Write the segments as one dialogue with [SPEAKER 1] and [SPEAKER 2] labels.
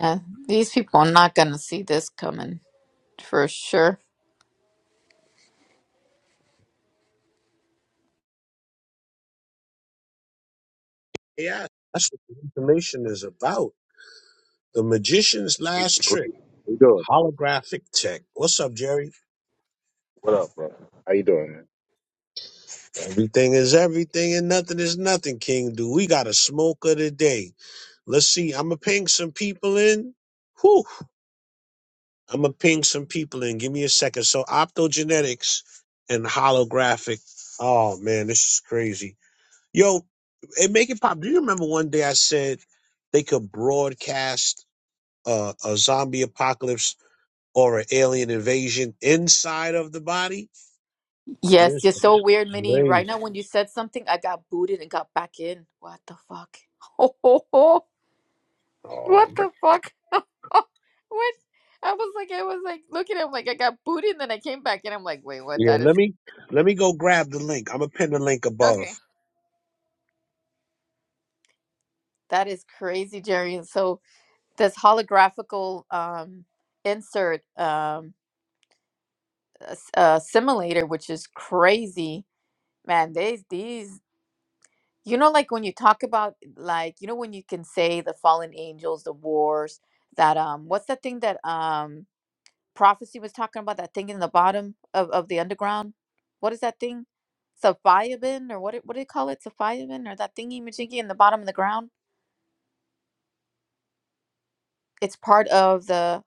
[SPEAKER 1] Yeah, these people are not going to see this coming for sure.
[SPEAKER 2] Yeah, that's what the information is about. The magician's
[SPEAKER 3] Hey,
[SPEAKER 2] last
[SPEAKER 3] What
[SPEAKER 2] trick,
[SPEAKER 3] you doing?
[SPEAKER 2] holographic tech. What's up, Jerry?
[SPEAKER 3] What up, bro? How you doing, man?
[SPEAKER 2] Everything is everything and nothing is nothing, King. Do we got a smoker today? Let's see. I'ma ping some people in. Whew. I'ma ping some people in. Give me a second. So optogenetics and holographic. Oh man, this is crazy. Yo, and make it pop. Do you remember one day I said they could broadcast uh, a zombie apocalypse or an alien invasion inside of the body.
[SPEAKER 1] Yes,
[SPEAKER 2] This
[SPEAKER 1] you're so weird,
[SPEAKER 2] is
[SPEAKER 1] Minnie.
[SPEAKER 2] crazy.
[SPEAKER 1] Right now, when you said something, I got booted and got back in. What the fuck? Oh,
[SPEAKER 2] Oh,
[SPEAKER 1] What
[SPEAKER 2] man.
[SPEAKER 1] the fuck? Oh, what? I was like, I was like looking at him like I got booted and then I came back and I'm like, wait, what?
[SPEAKER 2] Yeah,
[SPEAKER 1] That is
[SPEAKER 2] let me. let me go grab the link. I'm gonna pin the link above.
[SPEAKER 1] okay. That is crazy, Jerry. And so this holographical um insert um uh, s- uh, simulator, which is crazy, man. These these You know, like when you talk about like, you know, when you can say the fallen angels, the wars, that um what's that thing that um prophecy was talking about, that thing in the bottom of, of the underground? What is that thing? Sophiabin or what it- what do they call it? Sophiabin or that thingy majingy in the bottom of the ground? It's part of the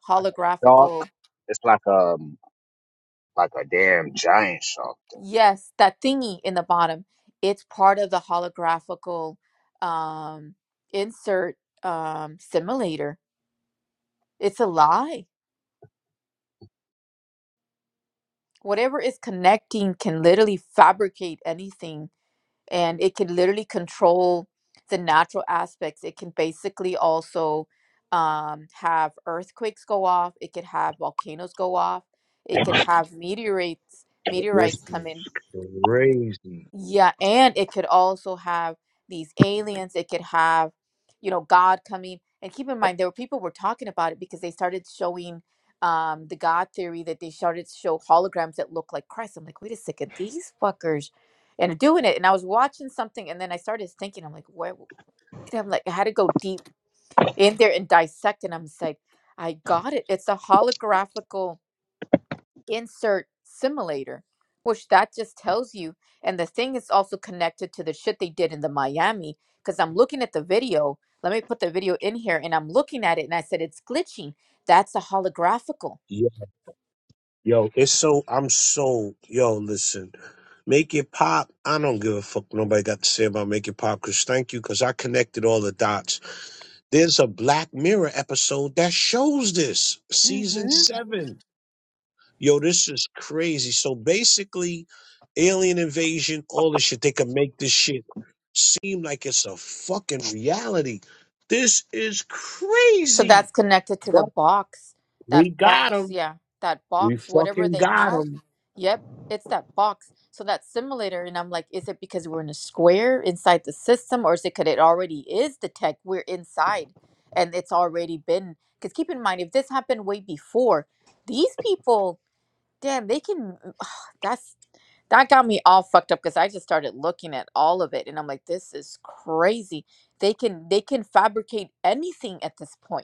[SPEAKER 3] dog.
[SPEAKER 1] holographical
[SPEAKER 3] It's like um like a damn giant shark.
[SPEAKER 1] yes, that thingy in the bottom. It's part of the holographical um insert um simulator. It's a lie whatever is connecting can literally fabricate anything and it can literally control the natural aspects it can basically also um, have earthquakes go off it could have volcanoes go off it could have meteorites
[SPEAKER 2] This
[SPEAKER 1] meteorites come
[SPEAKER 2] is
[SPEAKER 1] in
[SPEAKER 2] crazy.
[SPEAKER 1] yeah, and it could also have these aliens. It could have, you know, God coming. And keep in mind, there were people were talking about it because they started showing um, the God theory that they started to show holograms that look like Christ. I'm like, wait a second, these fuckers, and are doing it. And I was watching something, and then I started thinking, I'm like, where? w- I'm like, I had to go deep in there and dissect. And I'm just like, I got it. It's a holographic insert simulator, which that just tells you. And the thing is also connected to the shit they did in the Miami, because I'm looking at the video. Let me put the video in here, and I'm looking at it, and I said it's glitching. That's a holographical.
[SPEAKER 2] Yo, yo, it's so I'm so yo. Listen, make it pop. I don't give a fuck. what Nobody got to say about make it pop. Cause thank you. Cause I connected all the dots. There's a Black Mirror episode that shows this season
[SPEAKER 1] Mm-hmm.
[SPEAKER 2] seven. Yo, this is crazy. So basically, alien invasion, all this shit, they can make this shit seem like it's a fucking reality. This is
[SPEAKER 1] So
[SPEAKER 2] crazy.
[SPEAKER 1] that's connected to the
[SPEAKER 2] But
[SPEAKER 1] box.
[SPEAKER 2] we
[SPEAKER 1] That
[SPEAKER 2] got them.
[SPEAKER 1] box, yeah. That
[SPEAKER 2] We
[SPEAKER 1] box, whatever
[SPEAKER 2] fucking
[SPEAKER 1] they
[SPEAKER 2] got them.
[SPEAKER 1] have. Yep, it's that box. So that simulator, and I'm like, is it because we're in a square inside the system, or is it because it already is the tech? We're inside and it's already been. Because keep in mind, if this happened way before, these people, damn, they can. that's that got me all fucked up because I just started looking at all of it and I'm like, this is crazy. They can they can fabricate anything at this point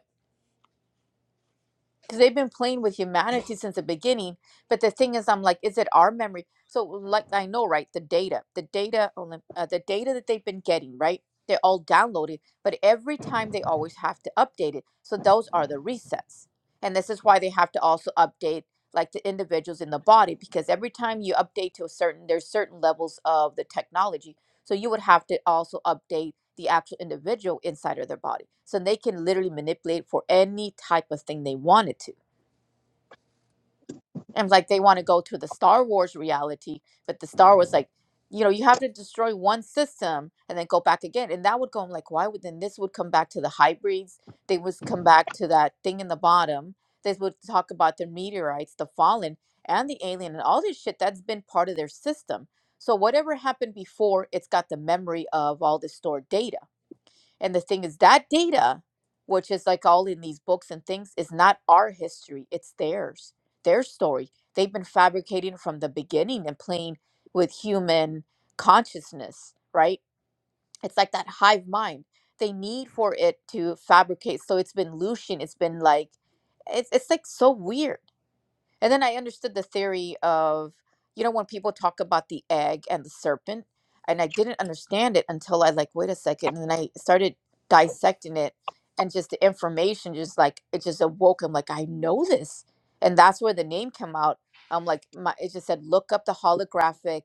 [SPEAKER 1] because they've been playing with humanity since the beginning. But the thing is, I'm like, is it our memory? So, like, I know, right? The data, the data, on the- uh, the data that they've been getting, right? They're all downloaded, but every time they always have to update it. So those are the resets, and this is why they have to also update like the individuals in the body because every time you update to a certain, there's certain levels of the technology. So you would have to also update the actual individual inside of their body. So they can literally manipulate for any type of thing they wanted to. And like they want to go to the Star Wars reality, but the Star Wars like, you know, you have to destroy one system and then go back again. And that would go I'm like, why would then this would come back to the hybrids? They would come back to that thing in the bottom. They would talk about the meteorites, the fallen, and the alien, and all this shit that's been part of their system. So whatever happened before, it's got the memory of all this stored data. And the thing is, that data, which is like all in these books and things, is not our history, it's theirs, their story. They've been fabricating from the beginning and playing with human consciousness, right? It's like that hive mind. They need for it to fabricate. So it's been looshing, it's been like, it's, it's like so weird and then I understood the theory of, you know, when people talk about the egg and the serpent, and I didn't understand it until I like, wait a second, and then I started dissecting it, and just the information, just like it just awoke. I'm like, I know this, and that's where the name came out. I'm like, my it just said, look up the holographic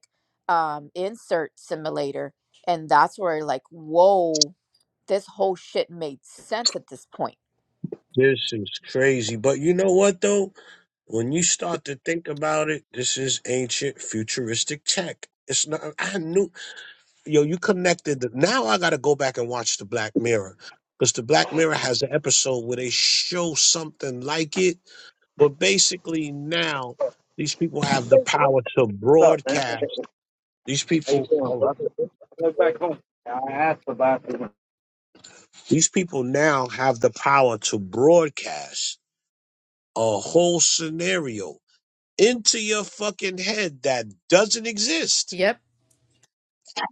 [SPEAKER 1] um, insert simulator, and that's where like, whoa, this whole shit made sense at this point.
[SPEAKER 2] This is crazy. But you know what, though? When you start to think about it, this is ancient futuristic tech. It's not, I knew. yo, you connected. The, now I got to go back and watch the Black Mirror because the Black Mirror has an episode where they show something like it, but basically now these people have the power to
[SPEAKER 3] What's up, man?
[SPEAKER 2] broadcast. These
[SPEAKER 3] How you
[SPEAKER 2] people,
[SPEAKER 3] doing,
[SPEAKER 2] hold on.
[SPEAKER 3] brother? I went back home. I asked about you.
[SPEAKER 2] these people now have the power to broadcast a whole scenario into your fucking head that doesn't exist.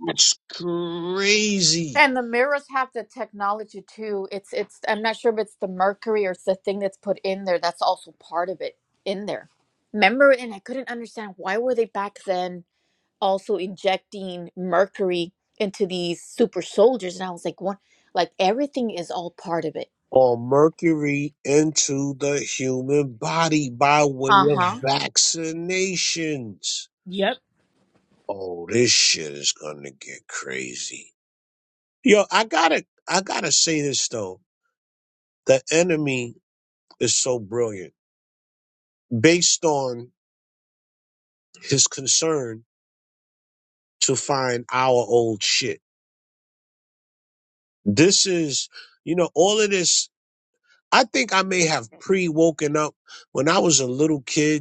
[SPEAKER 2] That's crazy.
[SPEAKER 1] And the mirrors have the technology too. It's it's I'm not sure if it's the mercury or it's the thing that's put in there that's also part of it in there. Remember, and I couldn't understand why were they back then also injecting mercury into these super soldiers? And I was like, what? Like everything is all part of it.
[SPEAKER 2] or mercury into the human body by way
[SPEAKER 1] Uh
[SPEAKER 2] of
[SPEAKER 1] huh.
[SPEAKER 2] vaccinations.
[SPEAKER 1] Yep.
[SPEAKER 2] Oh, this shit is gonna get crazy. Yo, I gotta I gotta say this though. The enemy is so brilliant. Based on his concern to find our old shit. This is, you know, all of this. I think I may have pre woken up when I was a little kid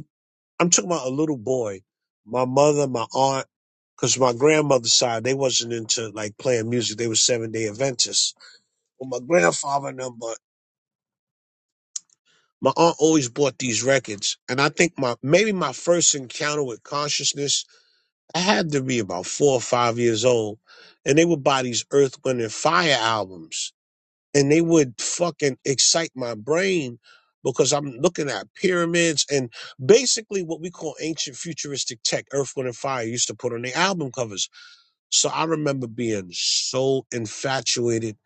[SPEAKER 2] I'm talking about a little boy. My mother, my aunt, because my grandmother's side, they wasn't into like playing music. They were seven day Adventists. But my grandfather and them, but my aunt always bought these records. And I think my maybe my first encounter with consciousness, I had to be about four or five years old. And they would buy these Earth, Wind, and Fire albums. and they would fucking excite my brain because I'm looking at pyramids and basically what we call ancient futuristic tech, Earth, Wind, and Fire used to put on their album covers. So I remember being so infatuated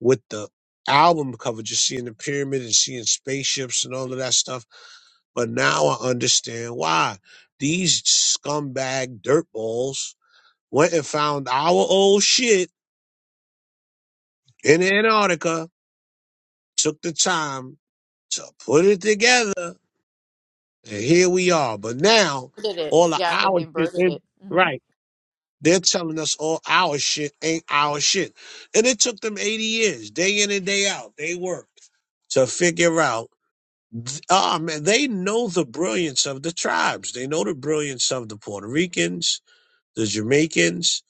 [SPEAKER 2] with the album cover, just seeing the pyramid and seeing spaceships and all of that stuff. But now I understand why these scumbag dirtballs went and found our old shit in Antarctica, took the time So put it together, and here we are. But now,
[SPEAKER 1] Inverted it.
[SPEAKER 2] all of
[SPEAKER 1] Yeah, and
[SPEAKER 2] our
[SPEAKER 1] they
[SPEAKER 2] shit,
[SPEAKER 1] inverted
[SPEAKER 2] they,
[SPEAKER 1] it. Mm-hmm.
[SPEAKER 2] right? They're telling us all our shit ain't our shit, and it took them eighty years, day in and day out. They worked to figure out. Ah man, they know the brilliance of the tribes. They know the brilliance of the Puerto Ricans, the Jamaicans,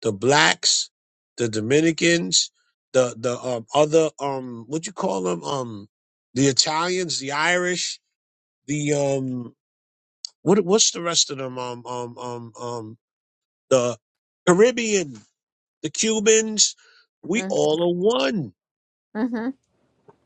[SPEAKER 2] the blacks, the Dominicans, the the um, other um, what you call them um, the Italians, the Irish the um what what's the rest of them um um um um the Caribbean, the Cubans, we
[SPEAKER 1] Mm-hmm.
[SPEAKER 2] all are one.
[SPEAKER 1] Mm-hmm.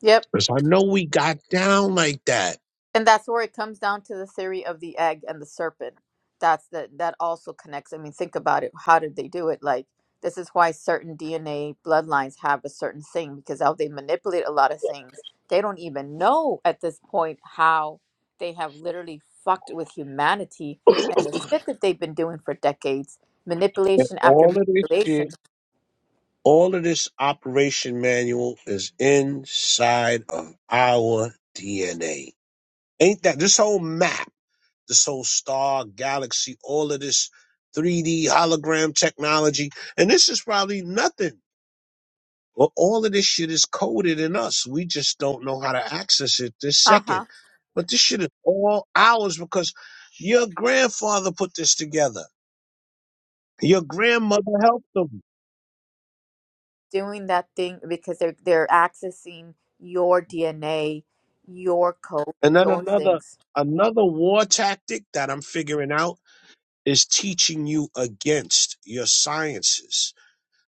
[SPEAKER 1] Yep.
[SPEAKER 2] 'Cause I know we got down like that.
[SPEAKER 1] and that's where it comes down to the theory of the egg and the serpent that's that that also connects i mean think about it how did they do it like this is why certain dna bloodlines have a certain thing because how they manipulate a lot of things they don't even know at this point how they have literally fucked with humanity and the shit that they've been doing for decades
[SPEAKER 2] And
[SPEAKER 1] manipulation after
[SPEAKER 2] all of this
[SPEAKER 1] manipulation
[SPEAKER 2] shit, all of this operation manual is inside of our DNA. Ain't that this whole map? this whole star galaxy, all of this 3D hologram technology. And this is probably nothing. Well, all of this shit is coded in us. We just don't know how to access it this second.
[SPEAKER 1] uh-huh
[SPEAKER 2] But this shit is all ours because your grandfather put this together. Your grandmother helped them.
[SPEAKER 1] doing that thing because they're they're accessing your dna your code
[SPEAKER 2] And then
[SPEAKER 1] your
[SPEAKER 2] another
[SPEAKER 1] things
[SPEAKER 2] another war tactic that I'm figuring out is teaching you against your sciences.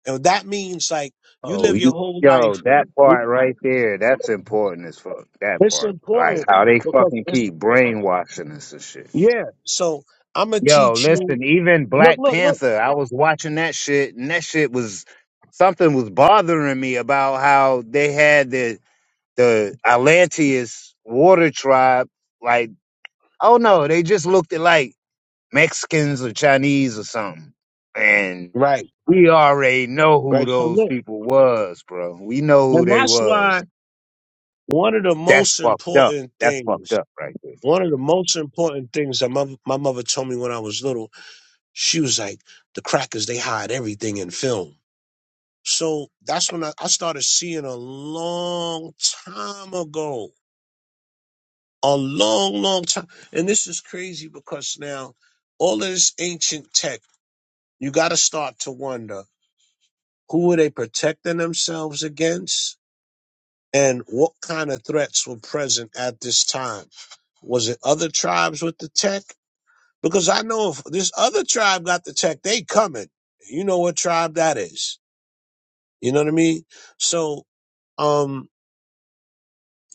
[SPEAKER 2] And that means like you
[SPEAKER 3] Oh,
[SPEAKER 2] live your
[SPEAKER 3] you
[SPEAKER 2] whole
[SPEAKER 3] yo,
[SPEAKER 2] life.
[SPEAKER 3] that part right there, that's important as fuck. That
[SPEAKER 2] It's
[SPEAKER 3] part, like
[SPEAKER 2] important
[SPEAKER 3] how they
[SPEAKER 2] because
[SPEAKER 3] fucking
[SPEAKER 2] it's
[SPEAKER 3] keep brainwashing us and shit.
[SPEAKER 2] yeah. So I'm gonna
[SPEAKER 3] Yo,
[SPEAKER 2] teach you.
[SPEAKER 3] listen, even
[SPEAKER 2] Look,
[SPEAKER 3] Black
[SPEAKER 2] look, look.
[SPEAKER 3] Panther, I was watching that shit, and that shit was something was bothering me about how they had this. the Atlanteus water tribe, like, oh no, they just looked at like Mexicans or Chinese or something. And
[SPEAKER 2] Right,
[SPEAKER 3] we already know who
[SPEAKER 2] right. So
[SPEAKER 3] those
[SPEAKER 2] look,
[SPEAKER 3] people was, bro. We know who
[SPEAKER 2] and
[SPEAKER 3] they
[SPEAKER 2] that's why
[SPEAKER 3] was.
[SPEAKER 2] one of the
[SPEAKER 3] That's
[SPEAKER 2] most
[SPEAKER 3] fucked up.
[SPEAKER 2] important
[SPEAKER 3] That's fucked
[SPEAKER 2] things,
[SPEAKER 3] up right there.
[SPEAKER 2] one of the most important things that my my mother told me when I was little, she was like, "The crackers they hide everything in film." So that's when I, I started seeing a long time ago, a long, long time. And this is crazy because now all of this ancient tech, you got to start to wonder Who were they protecting themselves against? And what kind of threats were present at this time? Was it other tribes with the tech? Because I know if this other tribe got the tech, they coming. You know what tribe that is. You know what I mean? So, um,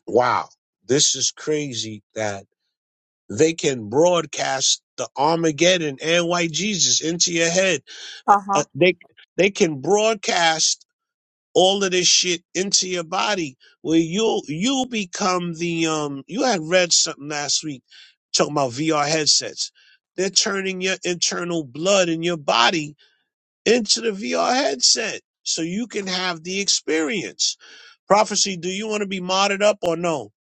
[SPEAKER 2] wow, this is crazy that they can broadcast the Armageddon and white Jesus into your head uh, uh,
[SPEAKER 1] Uh-huh.
[SPEAKER 2] they they can broadcast all of this shit into your body where you'll you'll become the um you had read something last week talking about VR headsets. They're turning your internal blood in your body into the VR headset so you can have the experience. Prophecy, do you want to be modded up or no?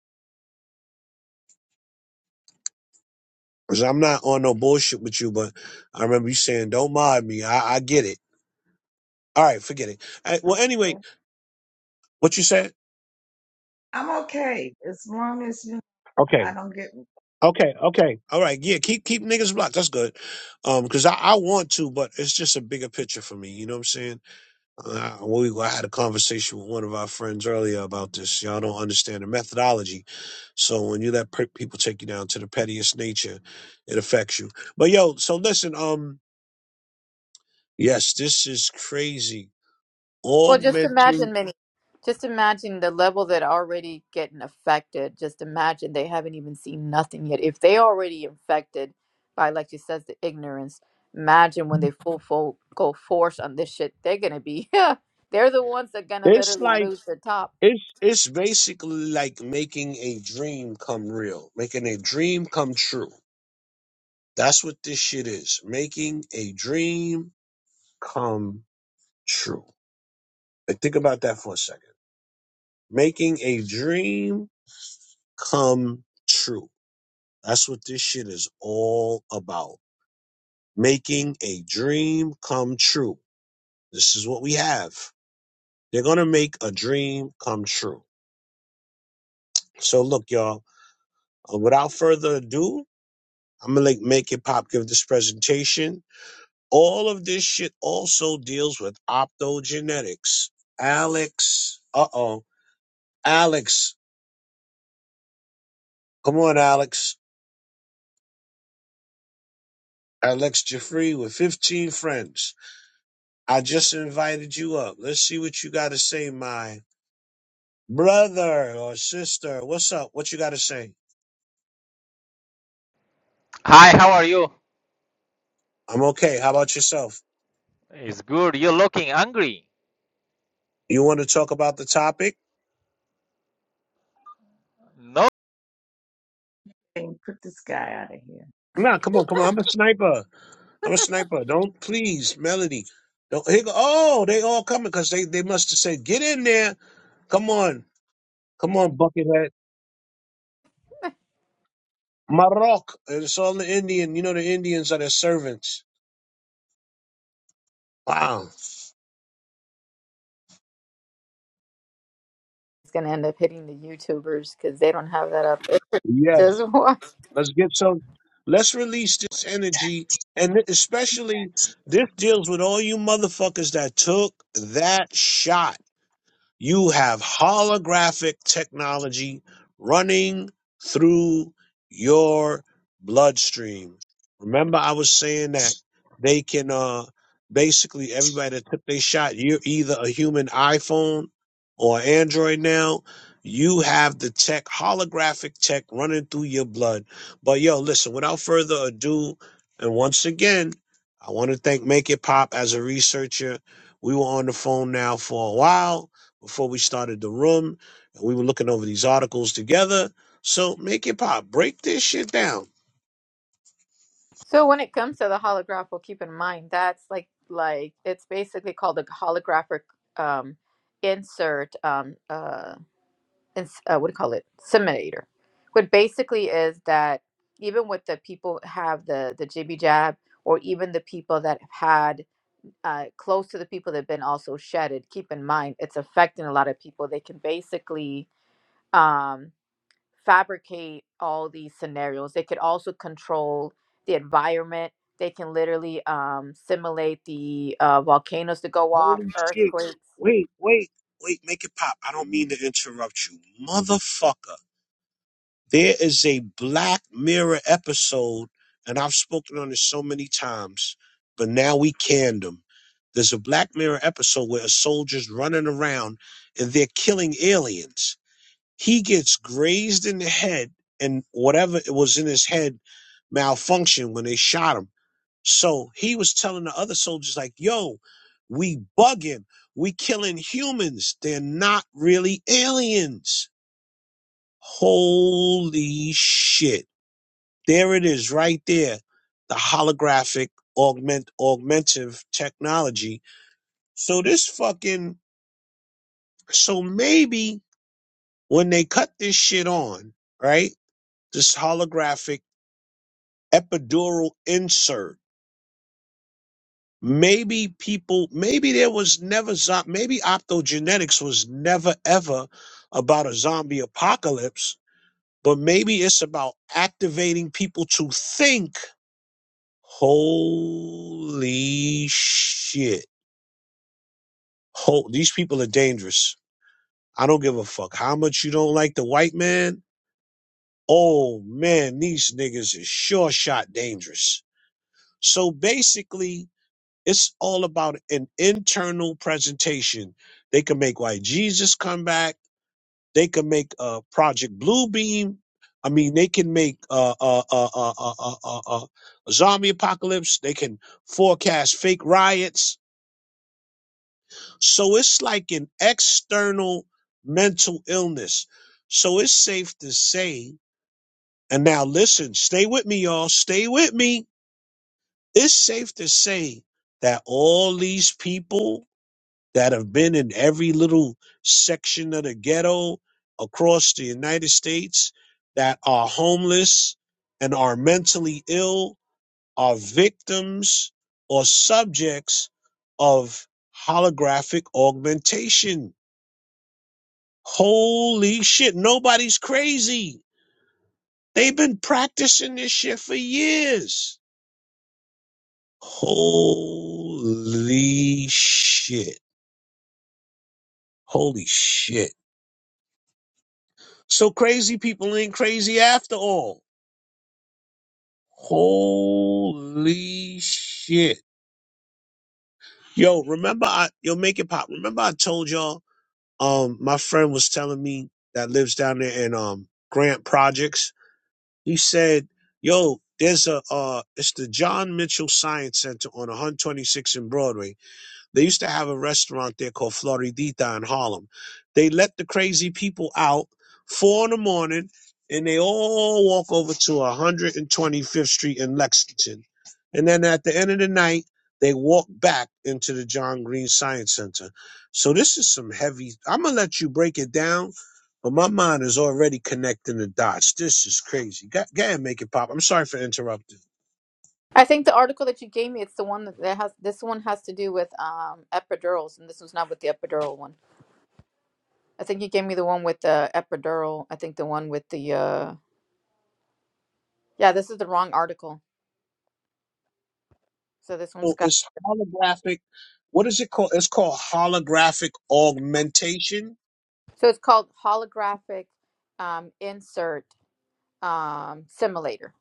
[SPEAKER 2] Because I'm not on no bullshit with you, but I remember you saying, don't mod me. I, I get it. All right, forget it. All right, well, anyway,
[SPEAKER 4] Okay.
[SPEAKER 2] what you said?
[SPEAKER 4] I'm okay as long as you know,
[SPEAKER 2] Okay.
[SPEAKER 4] I don't get
[SPEAKER 2] Okay, okay, all right, yeah. Keep keep niggas blocked. That's good, um, because I, I want to, but it's just a bigger picture for me. You know what I'm saying? Uh, we I had a conversation with one of our friends earlier about this. Y'all don't understand the methodology. So when you let per- people take you down to the pettiest nature, it affects you. But yo, so listen, um, yes, this is crazy.
[SPEAKER 1] Well, just
[SPEAKER 2] Augmenting,
[SPEAKER 1] imagine many. Just imagine the level that are already getting affected. Just imagine they haven't even seen nothing yet. If they already infected by, like you says, the ignorance, imagine when they full full go force on this shit, they're gonna be yeah, They're the ones that gonna
[SPEAKER 2] it's
[SPEAKER 1] literally
[SPEAKER 2] like
[SPEAKER 1] lose the top.
[SPEAKER 2] it's it's basically like making a dream come real, making a dream come true. That's what this shit is. Making a dream come true. Like, think about that for a second. Making a dream come true. That's what this shit is all about. Making a dream come true. This is what we have. They're going to make a dream come true. So look, y'all, uh, without further ado, I'm going to like make it pop, give this presentation. All of this shit also deals with optogenetics. Alex, uh oh. Alex, come on, Alex. Alex Jeffrey with 15 friends. I just invited you up. Let's see what you got to say, my brother or sister. What's up? What you got to say?
[SPEAKER 5] Hi, how are you?
[SPEAKER 2] I'm okay. How about yourself?
[SPEAKER 5] It's good. You're looking angry.
[SPEAKER 2] You want to talk about the topic?
[SPEAKER 5] No
[SPEAKER 4] and put this guy out of here.
[SPEAKER 2] Nah, come on, come on. I'm a sniper. I'm a sniper. Don't please, Melody. Don't, here go, oh, they all coming because they, they must have said, get in there. Come on. Come on, Buckethead. Marok. It's all the Indian. You know, the Indians are their servants. Wow.
[SPEAKER 1] It's gonna end up hitting the YouTubers because they don't have that up. It's
[SPEAKER 2] Yes.
[SPEAKER 1] just
[SPEAKER 2] Let's get some. Let's release this energy. And especially, this deals with all you motherfuckers that took that shot. You have holographic technology running through your bloodstream. Remember, I was saying that they can uh, basically everybody that took their shot, you're either a human iPhone or Android now. You have the tech, holographic tech running through your blood. But yo, listen, without further ado, and once again, I want to thank Make It Pop as a researcher. We were on the phone now for a while before we started the room, and we were looking over these articles together. So make it pop. Break this shit down.
[SPEAKER 1] So when it comes to the holograph, well, keep in mind that's like like it's basically called a holographic um, insert um, uh, ins- uh, what do you call it? Simulator. What basically is that even with the people have the the jibby jab, or even the people that have had uh, close to the people that have been also shedded. Keep in mind it's affecting a lot of people. They can basically um, fabricate all these scenarios. They could also control the environment. They can literally um, simulate the uh, volcanoes to go off,
[SPEAKER 2] Holy shit.
[SPEAKER 1] earthquakes.
[SPEAKER 2] Wait, wait, wait, make it pop. I don't mean to interrupt you. Motherfucker. There is a Black Mirror episode, and I've spoken on this so many times, but now we canned them. There's a Black Mirror episode where a soldier's running around and they're killing aliens He gets grazed in the head, and whatever it was in his head malfunctioned when they shot him. So he was telling the other soldiers, like, yo, we bugging, we killing humans. They're not really aliens. Holy shit. There it is right there. The holographic augment augmentative technology. So this fucking so maybe when they cut this shit on, right? This holographic epidural insert. Maybe people, maybe there was never, zo- maybe optogenetics was never ever about a zombie apocalypse, but maybe it's about activating people to think, holy shit. Ho- these people are dangerous. I don't give a fuck how much you don't like the white man. Oh man, these niggas is sure shot dangerous. So basically, It's all about an internal presentation. They can make White Jesus come back. They can make uh, Project Bluebeam. I mean, they can make uh, uh, uh, uh, uh, uh, uh, uh, uh, a zombie apocalypse. They can forecast fake riots. So it's like an external mental illness. So it's safe to say, and now listen, stay with me, y'all. Stay with me. It's safe to say that all these people that have been in every little section of the ghetto across the United States that are homeless and are mentally ill are victims or subjects of holographic augmentation. Holy shit, nobody's crazy. They've been practicing this shit for years. Holy shit. Holy shit. So crazy people ain't crazy after all. Holy shit. Yo, remember I yo make it pop. Remember I told y'all um my friend was telling me that lives down there in um Grant Projects. He said, "Yo, there's a uh it's the John Mitchell Science Center on 126 in Broadway. They used to have a restaurant there called Floridita in Harlem. They let the crazy people out four in the morning and they all walk over to 125th Street in Lexington. And then at the end of the night, they walk back into the John Green Science Center. So this is some heavy. I'm going to let you break it down, but my mind is already connecting the dots. This is crazy. Go, go ahead, and make it pop. I'm sorry for interrupting.
[SPEAKER 1] I think the article that you gave me, it's the one that that has this one has to do with um, epidurals, and this was not with the epidural one. I think you gave me the one with the epidural. I think the one with the uh, yeah, this is the wrong article. So this one's
[SPEAKER 2] So
[SPEAKER 1] got
[SPEAKER 2] it's holographic. What is it called? It's called holographic augmentation.
[SPEAKER 1] so it's called holographic um, insert um, simulator.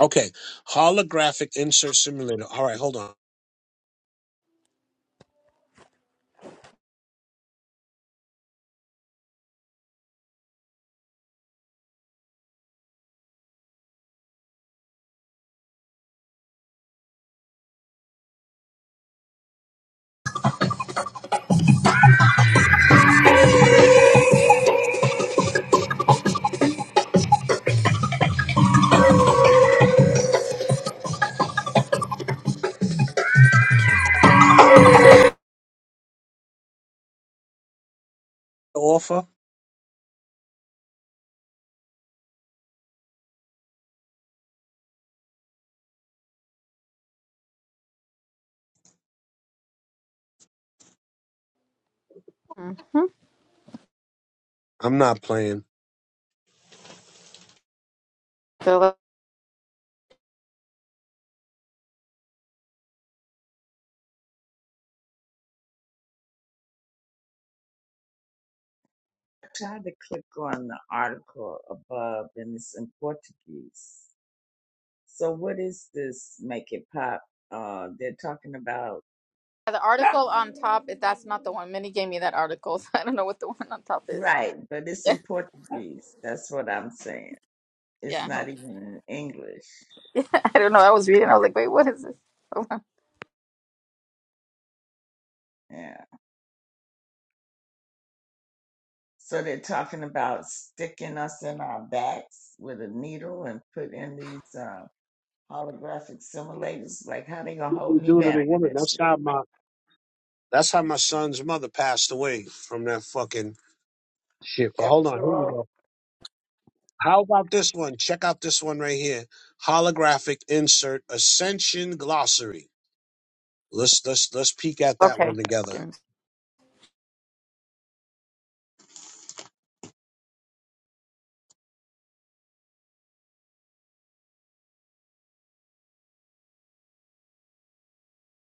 [SPEAKER 2] Okay, holographic insert simulator. All right, hold on. Offer.
[SPEAKER 1] hmm
[SPEAKER 2] I'm not playing.
[SPEAKER 1] So.
[SPEAKER 4] I tried to click on the article above and it's in Portuguese. So what is this make it pop? Uh they're talking about
[SPEAKER 1] Yeah, the article on top, if that's not the one, Minnie gave me that article, so I don't know what the one on top is.
[SPEAKER 4] right, but it's
[SPEAKER 1] Yeah,
[SPEAKER 4] in Portuguese. That's what I'm saying. It's
[SPEAKER 1] yeah. I
[SPEAKER 4] not
[SPEAKER 1] hope-
[SPEAKER 4] even in English.
[SPEAKER 1] I don't know. I was reading. I was like, wait, what is this?
[SPEAKER 4] Yeah. So they're talking about sticking us in our backs with a needle and put in these uh, holographic simulators. Like, how they gonna
[SPEAKER 2] What
[SPEAKER 4] hold
[SPEAKER 2] they
[SPEAKER 4] me
[SPEAKER 2] do to the
[SPEAKER 4] down for
[SPEAKER 2] woman? That's
[SPEAKER 4] this?
[SPEAKER 2] how my that's how my son's mother passed away from that fucking shit. But hold on, here we
[SPEAKER 4] Epidural,
[SPEAKER 2] go. How about this one? Check out this one right here. Holographic insert ascension glossary. Let's let's let's peek at that
[SPEAKER 1] Okay.
[SPEAKER 2] one together.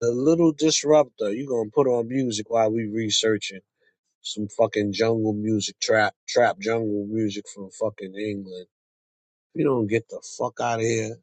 [SPEAKER 2] The little disruptor. You gonna put on music while we researching. Some fucking jungle music, trap, trap jungle music from fucking England. If you don't get the fuck out of here.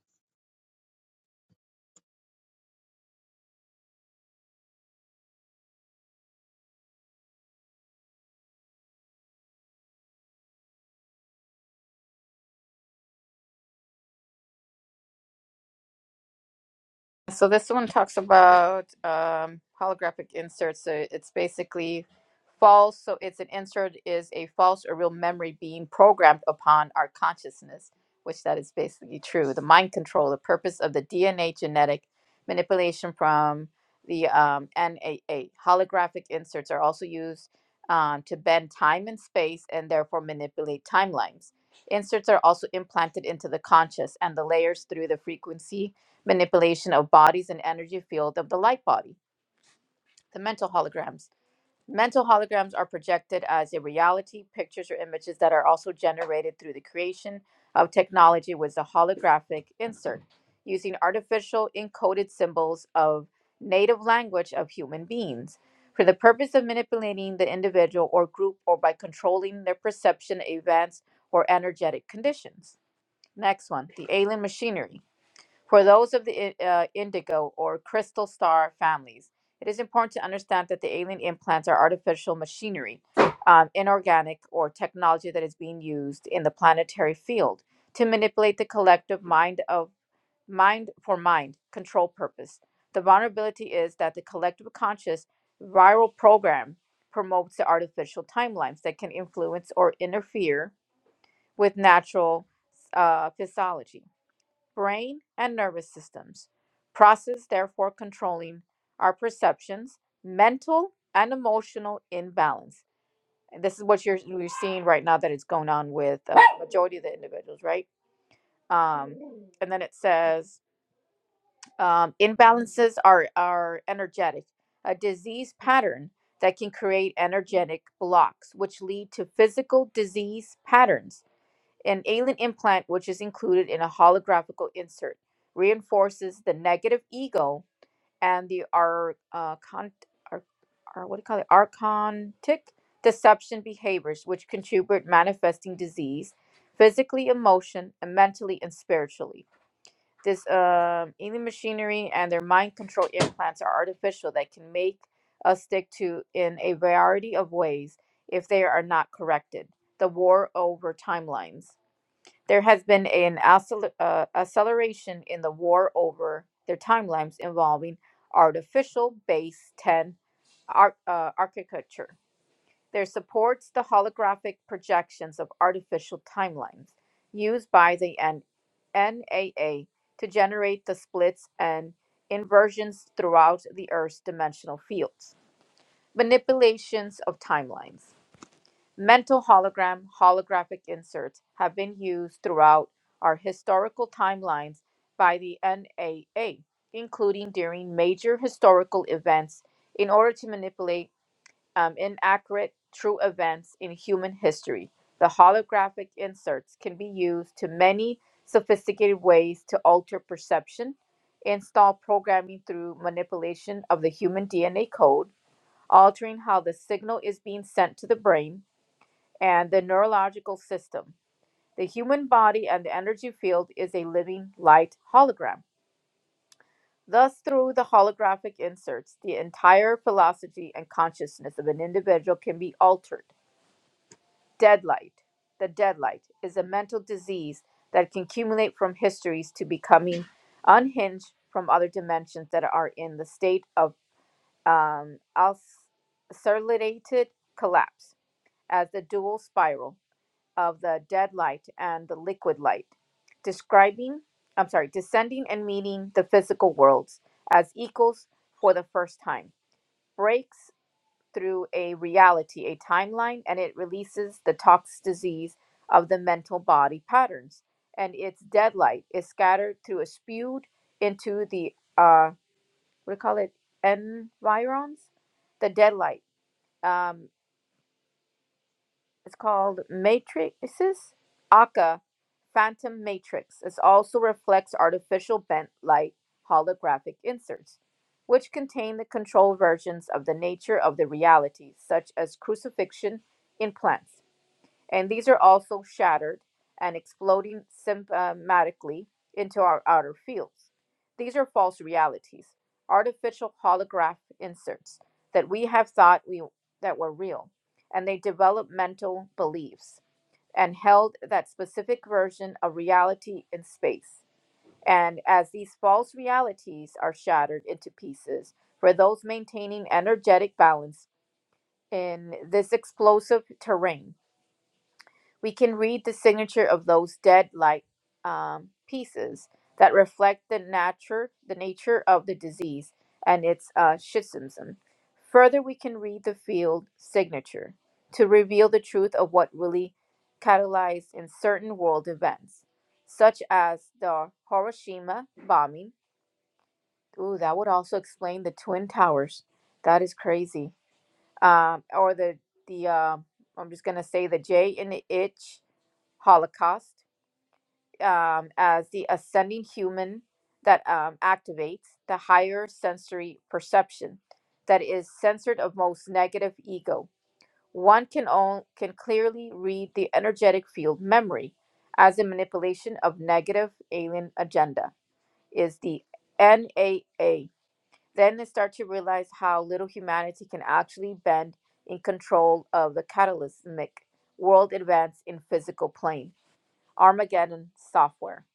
[SPEAKER 1] So this one talks about um, holographic inserts. So it's basically false. So it's an insert is a false or real memory being programmed upon our consciousness, which that is basically true. The mind control, the purpose of the DNA genetic manipulation from the um, NAA. Holographic inserts are also used um, to bend time and space and therefore manipulate timelines. Inserts are also implanted into the conscious and the layers through the frequency manipulation of bodies and energy field of the light body, the mental holograms. Mental holograms are projected as a reality, pictures or images that are also generated through the creation of technology with a holographic insert using artificial encoded symbols of native language of human beings for the purpose of manipulating the individual or group or by controlling their perception of events or energetic conditions. Next one, the alien machinery. For those of the uh, indigo or crystal star families, it is important to understand that the alien implants are artificial machinery, um, inorganic, or technology that is being used in the planetary field to manipulate the collective mind of mind for mind control purpose. The vulnerability is that the collective conscious viral program promotes the artificial timelines that can influence or interfere with natural uh, physiology brain, and nervous systems, process therefore controlling our perceptions, mental and emotional imbalance. And this is what you're, you're seeing right now that is going on with uh, majority of the individuals, right? Um, and then it says um, imbalances are, are energetic, a disease pattern that can create energetic blocks, which lead to physical disease patterns an alien implant, which is included in a holographical insert, reinforces the negative ego and the ar, uh, con, ar, ar, what do you call it? archontic deception behaviors, which contribute manifesting disease physically, emotion, and mentally and spiritually. This um alien machinery and their mind control implants are artificial that can make us stick to in a variety of ways if they are not corrected. The war over timelines. There has been an accel- uh, acceleration in the war over their timelines involving artificial base 10 ar- uh, architecture. There supports the holographic projections of artificial timelines used by the N- NAA to generate the splits and inversions throughout the Earth's dimensional fields. Manipulations of timelines. Mental hologram, holographic inserts have been used throughout our historical timelines by the NAA, including during major historical events, in order to manipulate um, inaccurate true events in human history. The holographic inserts can be used to many sophisticated ways to alter perception, install programming through manipulation of the human DNA code, altering how the signal is being sent to the brain and the neurological system. The human body and the energy field is a living light hologram. Thus, through the holographic inserts, the entire philosophy and consciousness of an individual can be altered. Deadlight. The deadlight is a mental disease that can accumulate from histories to becoming unhinged from other dimensions that are in the state of um, ulcerated collapse as the dual spiral. of the dead light and the liquid light, describing, I'm sorry, descending and meeting the physical worlds as equals for the first time, breaks through a reality, a timeline, and it releases the toxic disease of the mental body patterns. And its dead light is scattered through a spewed into the, uh, what do you call it, environs? The dead light. um, It's called Matrices Aka Phantom Matrix. It also reflects artificial bent light holographic inserts, which contain the control versions of the nature of the realities, such as crucifixion in plants and these are also shattered and exploding symptomatically into our outer fields. These are false realities, artificial holograph inserts that we have thought we that were real, and they develop mental beliefs and held that specific version of reality in space. And as these false realities are shattered into pieces for those maintaining energetic balance in this explosive terrain, we can read the signature of those dead like um, pieces that reflect the nature the nature of the disease and its uh, schismism. Further, we can read the field signature to reveal the truth of what really catalyzed in certain world events, such as the Hiroshima bombing. Ooh, that would also explain the twin towers. That is crazy. Um, or the the uh, I'm just gonna say the J in the itch Holocaust um, as the ascending human that um, activates the higher sensory perception that is censored of most negative ego. One can own, can clearly read the energetic field memory as a manipulation of negative alien agenda is the NAA. Then they start to realize how little humanity can actually bend in control of the cataclysmic world advance in physical plane. Armageddon software.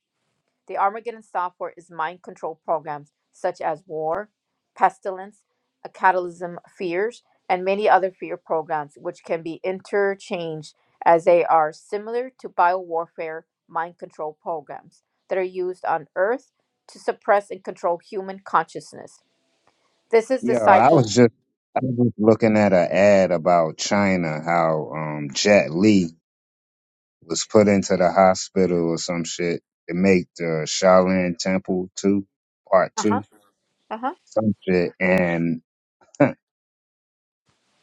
[SPEAKER 1] The Armageddon software is mind control programs such as war, pestilence, a catalysm fears, and many other fear programs, which can be interchanged as they are similar to biowarfare mind control programs that are used on Earth to suppress and control human consciousness. This is the
[SPEAKER 3] Yeah, I
[SPEAKER 1] cycle.
[SPEAKER 3] was just I was just looking at an ad about China, how um Jet Li was put into the hospital or some shit to make the Shaolin Temple two part
[SPEAKER 1] Uh
[SPEAKER 3] two
[SPEAKER 1] huh. Uh huh.
[SPEAKER 3] some shit, and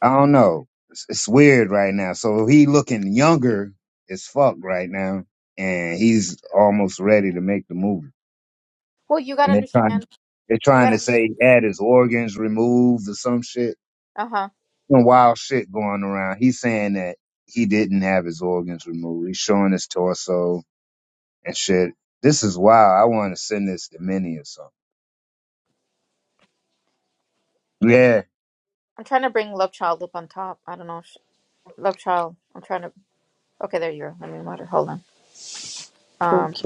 [SPEAKER 3] I don't know. It's, it's weird right now. So he looking younger as fuck right now, and he's almost ready to make the movie.
[SPEAKER 1] Well, you
[SPEAKER 3] And
[SPEAKER 1] gotta
[SPEAKER 3] they're trying,
[SPEAKER 1] understand.
[SPEAKER 3] they're
[SPEAKER 1] You
[SPEAKER 3] trying to
[SPEAKER 1] gotta.
[SPEAKER 3] say he had his organs removed or some shit.
[SPEAKER 1] Uh huh.
[SPEAKER 3] Some wild shit going around. He's saying that he didn't have his organs removed. He's showing his torso and shit. This is wild. I want to send this to many or something. Yeah.
[SPEAKER 1] I'm trying to bring Love Child up on top. I don't know. If she, Love Child. I'm trying to. Okay, there you go. Let me water. Hold on. Um,
[SPEAKER 6] Thank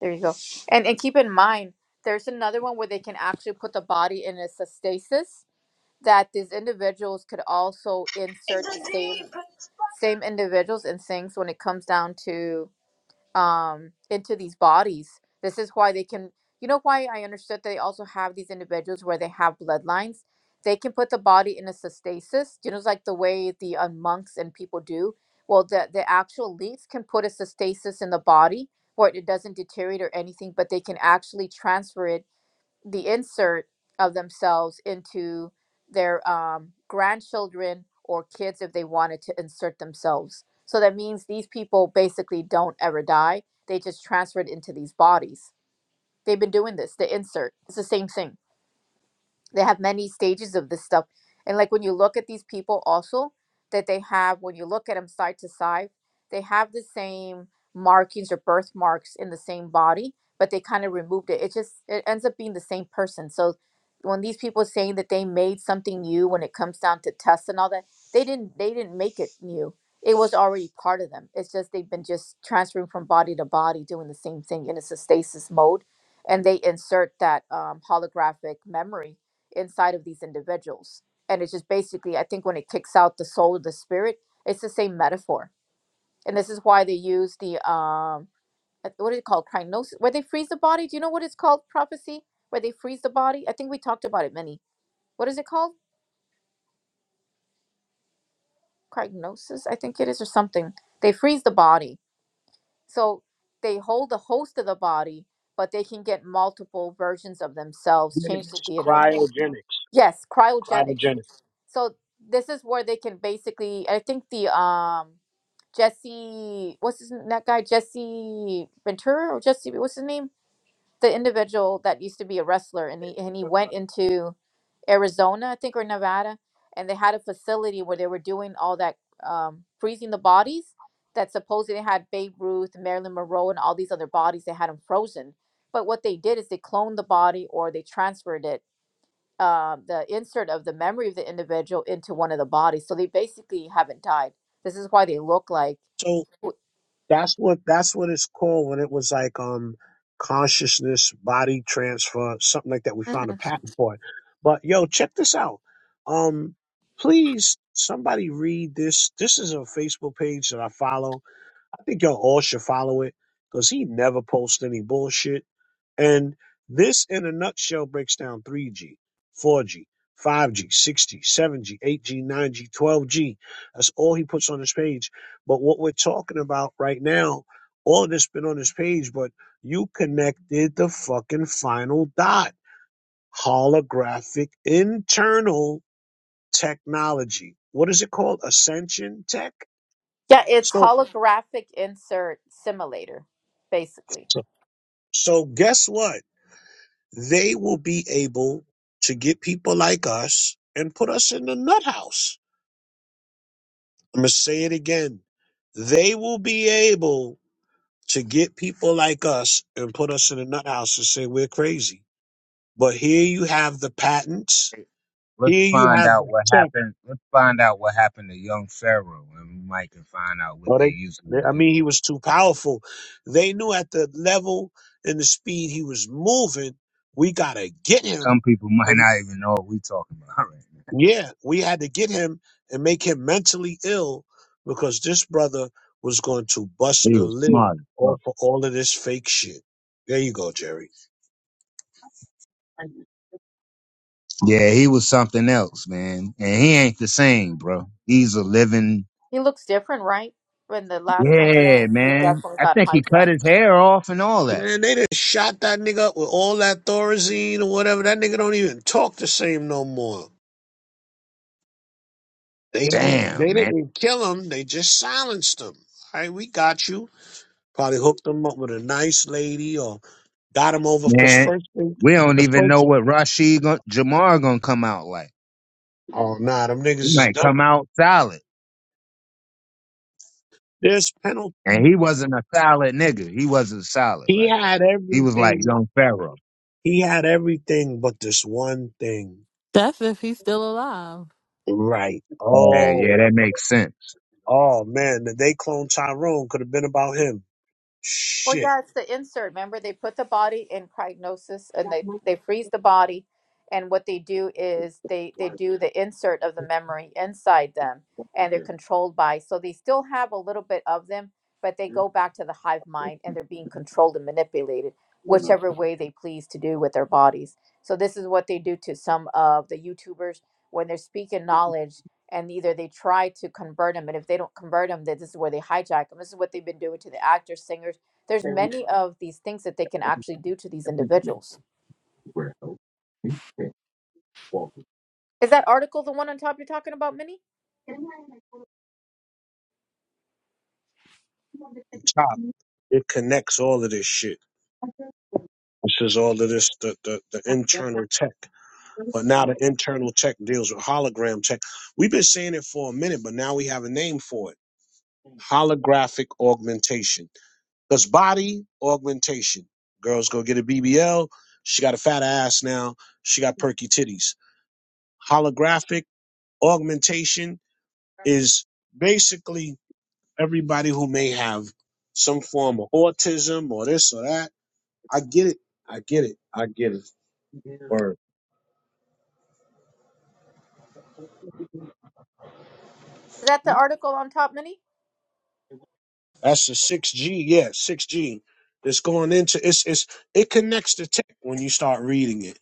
[SPEAKER 1] there you go. And and keep in mind, there's another one where they can actually put the body in a stasis that these individuals could also
[SPEAKER 7] It's
[SPEAKER 1] insert the
[SPEAKER 7] the
[SPEAKER 1] same
[SPEAKER 7] deep.
[SPEAKER 1] same individuals and things when it comes down to um into these bodies this is why they can you know why i understood they also have these individuals where they have bloodlines they can put the body in a sustasis you know it's like the way the uh, monks and people do well the the actual elites can put a sustasis in the body where it doesn't deteriorate or anything but they can actually transfer it the insert of themselves into their um, grandchildren or kids if they wanted to insert themselves. So that means these people basically don't ever die. They just transfer it into these bodies. They've been doing this, the insert. It's the same thing they have many stages of this stuff and like when you look at these people also that they have when you look at them side to side they have the same markings or birthmarks in the same body but they kind of removed it it just it ends up being the same person so when these people are saying that they made something new when it comes down to tests and all that they didn't they didn't make it new it was already part of them it's just they've been just transferring from body to body doing the same thing and it's a stasis mode and they insert that um, holographic memory inside of these individuals. And it's just basically, I think when it kicks out the soul of the spirit, it's the same metaphor. And this is why they use the um uh, what is it called? Crinosis, where they freeze the body. Do you know what it's called? Prophecy, where they freeze the body. I think we talked about it many. What is it called? Cryonosis. I think it is, or something. They freeze the body. So they hold the host of the body, but they can get multiple versions of themselves, change the
[SPEAKER 2] Cryogenics.
[SPEAKER 1] DNA.
[SPEAKER 2] cryogenics,
[SPEAKER 1] Yes, cryogenics. so this is where they can basically i think the um jesse what's his that guy jesse ventura or jesse what's his name the individual that used to be a wrestler and he and he went into arizona i think or nevada and they had a facility where they were doing all that um freezing the bodies that supposedly had babe ruth marilyn monroe and all these other bodies they had them frozen but what they did is they cloned the body or they transferred it um, the insert of the memory of the individual into one of the bodies. So they basically haven't died. This is why they look like.
[SPEAKER 2] So that's what that's what it's called when it was like um consciousness body transfer something like that. We found a
[SPEAKER 1] Mhm.
[SPEAKER 2] patent for it. But yo, check this out. Um, please somebody read this. This is a Facebook page that I follow. I think you all all should follow it because he never posts any bullshit. And this, in a nutshell, breaks down 3G, 4G, 5G, 6G, 7G, 8G, 9G, 12G. That's all he puts on his page. But what we're talking about right now, all of this been on his page, but you connected the fucking final dot. Holographic internal technology. What is it called? Ascension tech?
[SPEAKER 1] Yeah, it's
[SPEAKER 2] So,
[SPEAKER 1] holographic insert simulator, basically.
[SPEAKER 2] so, so guess what? they will be able to get people like us and put us in the nut house. I'm going to say it again. They will be able to get people like us and put us in the nut house and say we're crazy. But here you have the patents.
[SPEAKER 3] Let's
[SPEAKER 2] Here you
[SPEAKER 3] find
[SPEAKER 2] have
[SPEAKER 3] out
[SPEAKER 2] the
[SPEAKER 3] what
[SPEAKER 2] check.
[SPEAKER 3] happened. Let's find out what happened to young Pharaoh, and we might can find out what
[SPEAKER 2] Or
[SPEAKER 3] they
[SPEAKER 2] they,
[SPEAKER 3] usually
[SPEAKER 2] they,
[SPEAKER 3] would
[SPEAKER 2] I
[SPEAKER 3] do.
[SPEAKER 2] mean, he was too powerful. They knew at the level and the speed he was moving, we got to get
[SPEAKER 3] Some
[SPEAKER 2] him.
[SPEAKER 3] people might not even know what we talking about. Right?
[SPEAKER 2] Yeah, we had to get him and make him mentally ill because this brother was going to bust
[SPEAKER 3] He
[SPEAKER 2] the
[SPEAKER 3] was
[SPEAKER 2] lid
[SPEAKER 3] smart. as
[SPEAKER 2] off
[SPEAKER 3] fuck.
[SPEAKER 2] of all of this fake shit. There you go, Jerry.
[SPEAKER 3] Yeah, he was something else, man. And he ain't the same, bro. He's a living.
[SPEAKER 1] He looks different, right? When the last time
[SPEAKER 3] Yeah,
[SPEAKER 1] yeah, he
[SPEAKER 3] man.
[SPEAKER 1] definitely
[SPEAKER 3] I
[SPEAKER 1] got
[SPEAKER 3] think he
[SPEAKER 1] hijacked.
[SPEAKER 3] cut his hair off and all that.
[SPEAKER 2] Man, they just shot that nigga up with all that Thorazine or whatever. That nigga don't even talk the same no more. They they
[SPEAKER 3] Damn, man.
[SPEAKER 2] didn't kill him. They just silenced him. All right, we got you. Probably hooked him up with a nice lady or got him over. Cause
[SPEAKER 3] Man,
[SPEAKER 2] first thing,
[SPEAKER 3] we don't
[SPEAKER 2] the
[SPEAKER 3] even
[SPEAKER 2] first
[SPEAKER 3] know what Rashid gon- Jamar gonna come out like.
[SPEAKER 2] oh nah, them niggas
[SPEAKER 3] He
[SPEAKER 2] is
[SPEAKER 3] might come
[SPEAKER 2] dumb.
[SPEAKER 3] out solid.
[SPEAKER 2] There's penalties.
[SPEAKER 3] And he wasn't a solid nigga. He wasn't solid
[SPEAKER 2] He
[SPEAKER 3] like that.
[SPEAKER 2] had
[SPEAKER 3] He was like
[SPEAKER 2] everything.
[SPEAKER 3] young Pharaoh.
[SPEAKER 2] He had everything but this one thing
[SPEAKER 8] That's if he's still alive.
[SPEAKER 2] right.
[SPEAKER 3] Yeah, yeah,
[SPEAKER 2] Oh,
[SPEAKER 3] that makes sense.
[SPEAKER 2] oh man, the day clone Tyrone could have been about him.
[SPEAKER 1] Well,
[SPEAKER 2] Shit,
[SPEAKER 1] yeah, it's the insert. Remember, they put the body in cryognosis and they they freeze the body, and what they do is they they do the insert of the memory inside them, and they're controlled by. So they still have a little bit of them, but they go back to the hive mind, and they're being controlled and manipulated whichever way they please to do with their bodies. So this is what they do to some of the YouTubers when they're speaking knowledge. And either they try to convert them, and if they don't convert them, then this is where they hijack them. This is what they've been doing to the actors, singers, there's many of these things that they can actually do to these individuals. Is that article the one on top you're talking about, Minnie?
[SPEAKER 2] top. It connects all of this shit. This is all of this the the, the internal tech. But now the internal tech deals with hologram tech. We've been saying it for a minute, but now we have a name for it. Holographic augmentation. Because body augmentation. Girls go get a BBL. She got a fat ass now. She got perky titties. Holographic augmentation is basically everybody who may have some form of autism or this or that. I get it. I get it. I get it. Word.
[SPEAKER 1] Is that the article on top, Minnie?
[SPEAKER 2] That's a six G, yeah, six G. That's going into it's it's it connects to tech when you start reading it.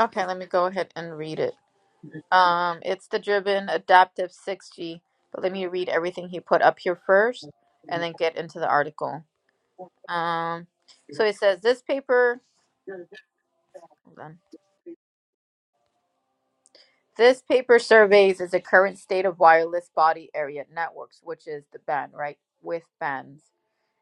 [SPEAKER 1] Okay, let me go ahead and read it. Um, it's the Driven Adaptive 6G, but let me read everything he put up here first and then get into the article. Um, so it says this paper, hold on. This paper surveys is the current state of wireless body area networks, which is the band, right? With bands.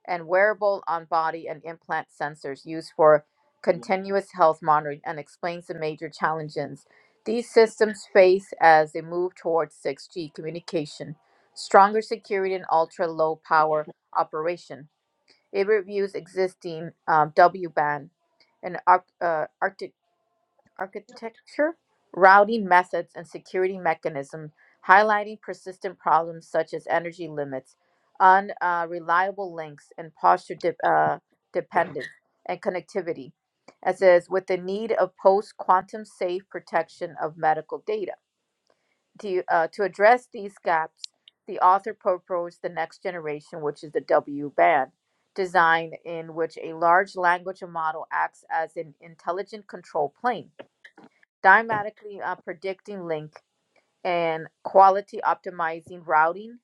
[SPEAKER 1] and wearable on body and implant sensors used for continuous health monitoring and explains the major challenges these systems face as they move towards 6G communication, stronger security, and ultra low power operation. It reviews existing um, W band and arc, uh, architecture, routing methods, and security mechanisms, highlighting persistent problems such as energy limits, unreliable links, and posture de- uh, dependence and connectivity. It says, with the need of post quantum safe protection of medical data. To, uh, to address these gaps, the author proposed the next generation, which is the W band design, in which a large language model acts as an intelligent control plane dynamically uh, predicting link and quality optimizing routing,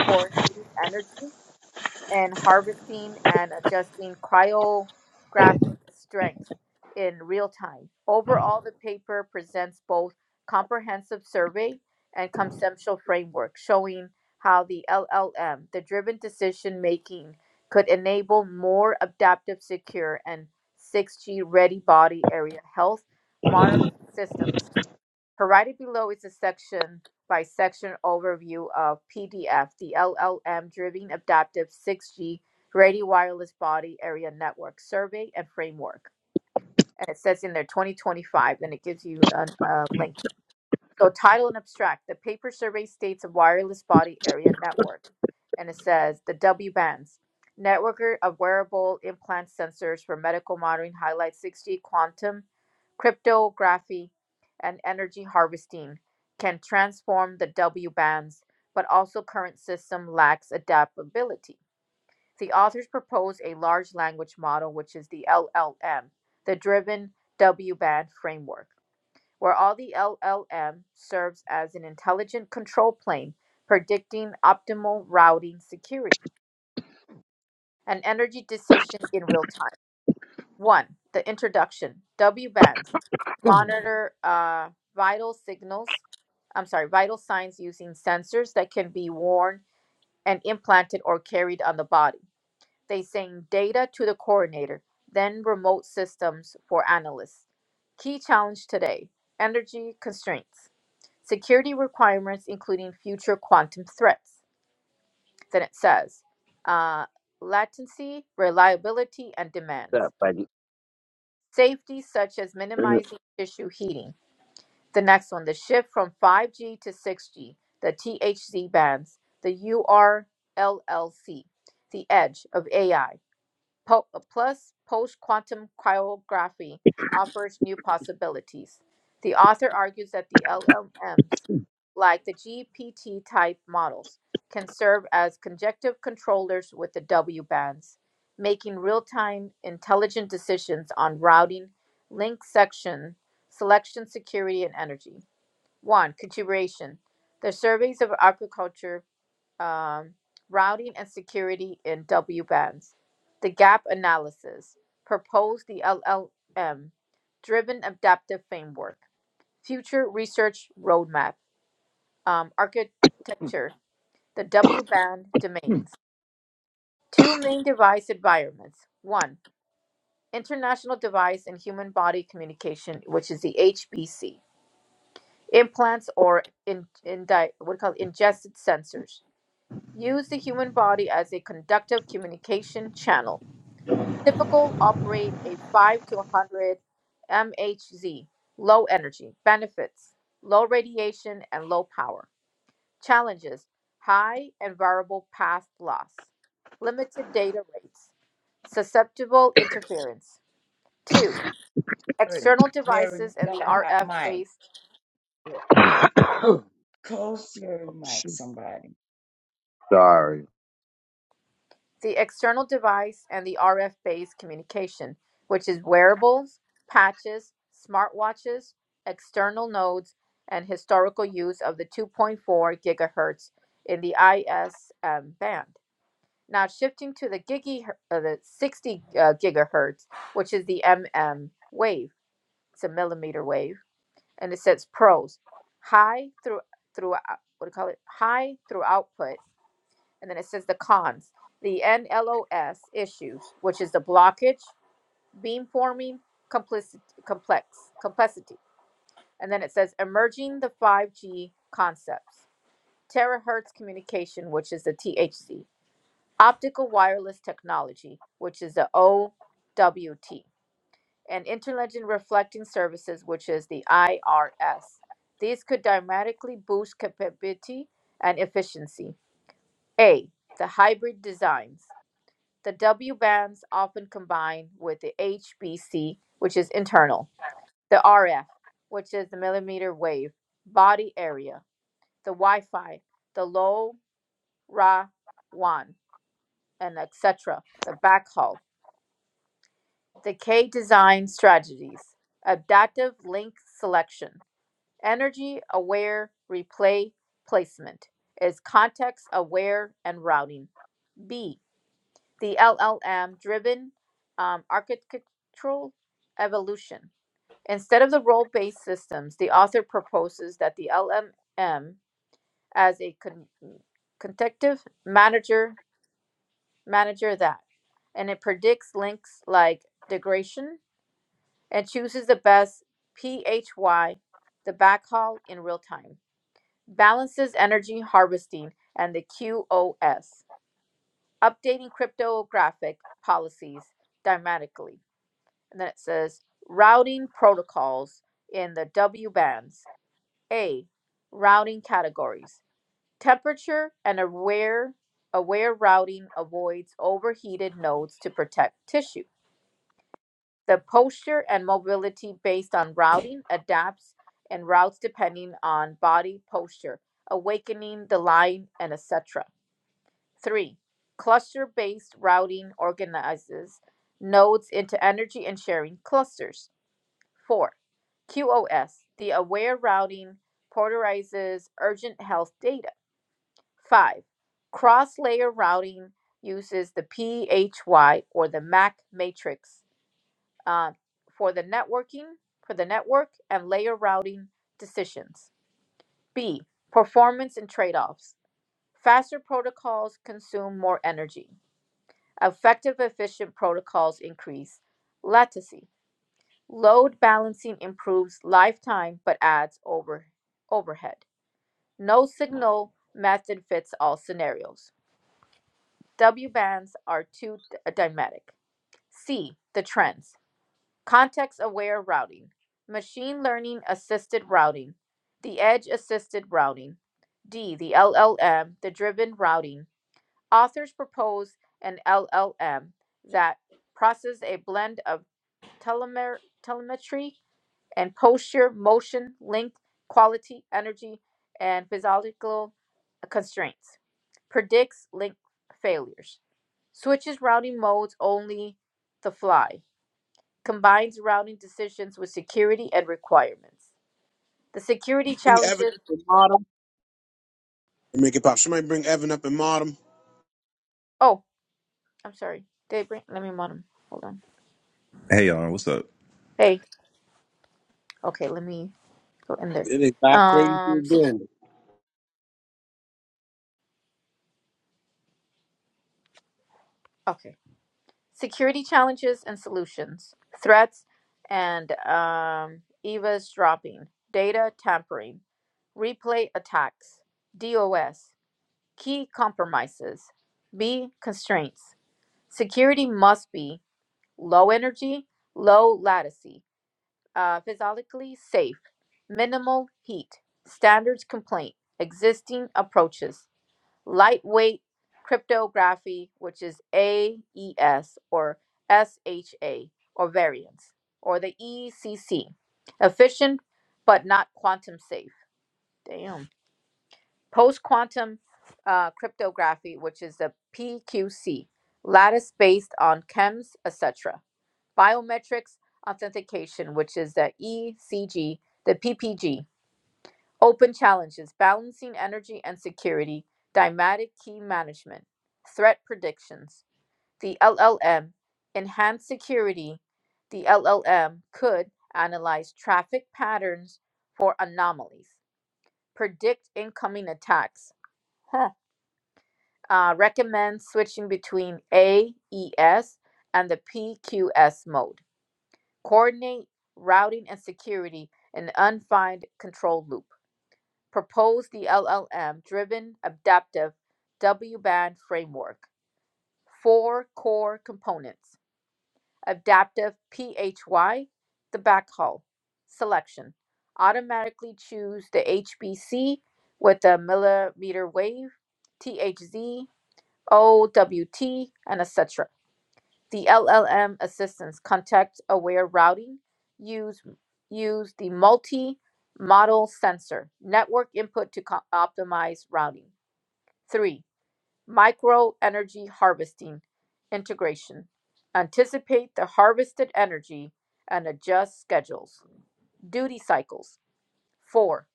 [SPEAKER 1] coordinating energy, and harvesting and adjusting cryographic strength in real time. Overall, the paper presents both comprehensive survey and conceptual framework showing how the LLM, the driven decision making, could enable more adaptive, secure, and 6G ready body area health monitoring systems Provided below is a section by section overview of PDF, the LLM Driven Adaptive 6G Radio Wireless Body Area Network Survey and Framework. And it says in there 2025, and it gives you a, a link. So title and abstract. The paper survey states a wireless body area network. And it says the W bands. Networker of wearable implant sensors for medical monitoring highlights 6G quantum cryptography and energy harvesting can transform the W bands, but also current system lacks adaptability. The authors propose a large language model, which is the LLM, the driven W band framework where all the LLM serves as an intelligent control plane, predicting optimal routing security and energy decisions in real time. One, the introduction, W bands monitor uh, vital signals, I'm sorry, vital signs using sensors that can be worn and implanted or carried on the body. They send data to the coordinator, then remote systems for analysts. Key challenge today energy constraints. security requirements, including future quantum threats. Then it says uh, latency, reliability, and
[SPEAKER 3] What's
[SPEAKER 1] demands.
[SPEAKER 3] up, buddy?
[SPEAKER 1] Safety, such as
[SPEAKER 3] Oh,
[SPEAKER 1] minimizing tissue heating. The next one, the shift from 5G to 6G, the THZ bands, the URLLC, the edge of AI Po- plus, post quantum cryography offers new possibilities. The author argues that the LLMs, like the GPT type models, can serve as conjective controllers with the W bands, making real time intelligent decisions on routing, link section, selection, security, and energy. 1. Contribution The surveys of agriculture um, routing and security in W bands. The gap analysis proposed the LLM driven adaptive framework. Future research roadmap um, architecture. The W band domains. Two main device environments. One, international device and human body communication, which is the HBC. Implants or in, in di, what do you call it, ingested sensors. Use the human body as a conductive communication channel Typical operate a 5 to 100 MHz, low energy. Benefits low radiation and low power. Challenges high and variable path loss, limited data rates, susceptible interference. 2.
[SPEAKER 4] Jerry,
[SPEAKER 1] External
[SPEAKER 4] Jerry, you
[SPEAKER 1] devices and
[SPEAKER 4] got
[SPEAKER 1] the
[SPEAKER 4] a hot
[SPEAKER 1] RF phase.
[SPEAKER 4] mic. Close Jerry mic,
[SPEAKER 3] shit.
[SPEAKER 4] somebody.
[SPEAKER 3] Sorry.
[SPEAKER 1] the external device, and the RF based communication, which is wearables, patches, smartwatches, external nodes, and historical use of the 2.4 gigahertz in the ISM band. Now shifting to the gigi, uh, the 60 uh, gigahertz, which is the MM wave. It's a millimeter wave, and it says pros: high through through uh, what do you call it? High through output and then it says the cons the nlos issues which is the blockage beam forming complicity, complex complexity and then it says emerging the 5g concepts terahertz communication which is the thc optical wireless technology which is the owt and interlegend reflecting services which is the irs these could dramatically boost capability and efficiency a the hybrid designs The W bands often combine with the HBC, which is internal, the RF, which is the millimeter wave body area, the Wi-Fi, the low Ra WAN, and etc. The backhaul. The K design strategies: adaptive link selection, energy aware replay placement, is context aware and routing. B the LLM driven um, architectural evolution. Instead of the role based systems, the author proposes that the LLM as a con- contective manager manager that and it predicts links like degradation and chooses the best PHY, the backhaul in real time, balances energy harvesting and the QoS, updating cryptographic policies dynamically And then it says routing protocols in the W bands. A, routing categories. Temperature and aware aware routing avoids overheated nodes to protect tissue. The posture and mobility based on routing adapts and routes depending on body posture, awakening the line and etc. 3. Cluster based routing organizes nodes into energy and sharing clusters. Four, QoS, the aware routing prioritizes urgent health data. Five, cross layer routing uses the PHY or the MAC matrix uh, for the networking, for the network and layer routing decisions. B, performance and trade offs. Faster protocols consume more energy. Effective, efficient protocols increase latency. Load balancing improves lifetime but adds over, overhead. No signal method fits all scenarios. W bands are too dynamic. C. The trends. Context aware routing. Machine learning assisted routing. The edge assisted routing. D. The LLM, the driven routing. Authors propose an LLM that processes a blend of telemer- telemetry and posture, motion, length, quality, energy, and physiological constraints. Predicts link failures. Switches routing modes only the fly. Combines routing decisions with security and requirements. The security
[SPEAKER 2] Bring Evan
[SPEAKER 1] challenges.
[SPEAKER 2] up and mod him. and Make it pop. Somebody bring Evan up and mod him.
[SPEAKER 1] Oh, I'm sorry. Did I bring? Let me mod 'em. Hold on.
[SPEAKER 9] Hey y'all, what's up?
[SPEAKER 1] Hey. Okay. Let me go in there.
[SPEAKER 2] It ain't got crazy
[SPEAKER 1] Um. so-
[SPEAKER 2] again.
[SPEAKER 1] okay. security challenges and solutions, threats and um, eavesdropping, data tampering, replay attacks, DOS, key compromises. B. Constraints. Security must be low energy, low latency, uh, physically safe, minimal heat, standards complaint, existing approaches, lightweight cryptography, which is AES or SHA or variants, or the ECC, efficient but not quantum safe. Damn. Post quantum uh, cryptography, which is the PQC, lattice based on chems, etc. Biometrics authentication, which is the ECG, the PPG, Open challenges balancing energy and security, dymatic key management, threat predictions. The LLM, enhanced security. The LLM could analyze traffic patterns for anomalies, predict incoming attacks, huh. uh, recommend switching between AES and the PQS mode, coordinate routing and security in unfined control loop. proposed the LLM driven adaptive W band framework. Four core components adaptive PHY, the backhaul, selection, automatically choose the HBC with the millimeter wave, THZ, OWT, and etc the LLM assistance context aware routing use use the multi model sensor network input to optimize routing 3 micro energy harvesting integration anticipate the harvested energy and adjust schedules duty cycles 4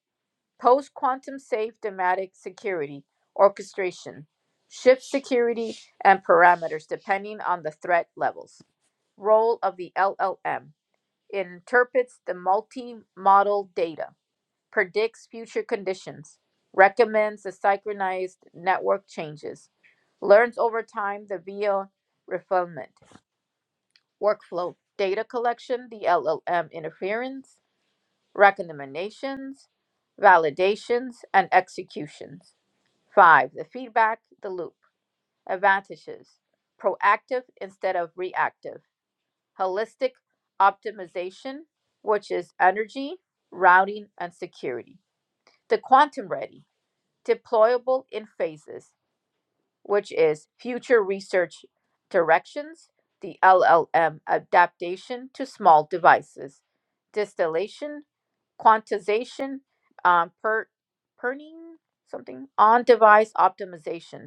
[SPEAKER 1] post quantum safe dynamic security orchestration shift security and parameters depending on the threat levels role of the LLM. It interprets the multi-model data, predicts future conditions, recommends the synchronized network changes, learns over time the VO refinement, workflow, data collection, the LLM interference, recommendations, validations, and executions. Five, the feedback, the loop, advantages, proactive instead of reactive holistic optimization, which is energy, routing, and security. The quantum ready, deployable in phases, which is future research directions, the LLM adaptation to small devices, distillation, quantization, um, per, perning, something, on device optimization,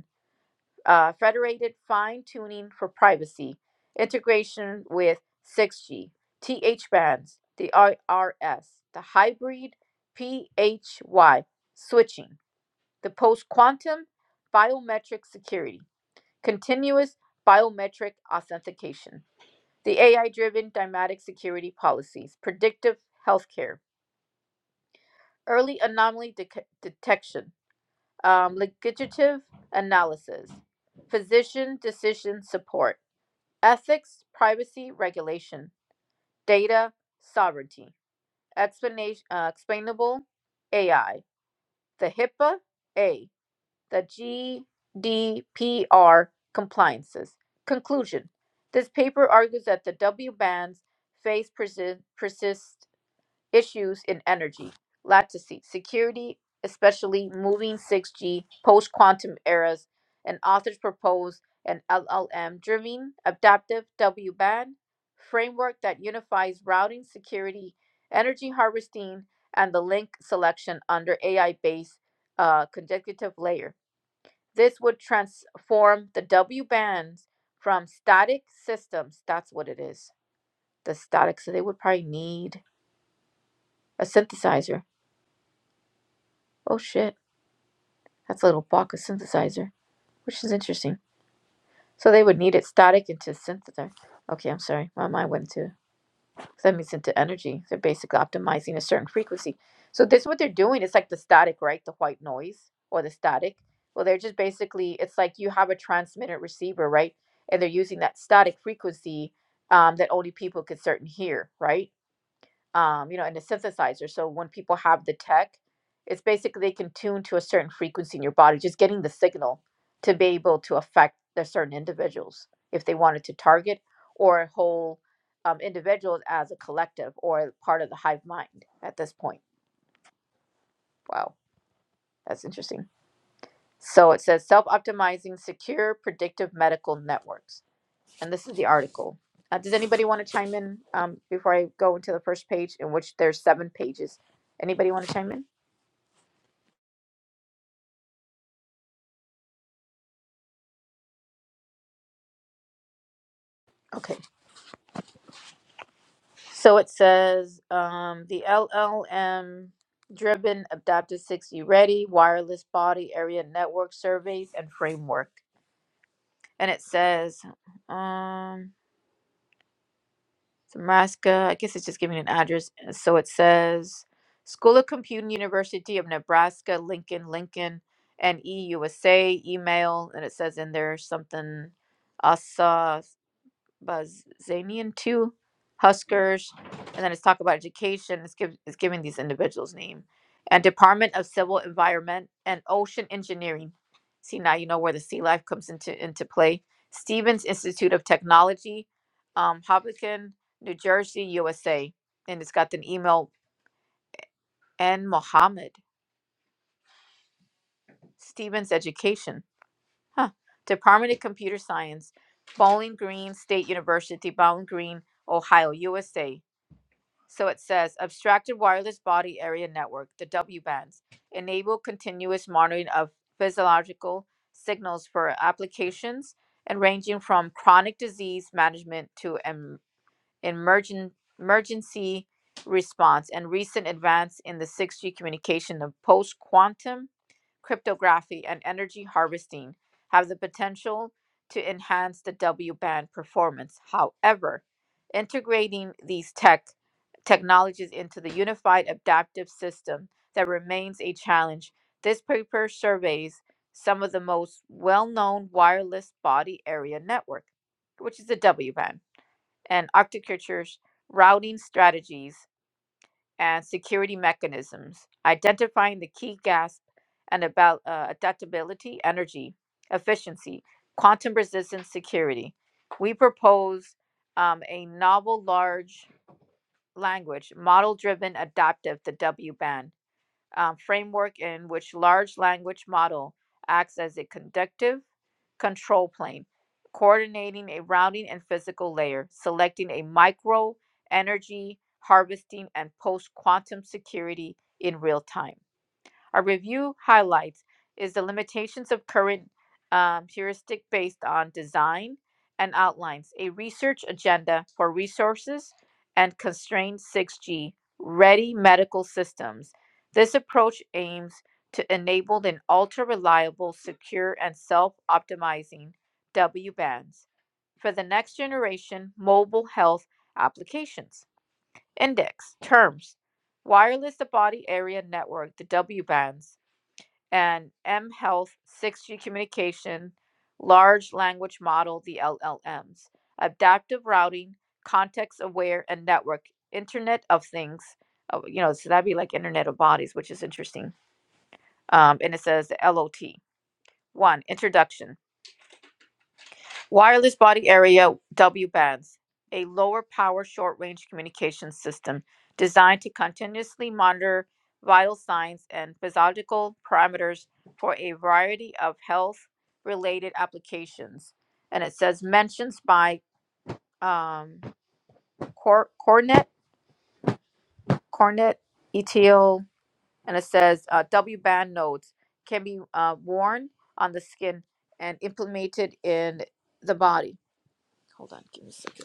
[SPEAKER 1] uh, federated fine tuning for privacy, integration with 6 G, T H bands, the IRS, the hybrid PHY switching, the post quantum biometric security, continuous biometric authentication, the AI driven dynamic security policies, predictive healthcare, early anomaly dec- detection, um, legislative analysis, physician decision support Ethics, privacy, regulation, data, sovereignty, explanation, uh, explainable AI, the HIPAA A, the GDPR compliances. Conclusion This paper argues that the W bands face persist. persists issues in energy, latency, security, especially moving 6G post quantum eras, and authors propose an LLM driven adaptive W band framework that unifies routing, security, energy harvesting, and the link selection under AI based uh, consecutive layer. This would transform the W bands from static systems, that's what it is. The static, so they would probably need a synthesizer Oh shit, that's a little Baka synthesizer, which is interesting. So they would need it static into synthesizer. Okay, I'm sorry, my mind went to that means into energy. They're basically optimizing a certain frequency. So this is what they're doing. It's like the static, right? The white noise or the static. Well, they're just basically it's like you have a transmitter receiver, right? And they're using that static frequency um, that only people could certain hear, right? um, you know, and a synthesizer. So when people have the tech, it's basically they can tune to a certain frequency in your body, just getting the signal to be able to affect the certain individuals if they wanted to target or whole um, individuals as a collective or part of the hive mind at this point. Wow, that's interesting. So it says self optimizing secure predictive medical networks. And this is the article. Uh, does anybody want to chime in um, before I go into the first page, in which there's seven pages? Anybody want to chime in? Okay, so it says um, the LLM driven adaptive 6 60 ready wireless body area network surveys and framework. And it says, um, Nebraska, I guess it's just giving an address. And So it says School of Computing, University of Nebraska, Lincoln, Lincoln, and EUSA email. And it says in there something, Bazanian too, Huskers, and then it's talk about education. It's, give, it's giving these individuals name and Department of Civil Environment and Ocean Engineering. See now you know where the sea life comes into into play. Stevens Institute of Technology, um, Hopkinton, New Jersey, USA, and it's got an email N Mohammed Stevens Education, huh? Department of Computer Science, Bowling Green State University, Bowling Green, Ohio, USA So it says abstracted wireless body area network, the W bands, enable continuous monitoring of physiological signals for applications and ranging from chronic disease management to em- emergen- emergency response and recent advance in the 6G communication of post quantum cryptography, and energy harvesting have the potential to enhance the W band performance. However, integrating these tech technologies into the unified adaptive system that remains a challenge. This paper surveys some of the most well-known wireless body area network, which is the W band, and architectures routing strategies and security mechanisms, identifying the key gaps and about uh, adaptability, energy, efficiency, quantum resistance, security. We propose um, a novel large language model driven adaptive, the W band um, framework in which large language model acts as a conductive control plane, coordinating a routing and physical layer, selecting a micro energy harvesting and post quantum security in real time. Our review highlights is the limitations of current um, heuristic based on design and outlines a research agenda for resources and constrained 6G ready medical systems. This approach aims to enable an ultra reliable, secure, and self optimizing W bands for the next generation mobile health applications. Index terms wireless to body area network, the W bands and M Health 6G Communication, Large Language Model, the LLMs, Adaptive Routing, Context Aware, and Network, Internet of Things. Oh, you know, so that'd be like Internet of Bodies, which is interesting. Um, and it says the LOT. One, introduction. Wireless body area W bands, a lower power short range communication system designed to continuously monitor vital signs and physiological parameters for a variety of health related applications. And it says mentions by um, Cor- Cornet, Cornet, ETL, and it says uh, W band nodes can be uh, worn on the skin and implemented in the body. Hold on, give me a second.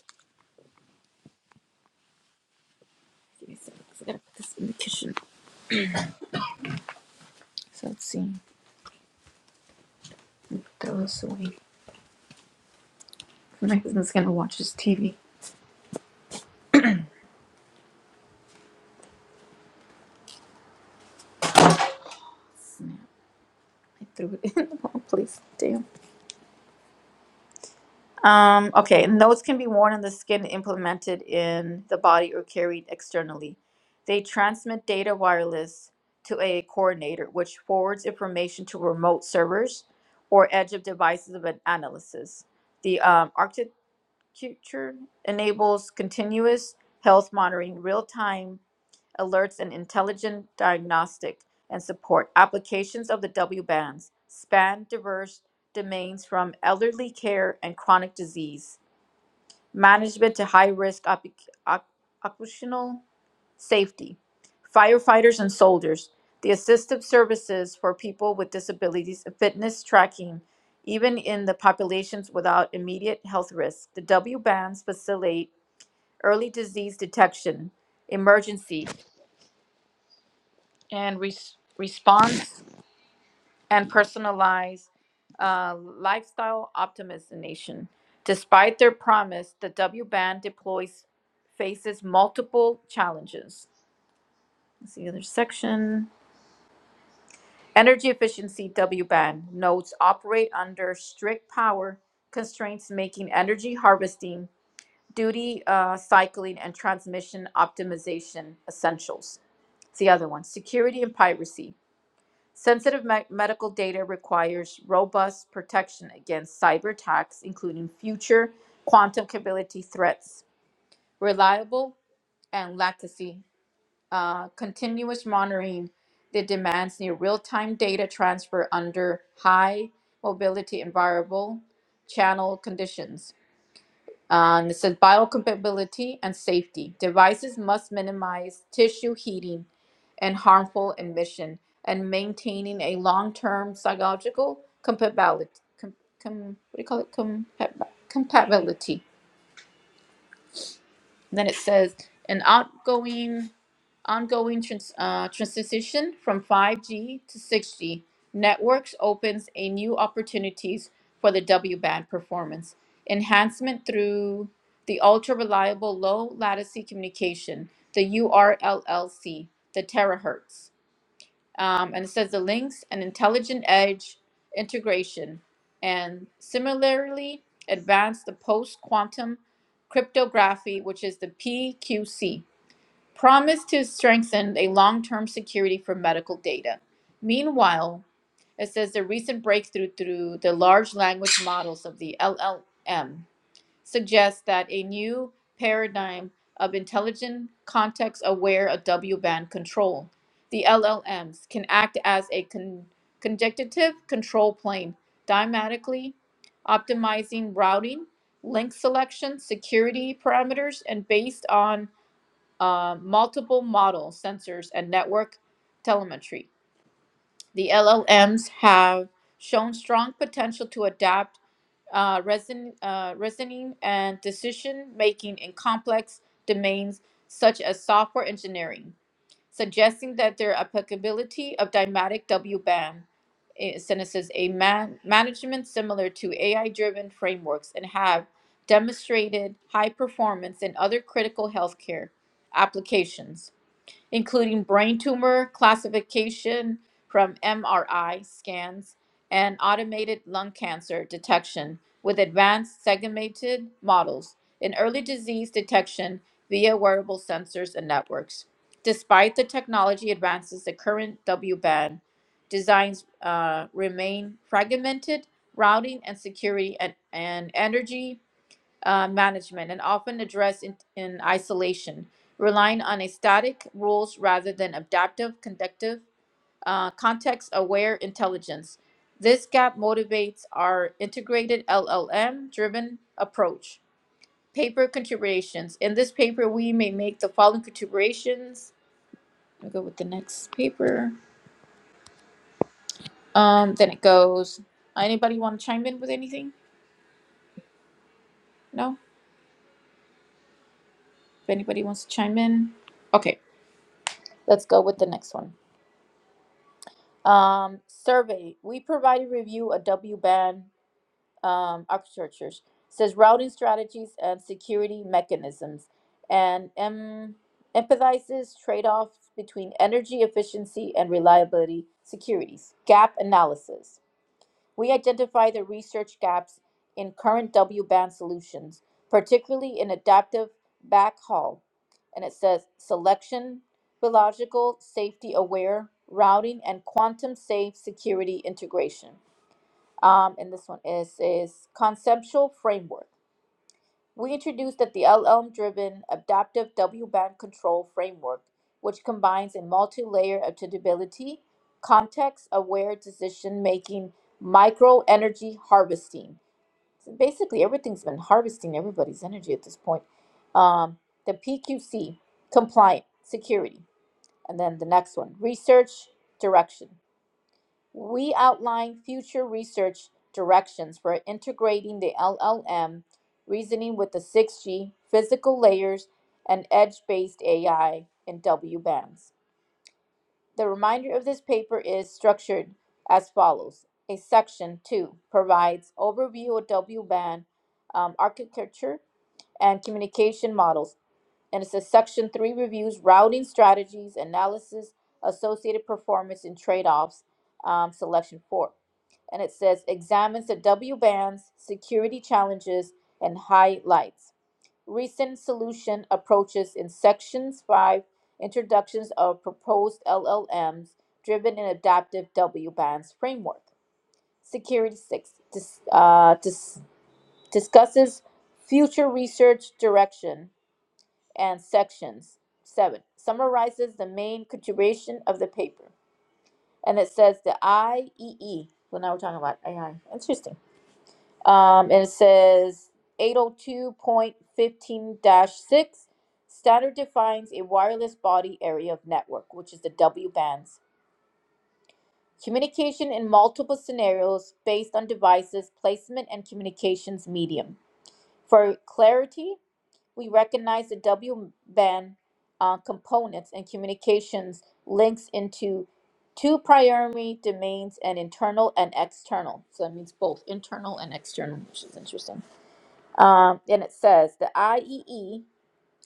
[SPEAKER 1] Give me a second, 'cause I gotta put this in the kitchen. So let's see. Throw this away. My husband's gonna watch his TV. Snap. I threw it in the wrong place. Damn. Um, okay. Notes can be worn on the skin, implemented in the body, or carried externally. They transmit data wireless to a coordinator, which forwards information to remote servers or edge of devices of an analysis. The um, architecture enables continuous health monitoring, real time alerts, and intelligent diagnostic and support. Applications of the W bands span diverse domains from elderly care and chronic disease management to high risk occupational safety, firefighters and soldiers, the assistive services for people with disabilities, fitness tracking, even in the populations without immediate health risk. The W bands facilitate early disease detection, emergency and res- response and personalized uh, lifestyle optimization. Despite their promise, the W band deploys faces multiple challenges. That's the other section. Energy efficiency W band nodes operate under strict power constraints, making energy harvesting, duty uh, cycling, and transmission optimization essentials. It's the other one. Security and piracy. Sensitive me- medical data requires robust protection against cyber attacks, including future quantum capability threats. Reliable and latency, uh, continuous monitoring that demands near real time data transfer under high mobility environable channel conditions. Um, it says biocompatibility and safety. Devices must minimize tissue heating and harmful emission and maintaining a long-term psychological compatibility. Com, com, what do you call it? Compa- compatibility. And then it says an outgoing. Ongoing trans- uh, transition from 5G to 6G networks opens a new opportunities for the W-band performance enhancement through the ultra-reliable low-latency communication, the URLLC, the terahertz. Um, and it says the links and intelligent edge integration and similarly advance the post-quantum cryptography, which is the PQC promised to strengthen a long term security for medical data. Meanwhile, it says the recent breakthrough through the large language models of the LLM suggests that a new paradigm of intelligent, context aware W band control. The LLMs can act as a con- conjunctive control plane, dynamically optimizing routing, link selection, security parameters, and based on uh, multiple model sensors and network telemetry. The LLMs have shown strong potential to adapt uh, reason, uh, reasoning and decision making in complex domains such as software engineering, suggesting that their applicability of dynamic WBAM eh, synthesis a man- management similar to AI driven frameworks and have demonstrated high performance in other critical healthcare applications including brain tumor classification from MRI scans and automated lung cancer detection with advanced segmented models in early disease detection via wearable sensors and networks. Despite the technology advances, the current W band designs uh, remain fragmented, routing and security and, and energy uh, management and often addressed in, in isolation, relying on a static rules rather than adaptive, conductive, uh, context-aware intelligence. This gap motivates our integrated LLM-driven approach. Paper contributions. In this paper, we may make the following contributions. I'll go with the next paper. Um, then it goes. Anybody want to chime in with anything? No? If anybody wants to chime in. Okay, let's go with the next one. Um, survey, we provided review of W-band um, architectures, says routing strategies and security mechanisms, and em- emphasizes trade-offs between energy efficiency and reliability securities. Gap analysis. We identify the research gaps in current W band solutions, particularly in adaptive backhaul. And it says selection, biological, safety aware, routing, and quantum safe security integration. Um, and this one is, is conceptual framework. We introduced the LLM driven adaptive W band control framework, which combines a multi layer adaptability, context aware decision making, micro energy harvesting. So basically, everything's been harvesting everybody's energy at this point. Um, the PQC, compliant, security. And then the next one, research, direction. We outline future research directions for integrating the LLM reasoning with the 6G physical layers and edge based AI in W bands. The reminder of this paper is structured as follows. A section 2 provides overview of W band um, architecture and communication models. And it says section three reviews routing strategies, analysis, associated performance and trade-offs, um, selection four. And it says examines the W bands, security challenges, and highlights. Recent solution approaches in sections five, introductions of proposed LLMs driven in adaptive W bands framework. Security six dis, uh, dis, discusses future research direction and sections. Seven summarizes the main contribution of the paper, and it says the IEE. So now we're talking about AI. Interesting. Um, and it says 802.15-6 dash six, standard defines a wireless body area of network, which is the W bands. Communication in multiple scenarios based on devices, placement, and communications medium. For clarity, we recognize the WBAN uh, components and communications links into two primary domains and internal and external. So that means both internal and external, which is interesting. Um, and it says the IEE,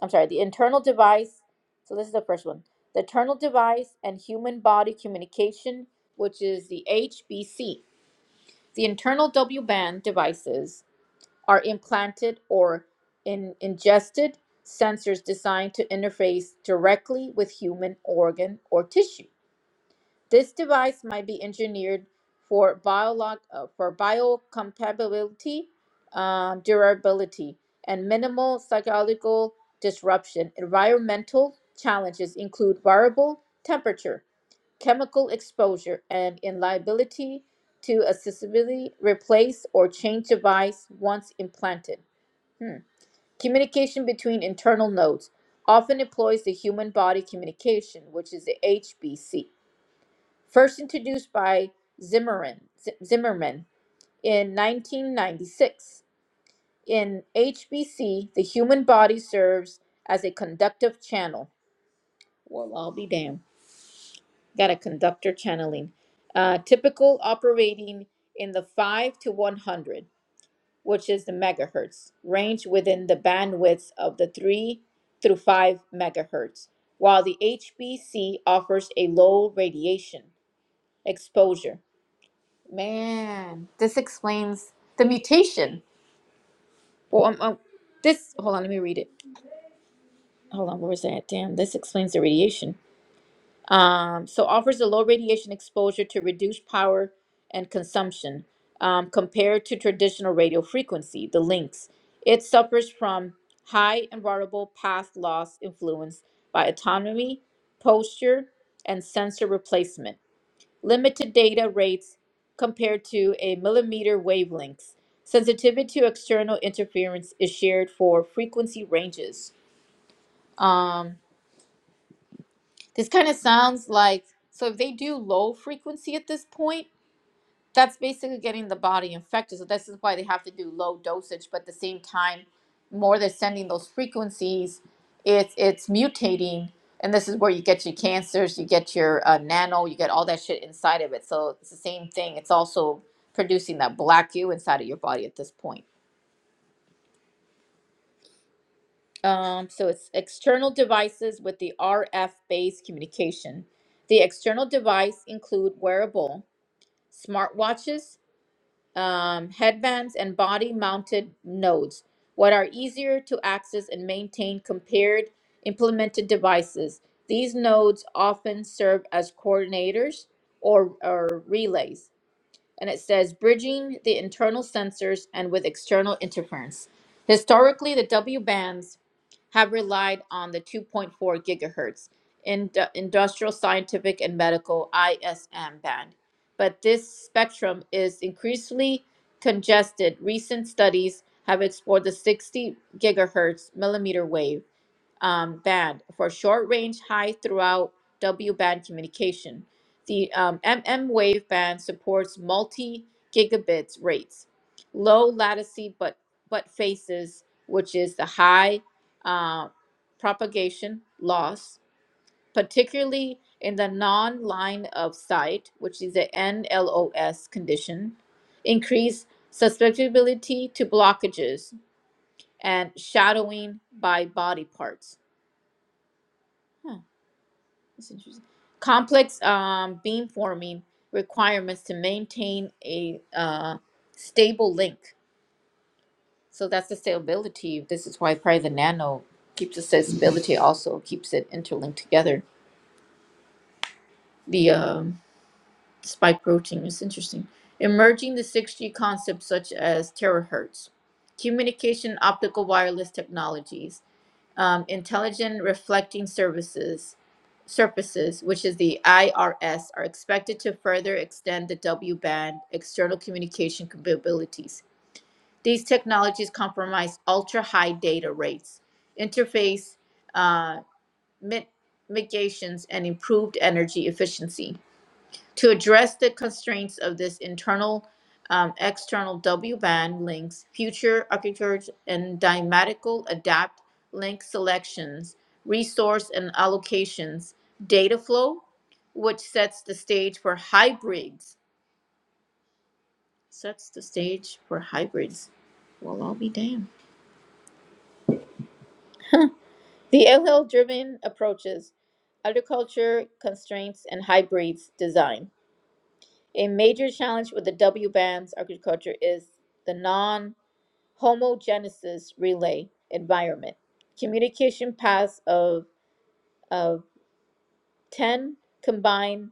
[SPEAKER 1] I'm sorry, the internal device. So this is the first one the internal device and human body communication, which is the HBC. The internal WBAN devices are implanted or in- ingested sensors designed to interface directly with human organ or tissue. This device might be engineered for, biolog- uh, for biocompatibility, um, durability, and minimal psychological disruption. Environmental challenges include variable temperature, chemical exposure, and liability to accessibility, replace, or change device once implanted. Hmm. Communication between internal nodes often employs the human body communication, which is the HBC, first introduced by Zimmerman, Z- Zimmerman in 1996. In HBC, the human body serves as a conductive channel. Well, I'll be damned. Got a conductor channeling. Uh, typical operating in the 5 to 100. which is the megahertz range within the bandwidth of the 3 through 5 megahertz, while the HBC offers a low radiation exposure. Man, this explains the mutation. Well, um, um, this, hold on, let me read it. Hold on, where was that? Damn, this explains the radiation. Um, so offers a low radiation exposure to reduce power and consumption um, compared to traditional radio frequency, the links. It suffers from high and variable path loss influenced by autonomy, posture, and sensor replacement. Limited data rates compared to a millimeter wavelength. Sensitivity to external interference is shared for frequency ranges. Um, this kind of sounds like so if they do low frequency at this point, that's basically getting the body infected. So this is why they have to do low dosage, but at the same time, more they're sending those frequencies, it's it's mutating, and this is where you get your cancers, you get your uh, nano, you get all that shit inside of it. So it's the same thing. It's also producing that black goo inside of your body at this point. Um, so it's external devices with the RF based communication. The external device include wearable smartwatches, um, headbands, and body mounted nodes, what are easier to access and maintain compared implemented devices. These nodes often serve as coordinators or, or relays and it says bridging the internal sensors and with external interference. Historically, the W bands have relied on the 2.4 gigahertz in industrial, scientific, and medical ISM band, but this spectrum is increasingly congested. Recent studies have explored the 60 gigahertz millimeter wave um, band for short-range high throughout W-band communication. The um, MM wave band supports multi-gigabits rates, low latency but but faces, which is the high uh, propagation loss, particularly in the non-line of sight, which is the NLOS condition, increased susceptibility to blockages and shadowing by body parts. Huh. That's interesting. Complex um, beamforming requirements to maintain a uh, stable link. So that's the stability. This is why probably the nano keeps the stability, also keeps it interlinked together. The um, spike protein is interesting. Emerging the 6G concepts such as terahertz, communication optical wireless technologies, um, intelligent reflecting services, services, which is the IRS, are expected to further extend the W band external communication capabilities. These technologies compromise ultra high data rates, interface uh, mit- mitigations, and improved energy efficiency. To address the constraints of this internal um, external W band links, future architectures and dynamical adapt link selections, resource and allocations, data flow, which sets the stage for hybrids. Sets the stage for hybrids. Well, I'll be damned. The L L driven approaches, agriculture constraints, and hybrids design. A major challenge with the W bands agriculture is the non. homogenesis relay environment. Communication paths of, of 10 combined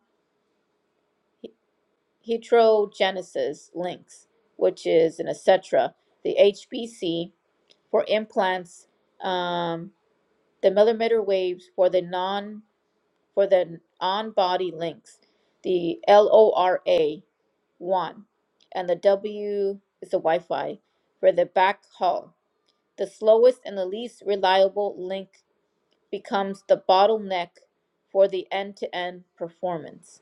[SPEAKER 1] he- heterogenesis links, which is an etc. The HPC for implants, um, the millimeter waves for the non for the on-body links, the LORA one, and the W is the Wi-Fi for the backhaul. The slowest and the least reliable link becomes the bottleneck for the end-to-end performance.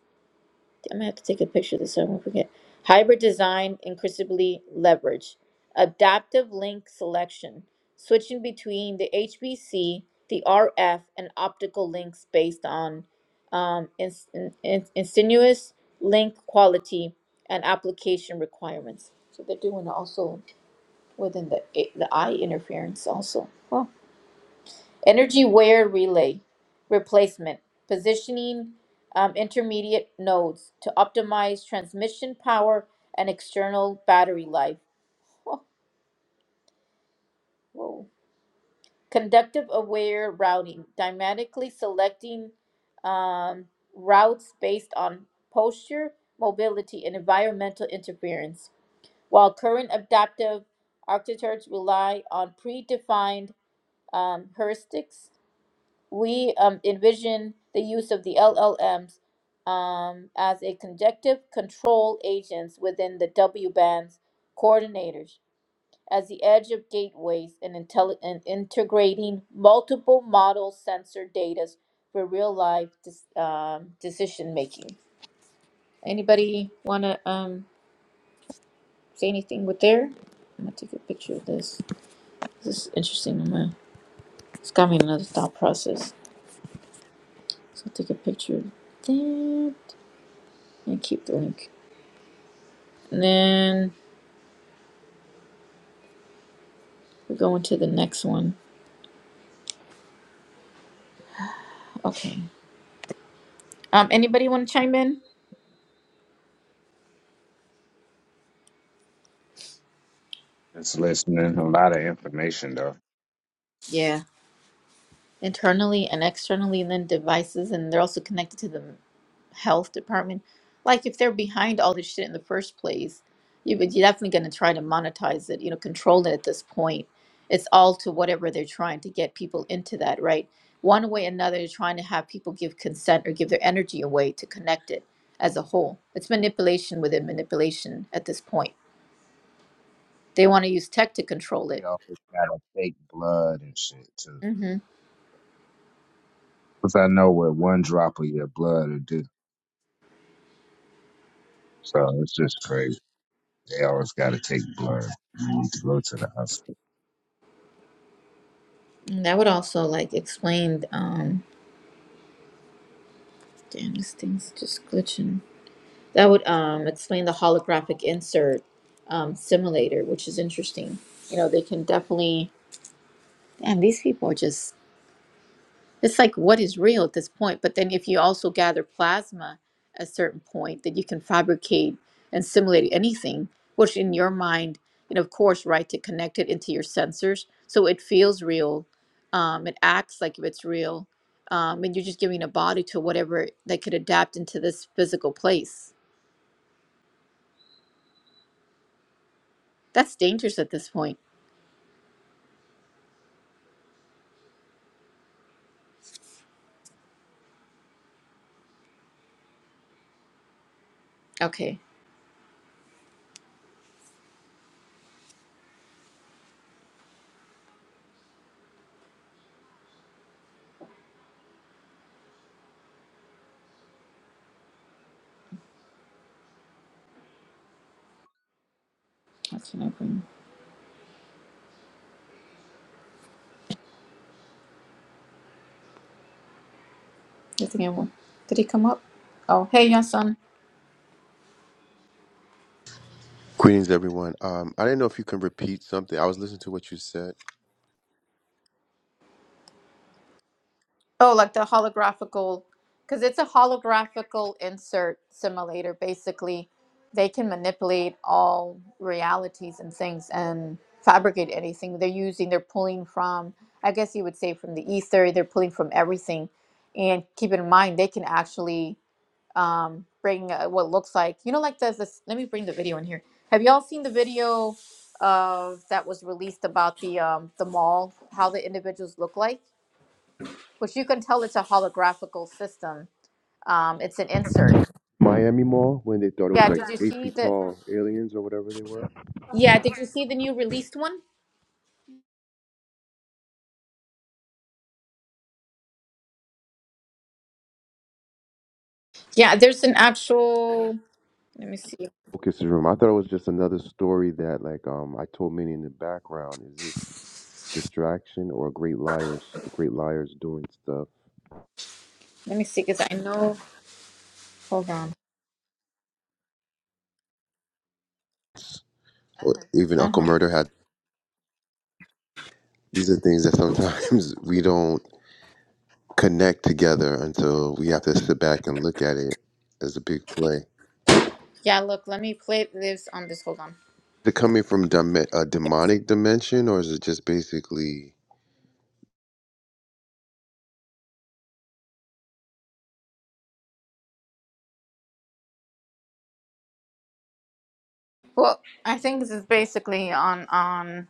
[SPEAKER 1] I'm gonna have to take a picture of this so I won't forget. Hybrid design increasingly leverage adaptive link selection, switching between the HBC, the RF, and optical links based on um, ins- in- in- insinuous link quality and application requirements. So they're doing also within the the eye interference also. Energy wear relay replacement, positioning um, intermediate nodes to optimize transmission power and external battery life. Whoa, whoa. Conductive aware routing, dynamically selecting um, routes based on posture, mobility, and environmental interference. While current adaptive architectures rely on predefined um, heuristics, we um, envision the use of the LLMs um, as a conjunctive control agents within the W bands coordinators as the edge of gateways and, intelli- and integrating multiple model sensor data for real life dis- um, decision making. Anybody want to um, say anything with there? I'm gonna take a picture of this. This is interesting. I'm gonna, it's got me in another thought process. So I'll take a picture of that. And keep the link. And then we're going to the next one. Okay. Um, anybody want to chime in?
[SPEAKER 3] Just listening. A lot of information though.
[SPEAKER 1] Yeah. Internally and externally, and then devices, and they're also connected to the health department. Like if they're behind all this shit in the first place, you but you're definitely going to try to monetize it, you know, control it at this point. It's all to whatever they're trying to get people into that, right? One way or another, they're trying to have people give consent or give their energy away to connect it as a whole. It's manipulation within manipulation at this point They want to use tech to control
[SPEAKER 3] They
[SPEAKER 1] it.
[SPEAKER 3] always got to fake blood and shit too.
[SPEAKER 1] Mm-hmm.
[SPEAKER 3] Cause I know what one drop of your blood will do. So it's just crazy. They always got to take blood. You need to go to the hospital.
[SPEAKER 1] Mm, That would also like explain. Um, damn, this thing's just glitching. That would um explain the holographic insert um, simulator, which is interesting. You know, they can definitely. Damn, these people are just It's like what is real at this point. But then if you also gather plasma at a certain point, then you can fabricate and simulate anything, which in your mind, and of course, right, to connect it into your sensors. So it feels real. Um, it acts like if it's real. Um, and you're just giving a body to whatever that could adapt into this physical place. That's dangerous at this point. Okay. That's what I bring. I think I will. Did he come up? Oh, hey, your son.
[SPEAKER 10] Greetings, everyone. Um, I didn't know if you can repeat something. I was listening to what you said.
[SPEAKER 1] Oh, like the holographical, because it's a holographical insert simulator. Basically, they can manipulate all realities and things and fabricate anything. They're using, they're pulling from, I guess you would say, from the ether, they're pulling from everything. And keep in mind, they can actually um, bring uh, what looks like, you know, like there's this, let me bring the video in here. Have y'all seen the video of that was released about the um, the mall, how the individuals look like? which you can tell it's a holographical system. Um, it's an insert.
[SPEAKER 10] Miami Mall, when they thought it
[SPEAKER 1] Yeah,
[SPEAKER 10] was like
[SPEAKER 1] did you
[SPEAKER 10] eight
[SPEAKER 1] see
[SPEAKER 10] feet
[SPEAKER 1] the?
[SPEAKER 10] tall aliens or whatever they were.
[SPEAKER 1] Yeah, did you see the new released one? Yeah, there's an actual. Let me see.
[SPEAKER 10] Focus room. I thought it was just another story that, like, um, I told many in the background. Is this distraction or great liars? The great liars doing stuff.
[SPEAKER 1] Let me see, because I know. Hold on.
[SPEAKER 10] Or even
[SPEAKER 1] Uh
[SPEAKER 10] Uncle
[SPEAKER 1] huh.
[SPEAKER 10] Murder had. These are things that sometimes we don't connect together until we have to sit back and look at it as a big play.
[SPEAKER 1] Yeah, look. Let me play this on this. Hold on.
[SPEAKER 10] it coming from dim- a demonic dimension, or is it just basically
[SPEAKER 1] Well, I think this is basically on on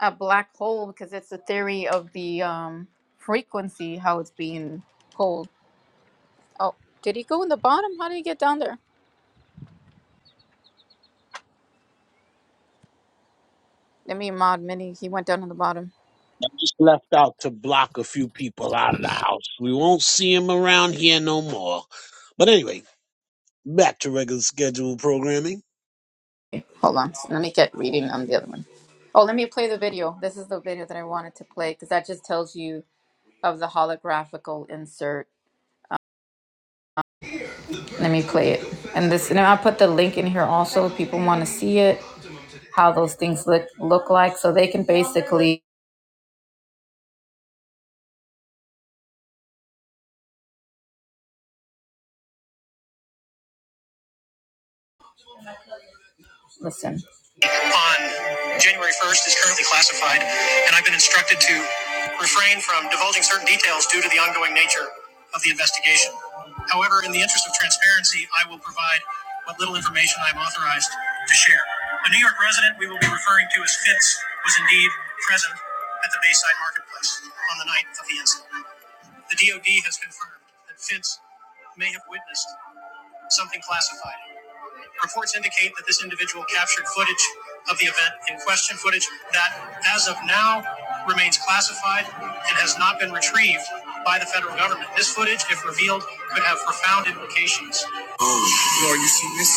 [SPEAKER 1] a black hole because it's a theory of the um frequency how it's being pulled. Oh, did he go in the bottom? How did he get down there? Let me mod mini. He went down on the bottom.
[SPEAKER 2] I just left out to block a few people out of the house. We won't see him around here no more. But anyway, back to regular scheduled programming.
[SPEAKER 1] Hold on. Let me get reading on the other one. Oh, let me play the video. This is the video that I wanted to play because that just tells you of the holographical insert. Let me play it. And this, and I'll put the link in here also if people want to see it, how those things look look like, so they can basically Listen. on January 1st is currently classified, and I've been instructed to refrain from divulging certain details due to the ongoing nature of the investigation. However, in the interest of transparency, I will provide what little information I'm authorized to share. A New York resident we will be referring to as Fitz was indeed present at the Bayside Marketplace on the night of the incident. The DOD has confirmed that Fitz may have witnessed something classified, Reports indicate that this individual captured footage of the event in question, footage that, as of now, remains classified and has not been retrieved by the federal government. This footage, if revealed, could have profound implications. Lord, you see this?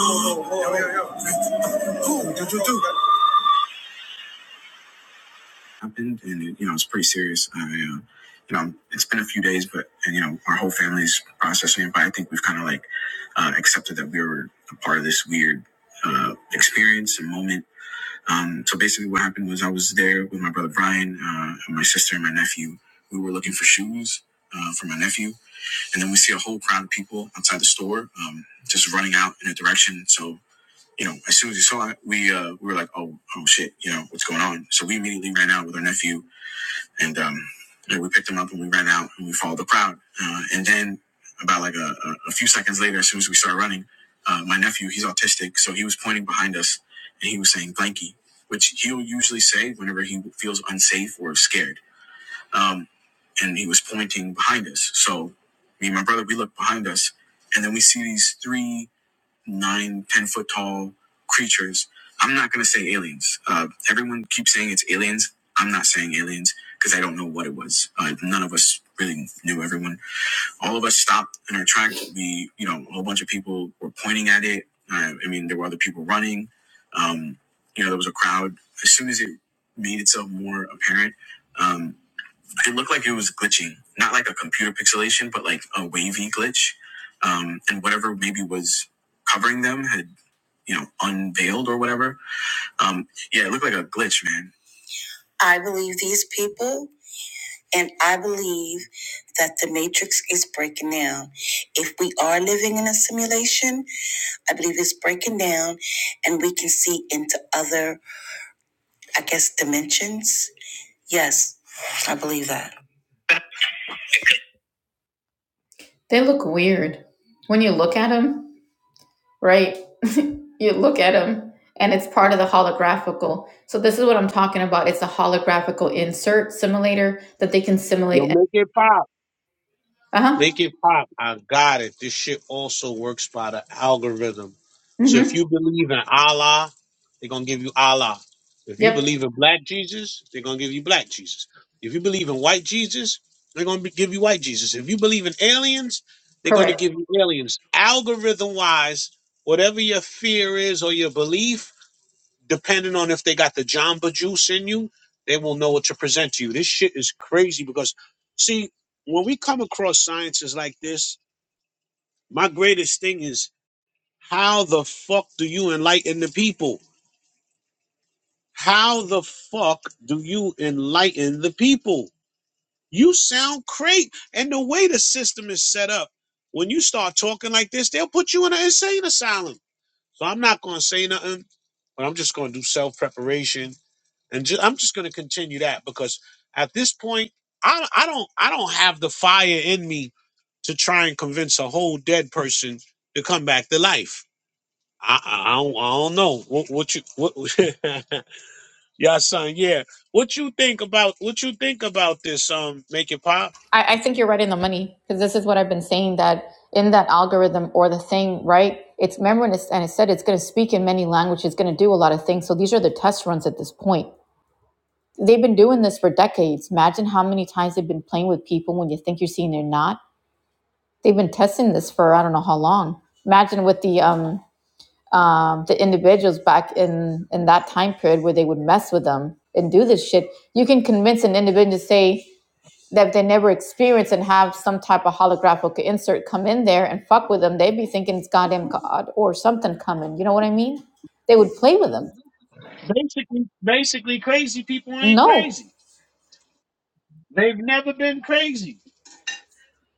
[SPEAKER 1] Yo, yo, yo, yo. Cool, do, do, do. happened, and it, you know it's pretty serious. I, uh, you know, it's been a few days, but and you know our whole family's processing it. But I think we've kind of like uh, accepted that we were a part of this weird uh, experience and moment. Um, so basically, what happened was I was there with my brother Brian, uh, and my sister, and my nephew. We were looking for shoes. Uh, for my nephew, and then we see a whole crowd of people outside the store, um, just running out in a direction. So you know, as soon as we saw it, we uh, we were like, oh, oh shit, you know, what's going on? So we immediately ran out with our nephew and um, and we picked him up and we ran out and we followed the crowd. Uh, and then about like a, a, few seconds later, as soon as we started running, uh, my nephew, he's autistic, so he was pointing behind us and he was saying blanky, which he'll usually say whenever he feels unsafe or scared. Um, and he was pointing behind us. So me and my brother, we looked behind us and then we see these three nine, ten foot tall creatures. I'm not gonna say aliens. Uh, everyone keeps saying it's aliens. I'm not saying aliens because I don't know what it was. Uh, none of us really knew everyone. All of us stopped in our tracks. We, you know, a whole bunch of people were pointing at it. Uh, I mean, there were other people running. Um, you know, there was a crowd. As soon as it made itself more apparent, um, it looked like it was glitching, not like a computer pixelation, but like a wavy glitch. Um, and whatever maybe was covering them had, you know, unveiled or whatever. Um, yeah, it looked like a glitch, man. I believe these people, and I believe that the matrix is breaking down. If we are living in a simulation, I believe it's breaking down and we can see into other, I guess, dimensions. Yes, I believe that. They look weird when you look at them. right? you look at them and it's part of the holographical. So this is what I'm talking about. It's a holographical insert simulator that they can
[SPEAKER 2] Yo,
[SPEAKER 1] simulate.
[SPEAKER 2] make it pop.
[SPEAKER 1] Uh-huh.
[SPEAKER 2] Make it pop. I got it. This shit also works by the algorithm. So if
[SPEAKER 1] Mm-hmm.
[SPEAKER 2] you believe in Allah, they're gonna give you Allah. If you
[SPEAKER 1] Yep.
[SPEAKER 2] believe in black Jesus, they're gonna give you black Jesus. If you believe in white Jesus, they're gonna be- give you white Jesus. If you believe in aliens, they're gonna
[SPEAKER 1] Correct.
[SPEAKER 2] give you aliens. Algorithm wise, whatever your fear is or your belief, depending on if they got the Jamba juice in you, they will know what to present to you. This shit is crazy because, see, when we come across sciences like this, my greatest thing is how the fuck do you enlighten the people? How the fuck do you enlighten the people? You sound great. And the way the system is set up, when you start talking like this, they'll put you in an insane asylum. So I'm not going to say nothing, but I'm just going to do self preparation and ju- I'm just going to continue that because at this point, I I don't I don't have the fire in me to try and convince a whole dead person to come back to life. I I, I don't, I don't know what what you what yeah son yeah what you think about what you think about this um make it pop
[SPEAKER 1] I, I think you're right in the money because this is what I've been saying that in that algorithm or the thing, right? It's remember when it's, and it said it's going to speak in many languages, it's going to do a lot of things. So these are the test runs at this point. They've been doing this for decades. Imagine how many times they've been playing with people when you think you're seeing they're not They've been testing this for I don't know how long. Imagine with the um, um, the individuals back in in that time period where they would mess with them and do this shit. You can convince an individual to say that if they never experienced and have some type of holographic insert come in there and fuck with them. They'd be thinking it's goddamn god or something coming. You know what I mean? They would play with them.
[SPEAKER 2] basically basically crazy people ain't
[SPEAKER 1] No,
[SPEAKER 2] crazy they've never been crazy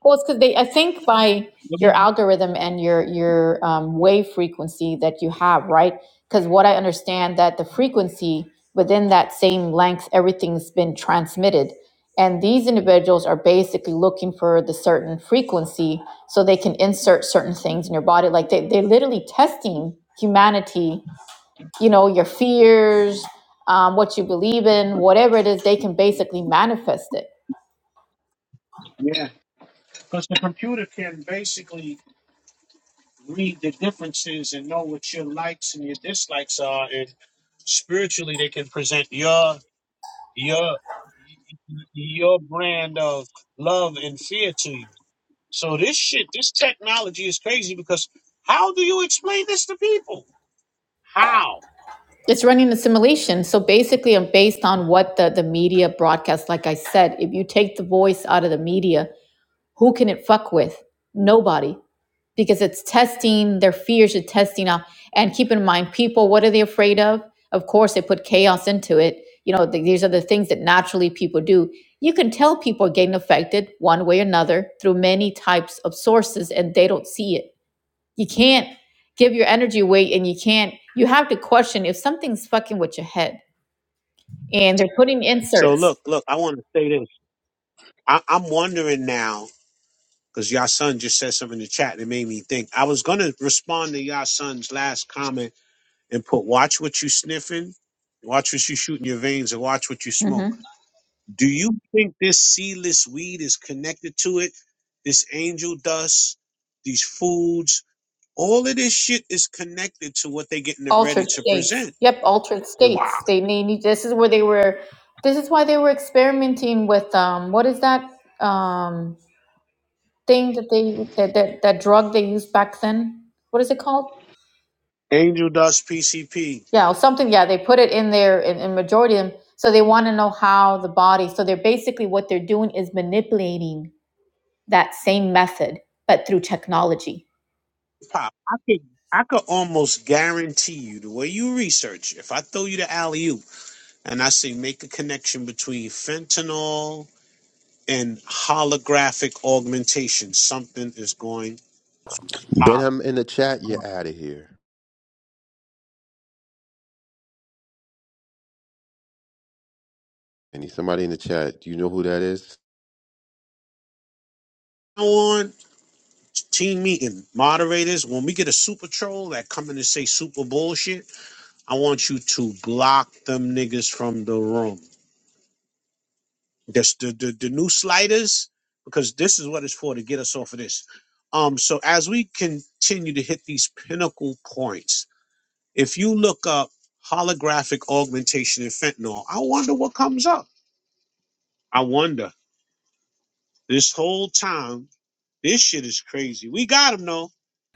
[SPEAKER 1] Well, it's because they. I think by your algorithm and your your um, wave frequency that you have, right? Because what I understand that the frequency within that same length, everything's been transmitted, and these individuals are basically looking for the certain frequency so they can insert certain things in your body. Like they they're literally testing humanity you know, your fears, um, what you believe in, whatever it is, they can basically manifest it.
[SPEAKER 2] yeah because the computer can basically read the differences and know what your likes and your dislikes are and spiritually they can present your your your brand of love and fear to you so this shit this technology is crazy because how do you explain this to people how
[SPEAKER 1] It's running a simulation. So basically, I'm based on what the, the media broadcasts. Like I said, if you take the voice out of the media, Who can it fuck with? Nobody. Because it's testing their fears, it's testing out. And keep in mind, people, what are they afraid of? Of course, they put chaos into it. You know, th- these are the things that naturally people do. You can tell people are getting affected one way or another through many types of sources and they don't see it. You can't give your energy away and you can't, you have to question if something's fucking with your head and they're putting
[SPEAKER 2] so
[SPEAKER 1] inserts
[SPEAKER 2] look look i want to say this I, i'm wondering now because y'all son just said something in the chat that made me think i was going to respond to y'all son's last comment and put watch what you sniffing, watch what you shoot in your veins, and watch what you
[SPEAKER 1] hmm
[SPEAKER 2] smoke. Do you think this seedless weed is connected to it? This angel dust, these foods, all of this shit is connected to what they're getting it ready
[SPEAKER 1] Altered
[SPEAKER 2] to
[SPEAKER 1] states.
[SPEAKER 2] present.
[SPEAKER 1] Yep, altered
[SPEAKER 2] Wow.
[SPEAKER 1] states. They may need. This is where they were. This is why they were experimenting with um. What is that um thing that they that that, that drug they used back then? What is it called?
[SPEAKER 2] Angel dust, PCP,
[SPEAKER 1] Yeah, something. Yeah, they put it in there in, in majority of them. So they want to know how the body. So they're basically what they're doing is manipulating that same method, but through technology.
[SPEAKER 2] pop. I could I could almost guarantee you the way you research, if I throw you the alley oop and I say make a connection between fentanyl and holographic augmentation. Something is going pop.
[SPEAKER 10] Benham in the chat? You're out of here. Any somebody in the chat? Do you know who that is?
[SPEAKER 2] On team meeting, moderators, when we get a super troll that come in and say super bullshit, I want you to block them niggas from the room. Just the, the, the new sliders, because this is what it's for to get us off of this. Um, so as we continue to hit these pinnacle points, if you look up holographic augmentation and fentanyl, I wonder what comes up. I wonder this whole time This shit is crazy. We got him though.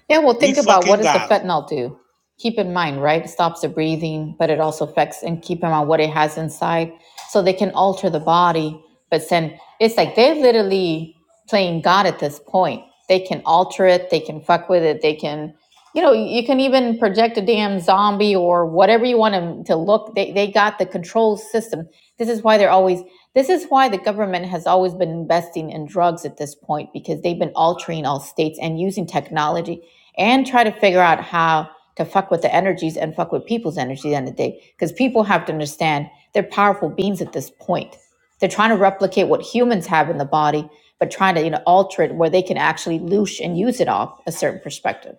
[SPEAKER 1] Yeah, well,
[SPEAKER 2] We
[SPEAKER 1] think about what
[SPEAKER 2] fucking
[SPEAKER 1] does the
[SPEAKER 2] got him.
[SPEAKER 1] fentanyl do? Keep in mind, right? It stops the breathing, but it also affects and keep in mind what it has inside. So they can alter the body, but send. It's like they're literally playing God at this point. They can alter it. They can fuck with it. They can. you know you can even project a damn zombie or whatever you want them to look they, they got the control system this is why they're always this is why the government has always been investing in drugs at this point because they've been altering all states and using technology and try to figure out how to fuck with the energies and fuck with people's energy at the end of the day because people have to understand they're powerful beings at this point they're trying to replicate what humans have in the body but trying to you know alter it where they can actually loosh and use it off a certain perspective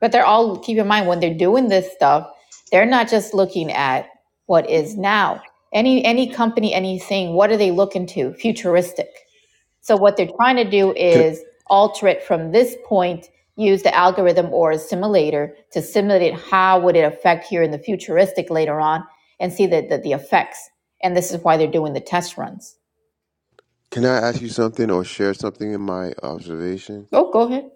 [SPEAKER 1] but they're all, keep in mind, when they're doing this stuff, they're not just looking at what is now. Any any company, anything, what are they looking to? Futuristic. So what they're trying to do
[SPEAKER 10] Can
[SPEAKER 1] is alter it from this point, use the algorithm or a simulator to simulate how would it affect here in the futuristic later on and see the, the, the effects. And this is why they're doing the test runs.
[SPEAKER 10] Can I ask you something or share something in my observation?
[SPEAKER 1] Oh, go ahead.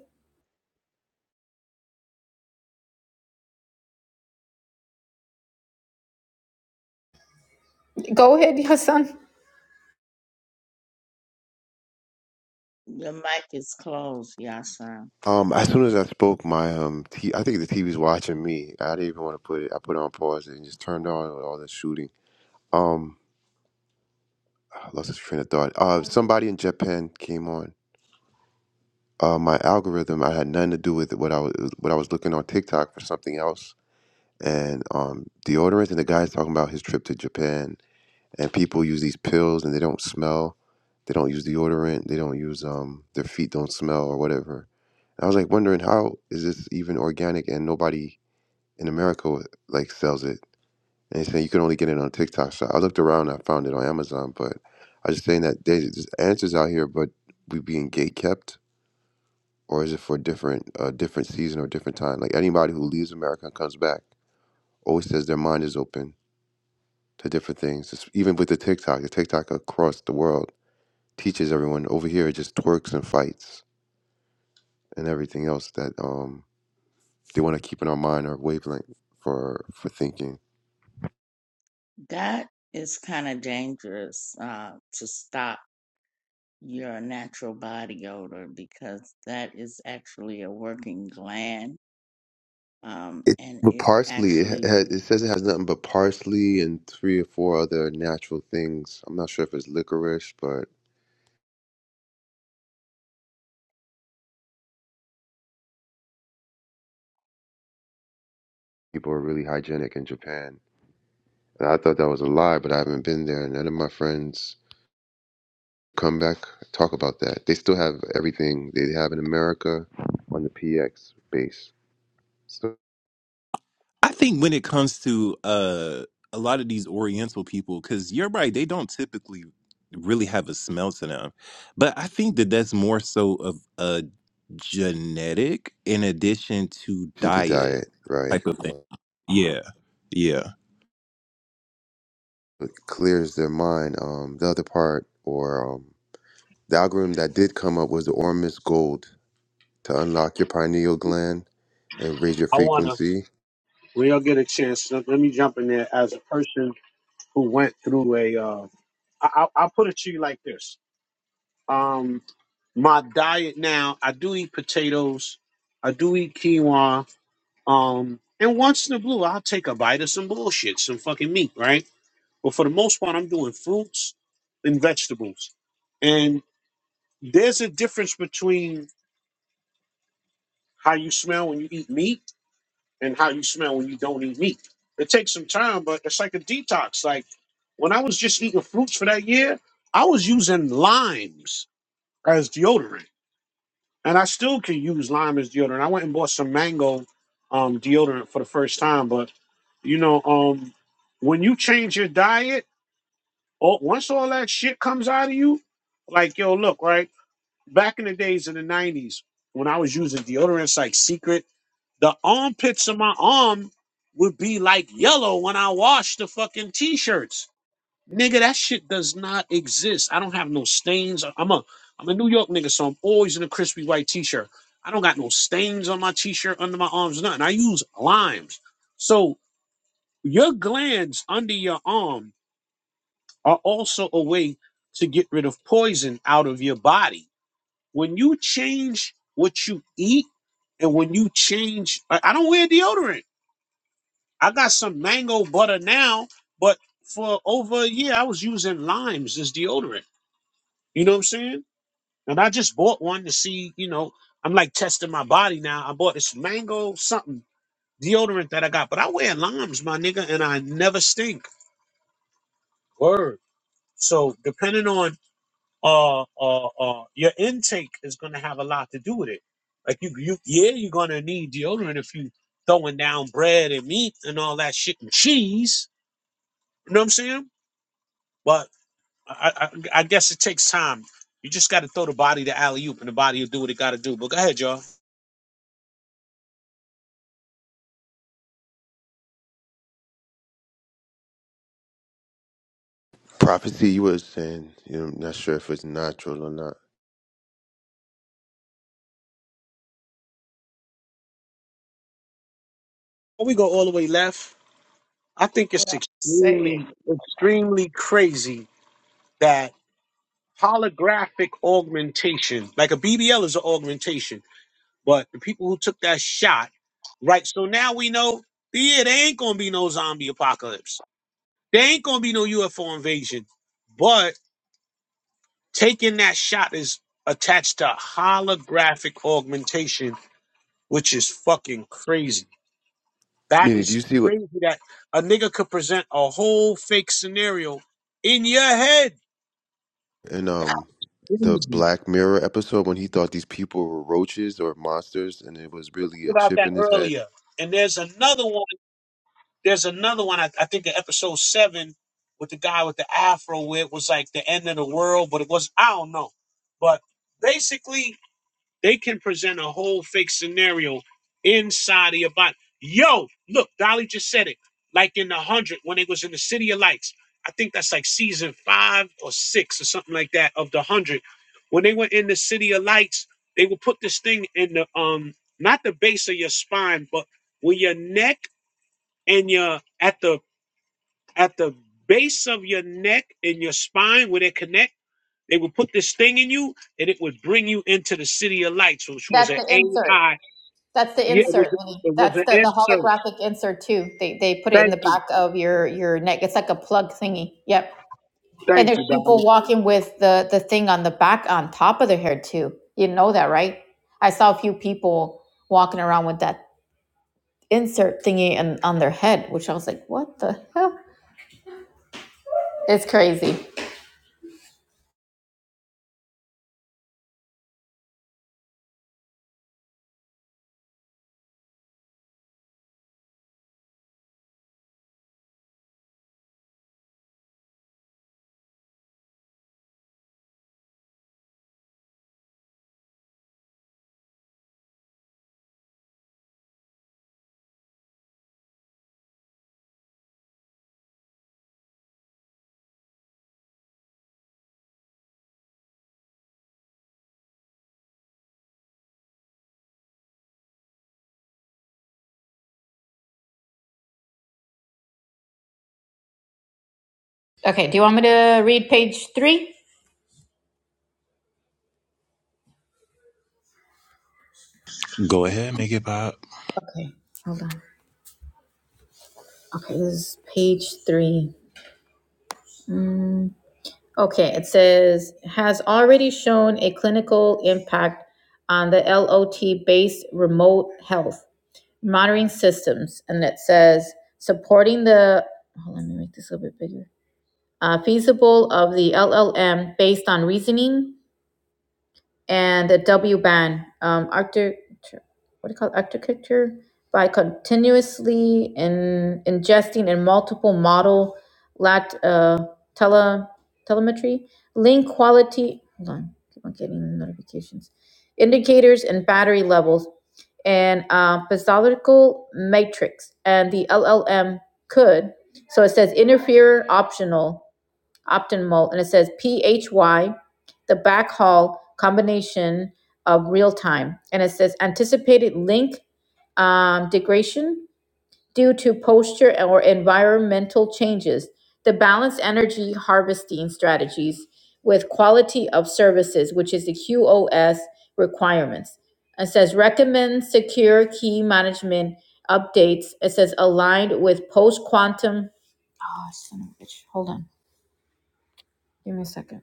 [SPEAKER 1] Go ahead, Hassan.
[SPEAKER 4] Your mic is closed, Yasa.
[SPEAKER 10] Um, as soon as I spoke, my um, t- I think the TV's watching me. I didn't even want to put it. I put it on pause and just turned on with all the shooting. Um, I lost this train of thought. Uh, somebody in Japan came on. Uh, my algorithm. I had nothing to do with what I was what I was looking on TikTok for something else and um, deodorants. And the guy's talking about his trip to Japan, and people use these pills, and they don't smell. They don't use deodorant. They don't use um, their feet don't smell or whatever. And I was like wondering how is this even organic, and nobody in America like sells it. And they say you can only get it on TikTok. So I looked around, and I found it on Amazon, but I was just saying that there's there's answers out here, but we being gate kept, or is it for different, uh, different season or different time? Like anybody who leaves America and comes back always says their mind is open to different things. It's, even with the TikTok, the TikTok across the world teaches everyone over here it just twerks and fights and everything else that um they want to keep in our mind or wavelength for for thinking.
[SPEAKER 4] That is kind of dangerous uh, to stop your natural body odor because that is actually a working gland, um,
[SPEAKER 10] It
[SPEAKER 4] and
[SPEAKER 10] with
[SPEAKER 4] it
[SPEAKER 10] parsley, it,
[SPEAKER 4] actually.
[SPEAKER 10] ha- it says it has nothing but parsley and three or four other natural things. I'm not sure if it's licorice, but people are really hygienic in Japan. And I thought that was a lie, but I haven't been there, and none of my friends come back talk about that they still have everything they have in america on the px base so
[SPEAKER 9] I think when it comes to uh a lot of these Oriental people, because you're right, they don't typically really have a smell to them. But I think that that's more so of a genetic in addition to
[SPEAKER 10] into
[SPEAKER 9] diet
[SPEAKER 10] diet right
[SPEAKER 9] type of thing. Yeah. Yeah.
[SPEAKER 10] it clears their mind um the other part or um the algorithm that did come up was the ormus gold to unlock your pineal gland and raise your
[SPEAKER 2] I wanna
[SPEAKER 10] frequency
[SPEAKER 2] when y'all get a chance. Let, let me jump in there as a person who went through a. Uh, I, I, I'll put it to you like this. Um, my diet now. I do eat potatoes. I do eat quinoa. Um, and once in a blue, I'll take a bite of some bullshit, some fucking meat, right? But for the most part, I'm doing fruits and vegetables. And there's a difference between how you smell when you eat meat and how you smell when you don't eat meat. It takes some time, but it's like a detox. Like when I was just eating fruits for that year, I was using limes as deodorant, and I still can use lime as deodorant. I went and bought some mango um, deodorant for the first time, but you know, um, when you change your diet, all, once all that shit comes out of you, like yo, look right. Back in the days in the '90s, when I was using deodorants like Secret. The armpits of my arm would be like yellow when I wash the fucking t-shirts. Nigga, that shit does not exist. I don't have no stains. I'm a I'm a New York nigga, so I'm always in a crispy white t-shirt. I don't got no stains on my t-shirt, under my arms, nothing. I use limes. So your glands under your arm are also a way to get rid of poison out of your body. When you change what you eat and when you change, I don't wear deodorant. I got some mango butter now, but for over a year I was using limes as deodorant. You know what I'm saying? And I just bought one to see, you know, I'm like testing my body now. I bought this mango something deodorant that I got, but I wear limes, my nigga, and I never stink. Word. So depending on uh uh uh your intake is gonna have a lot to do with it. Like you you yeah, you're gonna need deodorant if you throwing down bread and meat and all that shit and cheese. You know what I'm saying? But I, I, I guess it takes time. You just got to throw the body to alley oop, and the body will do what it got to do. But go ahead, y'all.
[SPEAKER 10] prophecy you were saying you know, i'm not sure if it's natural or not
[SPEAKER 2] Before we go all the way left, I think
[SPEAKER 4] What
[SPEAKER 2] it's
[SPEAKER 4] I was saying.
[SPEAKER 2] extremely, extremely crazy that holographic augmentation, like a BBL, is an augmentation. But the people who took that shot, right? So now we know, yeah, there ain't gonna be no zombie apocalypse. There ain't gonna be no UFO invasion. But taking that shot is attached to holographic augmentation which is fucking crazy.
[SPEAKER 10] i
[SPEAKER 2] That
[SPEAKER 10] mean if
[SPEAKER 2] is
[SPEAKER 10] you see what
[SPEAKER 2] crazy that a nigga could present a whole fake scenario in your head.
[SPEAKER 10] in um the
[SPEAKER 2] Crazy.
[SPEAKER 10] black mirror episode when he thought these people were roaches or monsters and it was really a
[SPEAKER 2] About
[SPEAKER 10] chip
[SPEAKER 2] that
[SPEAKER 10] in his head
[SPEAKER 2] earlier. And there's another one. There's another one. I, I think in episode seven with the guy with the afro where it was like the end of the world, but it was I don't know. But basically They can present a whole fake scenario inside of your body. Yo, look, Dolly just said it. Like in the hundred when it was in the City of Lights. I think that's like season five or six or something like that of the hundred. When they were in the City of Lights, they would put this thing in the um not the base of your spine, but with your neck and your at the at the base of your neck and your spine where they connect they would put this thing in you, and it would bring you into the city of lights, which was
[SPEAKER 1] That's
[SPEAKER 2] an
[SPEAKER 1] the insert.
[SPEAKER 2] AI.
[SPEAKER 1] That's the
[SPEAKER 2] Yeah, it was.
[SPEAKER 1] insert.
[SPEAKER 2] It was
[SPEAKER 1] That's
[SPEAKER 2] an
[SPEAKER 1] the,
[SPEAKER 2] insert.
[SPEAKER 1] the holographic insert too. They they put it in
[SPEAKER 2] Thank
[SPEAKER 1] the
[SPEAKER 2] you,
[SPEAKER 1] back of your your neck. It's like a plug thingy. Yep. And
[SPEAKER 2] thank
[SPEAKER 1] there's
[SPEAKER 2] you,
[SPEAKER 1] people
[SPEAKER 2] Dolly.
[SPEAKER 1] walking with the the thing on the back on top of their hair too. You know that, right? I saw a few people walking around with that insert thingy and on their head, which I was like, what the hell? It's crazy. Okay, do you want me to read page three?
[SPEAKER 9] Go ahead, make it pop.
[SPEAKER 1] Okay, hold on. Okay, this is page three. Mm. Okay, it says, has already shown a clinical impact on the LOT based remote health monitoring systems. And it says, supporting the, oh, let me make this a little bit bigger, uh, feasible of the LLM based on reasoning and the W band, um, architecture, what do you call it? architecture by continuously in, ingesting in multiple model lat uh, tele telemetry link quality. Hold on, keep on getting notifications, indicators and battery levels, and uh, pathological matrix, and the LLM could. So it says interfere optional Optimal, and it says PHY, the backhaul combination of real time. And it says anticipated link um, degradation due to posture or environmental changes. The balanced energy harvesting strategies with quality of services, which is the QoS requirements. It says recommend secure key management updates. It says aligned with post quantum. Oh, son of a bitch. Hold on. Give me a second.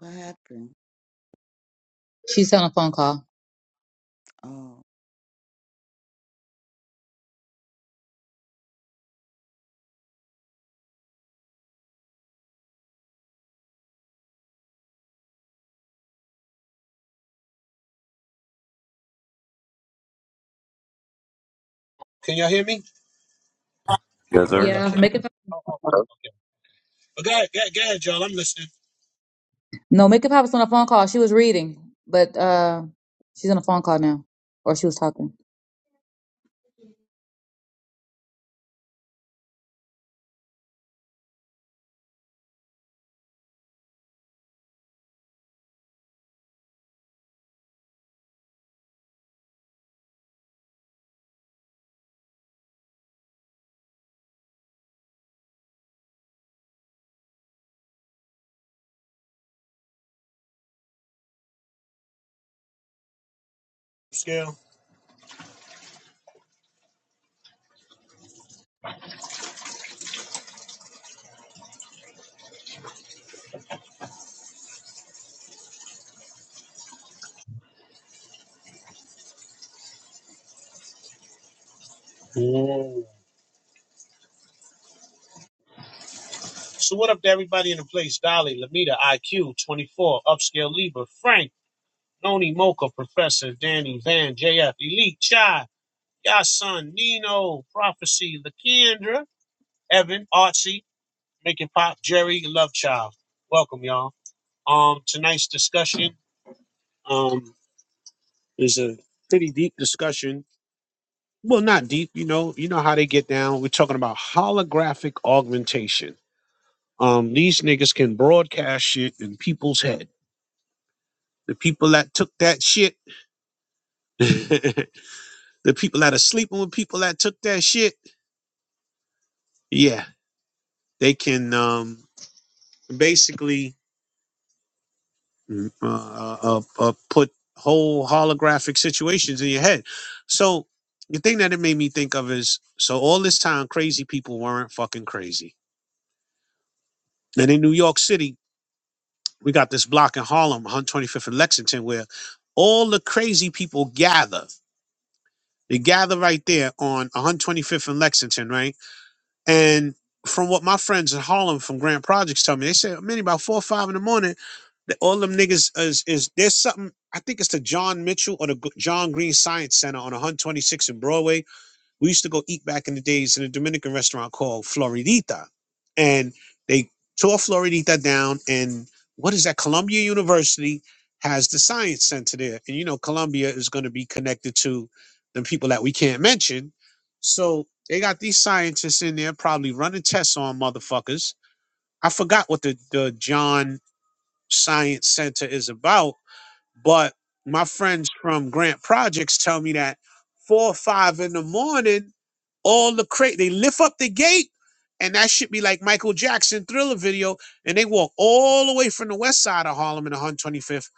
[SPEAKER 4] What happened?
[SPEAKER 11] She's on a phone call.
[SPEAKER 4] Oh.
[SPEAKER 9] Yes, sir.
[SPEAKER 11] Yeah,
[SPEAKER 2] Okay.
[SPEAKER 11] make it. Oh,
[SPEAKER 2] Okay.
[SPEAKER 11] No, make it pop was on a phone call. She was reading, but uh, she's on a phone call now, or she was talking.
[SPEAKER 2] Scale. Whoa. So what up to everybody in the place? Dolly, Lamita, IQ, 24, Upscale Libra, Frank, Noni Mocha, Professor, Danny, Van, JF, Elite, Chai, Yasun, Nino, Prophecy, Lakendra, Evan, Artsy, Make It Pop, Jerry, Love Child. Welcome, y'all. Um, tonight's discussion. Um. It's a pretty deep discussion. Well, not deep, you know, you know how they get down. We're talking about holographic augmentation. Um, these niggas can broadcast shit in people's head. The people that took that shit, the people that are sleeping with people that took that shit, yeah, they can um basically mm, uh, uh, uh, put whole holographic situations in your head. So the thing that it made me think of is, so all this time, crazy people weren't fucking crazy And in New York City, we got this block in Harlem, 125th and Lexington, where all the crazy people gather. They gather right there on 125th and Lexington, right? And from what my friends in Harlem from Grand Projects tell me, they say, many about four or five in the morning, that all them niggas is, is there's something. I think it's the John Mitchell or the G- John Green Science Center on 126th and Broadway we used to go eat back in the days in a Dominican restaurant called Floridita, and they tore Floridita down. And what is that? Columbia University has the science center there, and you know Columbia is going to be connected to the people that we can't mention. So they got these scientists in there probably running tests on motherfuckers. I forgot what the the John Science Center is about but my friends from Grant Projects tell me that four or five in the morning, all the crate they lift up the gate, and that should be like Michael Jackson thriller video, and they walk all the way from the west side of Harlem and the 125th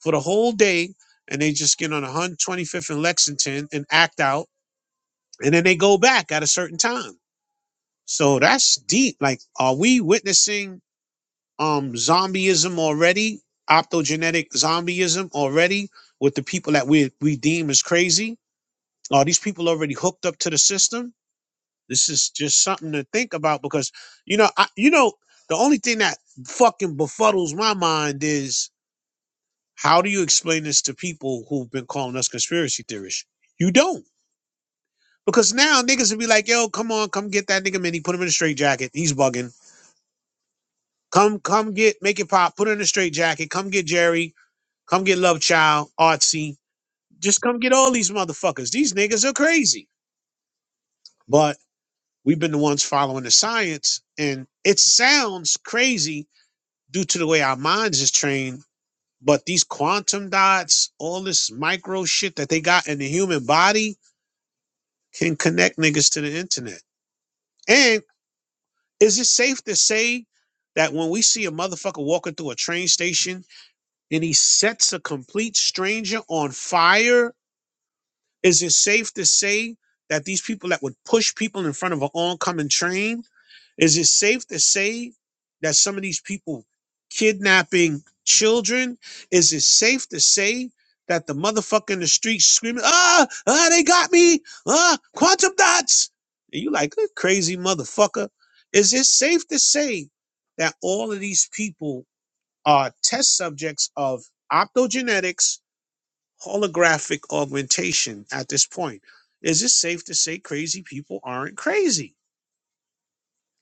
[SPEAKER 2] for the whole day, and they just get on the 125th and Lexington and act out, and then they go back at a certain time. So that's deep. Like, are we witnessing? um zombieism already, optogenetic zombieism already with the people that we we deem as crazy. Are these people already hooked up to the system? This is just something to think about because you know, I, you know, the only thing that fucking befuddles my mind is how do you explain this to people who've been calling us conspiracy theorists? You don't. Because now niggas will be like, yo, come on, come get that nigga Minnie, put him in a straight jacket. He's bugging. Come, come get, make it pop, put him in a straight jacket. Come get Jerry Come get Love Child, Artsy. Just come get all these motherfuckers. These niggas are crazy. But we've been the ones following the science, and it sounds crazy due to the way our minds is trained. But these quantum dots, all this micro shit that they got in the human body can connect niggas to the internet. And is it safe to say that when we see a motherfucker walking through a train station and he sets a complete stranger on fire Is it safe to say that these people that would push people in front of an oncoming train, is it safe to say that some of these people kidnapping children? Is it safe to say that the motherfucker in the street screaming, ah, ah, they got me, ah, quantum dots? And you like, "Good crazy motherfucker. Is it safe to say that all of these people are test subjects of optogenetics holographic augmentation at this point. Is it safe to say crazy people aren't crazy?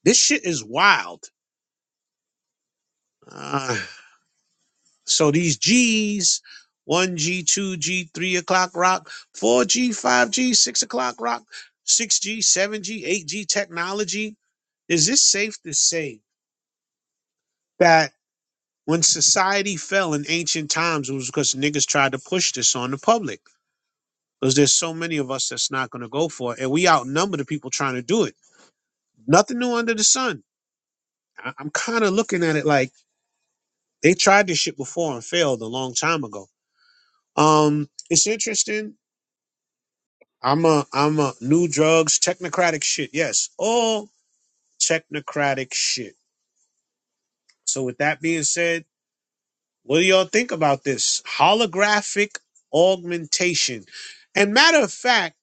[SPEAKER 2] This shit is wild. Uh, so these G's, 1G, 2G, 3 o'clock rock, 4G, 5G, 6 o'clock rock, 6G, 7G, 8G technology. Is this safe to say that when society fell in ancient times, it was because niggas tried to push this on the public? Because there's so many of us that's not going to go for it. And we outnumber the people trying to do it Nothing new under the sun. I, I'm kind of looking at it like they tried this shit before and failed a long time ago. Um, it's interesting. I'm a I'm a new drugs technocratic shit. Yes, all technocratic shit. So with that being said, what do y'all think about this holographic augmentation? And matter of fact,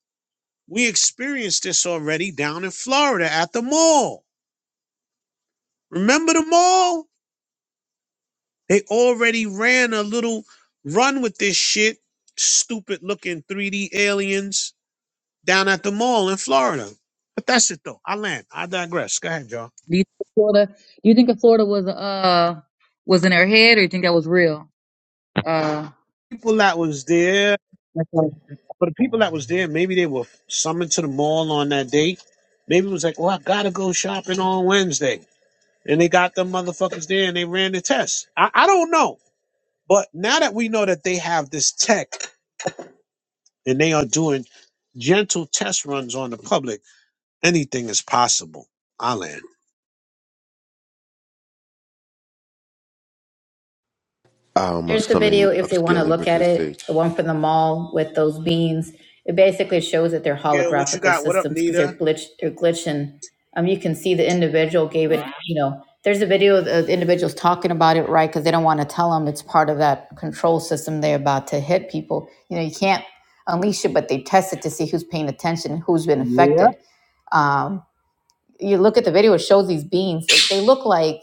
[SPEAKER 2] we experienced this already down in Florida at the mall. Remember the mall? They already ran a little run with this shit, stupid looking 3D aliens down at the mall in Florida. But that's it though. I land. I digress. Go ahead, y'all.
[SPEAKER 11] Do you think Florida? Do you think that Florida was uh was in her head, or you think that was real? Uh,
[SPEAKER 2] People that was there,
[SPEAKER 11] that's all.
[SPEAKER 2] for the people that was there, maybe they were summoned to the mall on that day. Maybe it was like, oh, I gotta go shopping on Wednesday. And they got them motherfuckers there and they ran the test. I, I don't know. But now that we know that they have this tech and they are doing gentle test runs on the public Anything is possible. I land.
[SPEAKER 10] I'm uh,
[SPEAKER 1] There's the
[SPEAKER 10] summoning
[SPEAKER 1] video if they want
[SPEAKER 10] upscale
[SPEAKER 1] to
[SPEAKER 10] labor
[SPEAKER 1] look
[SPEAKER 10] to
[SPEAKER 1] at
[SPEAKER 10] the
[SPEAKER 1] it,
[SPEAKER 10] stage.
[SPEAKER 1] the one from the mall with those beans. It basically shows that they're
[SPEAKER 2] Gil, what you
[SPEAKER 1] holographical
[SPEAKER 2] got? What up,
[SPEAKER 1] systems because
[SPEAKER 2] Nita?
[SPEAKER 1] they're glitch they're glitching. Um, you can see the individual gave it, you know, there's a video of the individuals talking about it, right? Because they don't want to tell them it's part of that control system they're about to hit people. You know, you can't unleash it, but they test it to see who's paying attention, who's been
[SPEAKER 2] Yeah.
[SPEAKER 1] affected. Um, you look at the video, it shows these beans. They they look like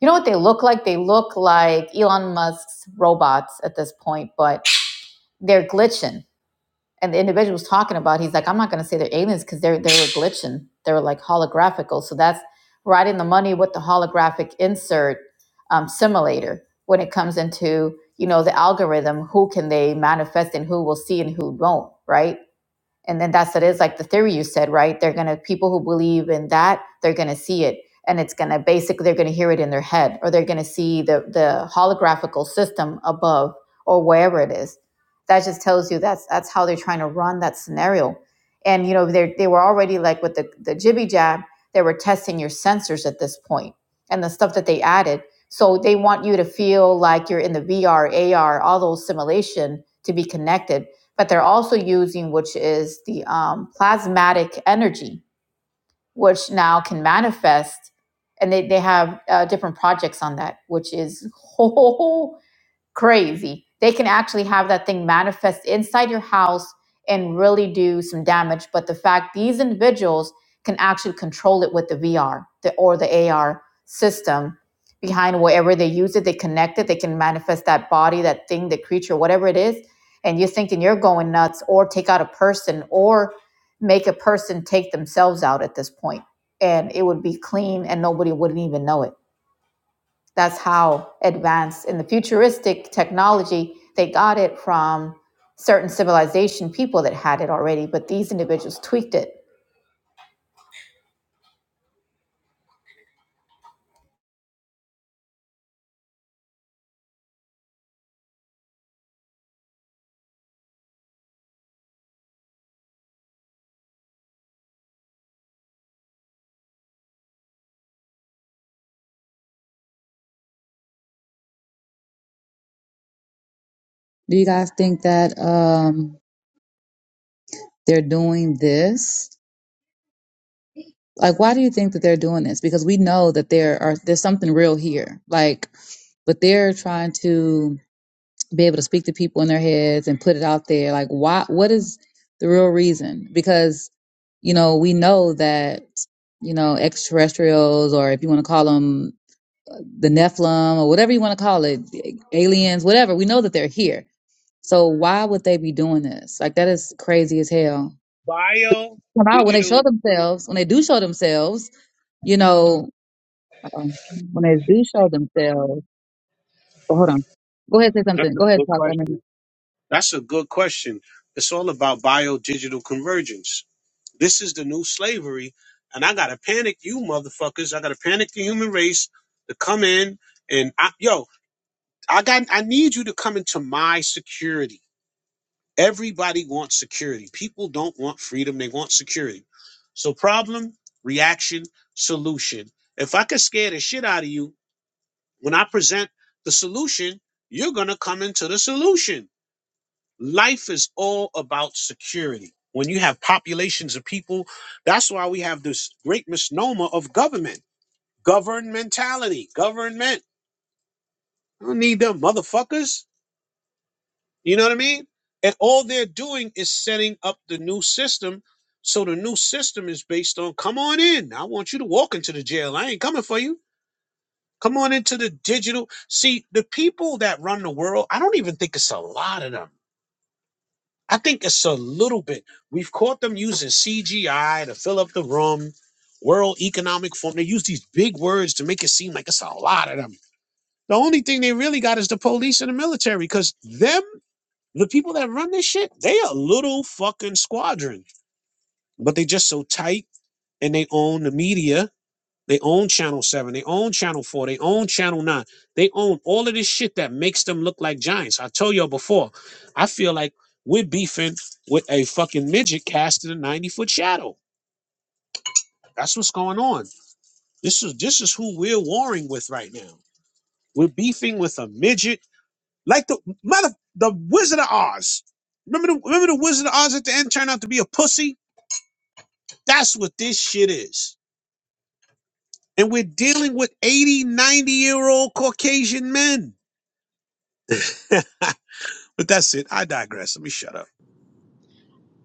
[SPEAKER 1] you know what they look like? They look like Elon Musk's robots at this point, but they're glitching. And the individual was talking about, he's like, I'm not going to say they're aliens because they're they were glitching. They were like holographical. So that's right in the money with the holographic insert um, simulator when it comes into you know the algorithm. Who can they manifest and who will see and who won't, right? and then that's what it is like the theory you said right they're gonna people who believe in that they're gonna see it and it's gonna basically they're gonna hear it in their head or they're gonna see the the holographical system above or wherever it is that just tells you that's that's how they're trying to run that scenario and you know they they were already like with the the jibby jab they were testing your sensors at this point and the stuff that they added so they want you to feel like you're in the vr ar all those simulation to be connected but they're also using which is the um, plasmatic energy which now can manifest and they, they have uh, different projects on that which is whole crazy. They can actually have that thing manifest inside your house and really do some damage. But the fact these individuals can actually control it with the VR the, or the AR system behind wherever they use it, they connect it, they can manifest that body, that thing, the creature, whatever it is. And you're thinking you're going nuts, or take out a person, or make a person take themselves out at this point, and it would be clean, and nobody wouldn't even know it that's how advanced in the futuristic technology, they got it from certain civilization people that had it already, but these individuals tweaked it.
[SPEAKER 11] do you guys think that um they're doing this? Like, why do you think that they're doing this? Because we know that there are there's something real here. Like, but they're trying to. be able to speak to people in their heads and put it out there like why what is the real reason because you know we know that you know extraterrestrials or if you want to call them the nephilim or whatever you want to call it aliens whatever we know that they're here so why would they be doing this like that is crazy as hell
[SPEAKER 2] Bio,
[SPEAKER 11] when I- when they
[SPEAKER 2] digital.
[SPEAKER 11] show themselves when they do show themselves you know um, when they do show themselves oh, hold on go ahead and say
[SPEAKER 2] That's
[SPEAKER 11] something
[SPEAKER 2] a
[SPEAKER 11] go ahead
[SPEAKER 2] good
[SPEAKER 11] and talk i mean
[SPEAKER 2] question. That's a good question. It's all about bio digital convergence. This is the new slavery, and I gotta panic you motherfuckers. I gotta panic the human race to come in and I, yo, I got I need you to come into my security. Everybody wants security. People don't want freedom, they want security. So, problem, reaction, solution. If I could scare the shit out of you, when I present the solution, you're going to come into the solution. Life is all about security. When you have populations of people, that's why we have this great misnomer of government, governmentality, government. I don't need them motherfuckers. You know what I mean? And all they're doing is setting up the new system. So the new system is based on come on in. I want you to walk into the jail. I ain't coming for you. Come on into the digital. See, the people that run the world, I don't even think it's a lot of them. I think it's a little bit. We've caught them using CGI to fill up the room, World Economic Forum. They use these big words to make it seem like it's a lot of them. The only thing they really got is the police and the military because them the people that run this shit, they a little fucking squadron, but they just so tight and they own the media. They own Channel 7, they own Channel 4, they own Channel 9. They own all of this shit that makes them look like giants. I told y'all before, I feel like we're beefing with a fucking midget cast in a 90 foot shadow. That's what's going on. This is this is who we're warring with right now. We're beefing with a midget like the mother the Wizard of Oz. Remember the remember the Wizard of Oz at the end turned out to be a pussy? That's what this shit is. And we're dealing with 8090 year old Caucasian men. but that's it. I digress. Let me shut up.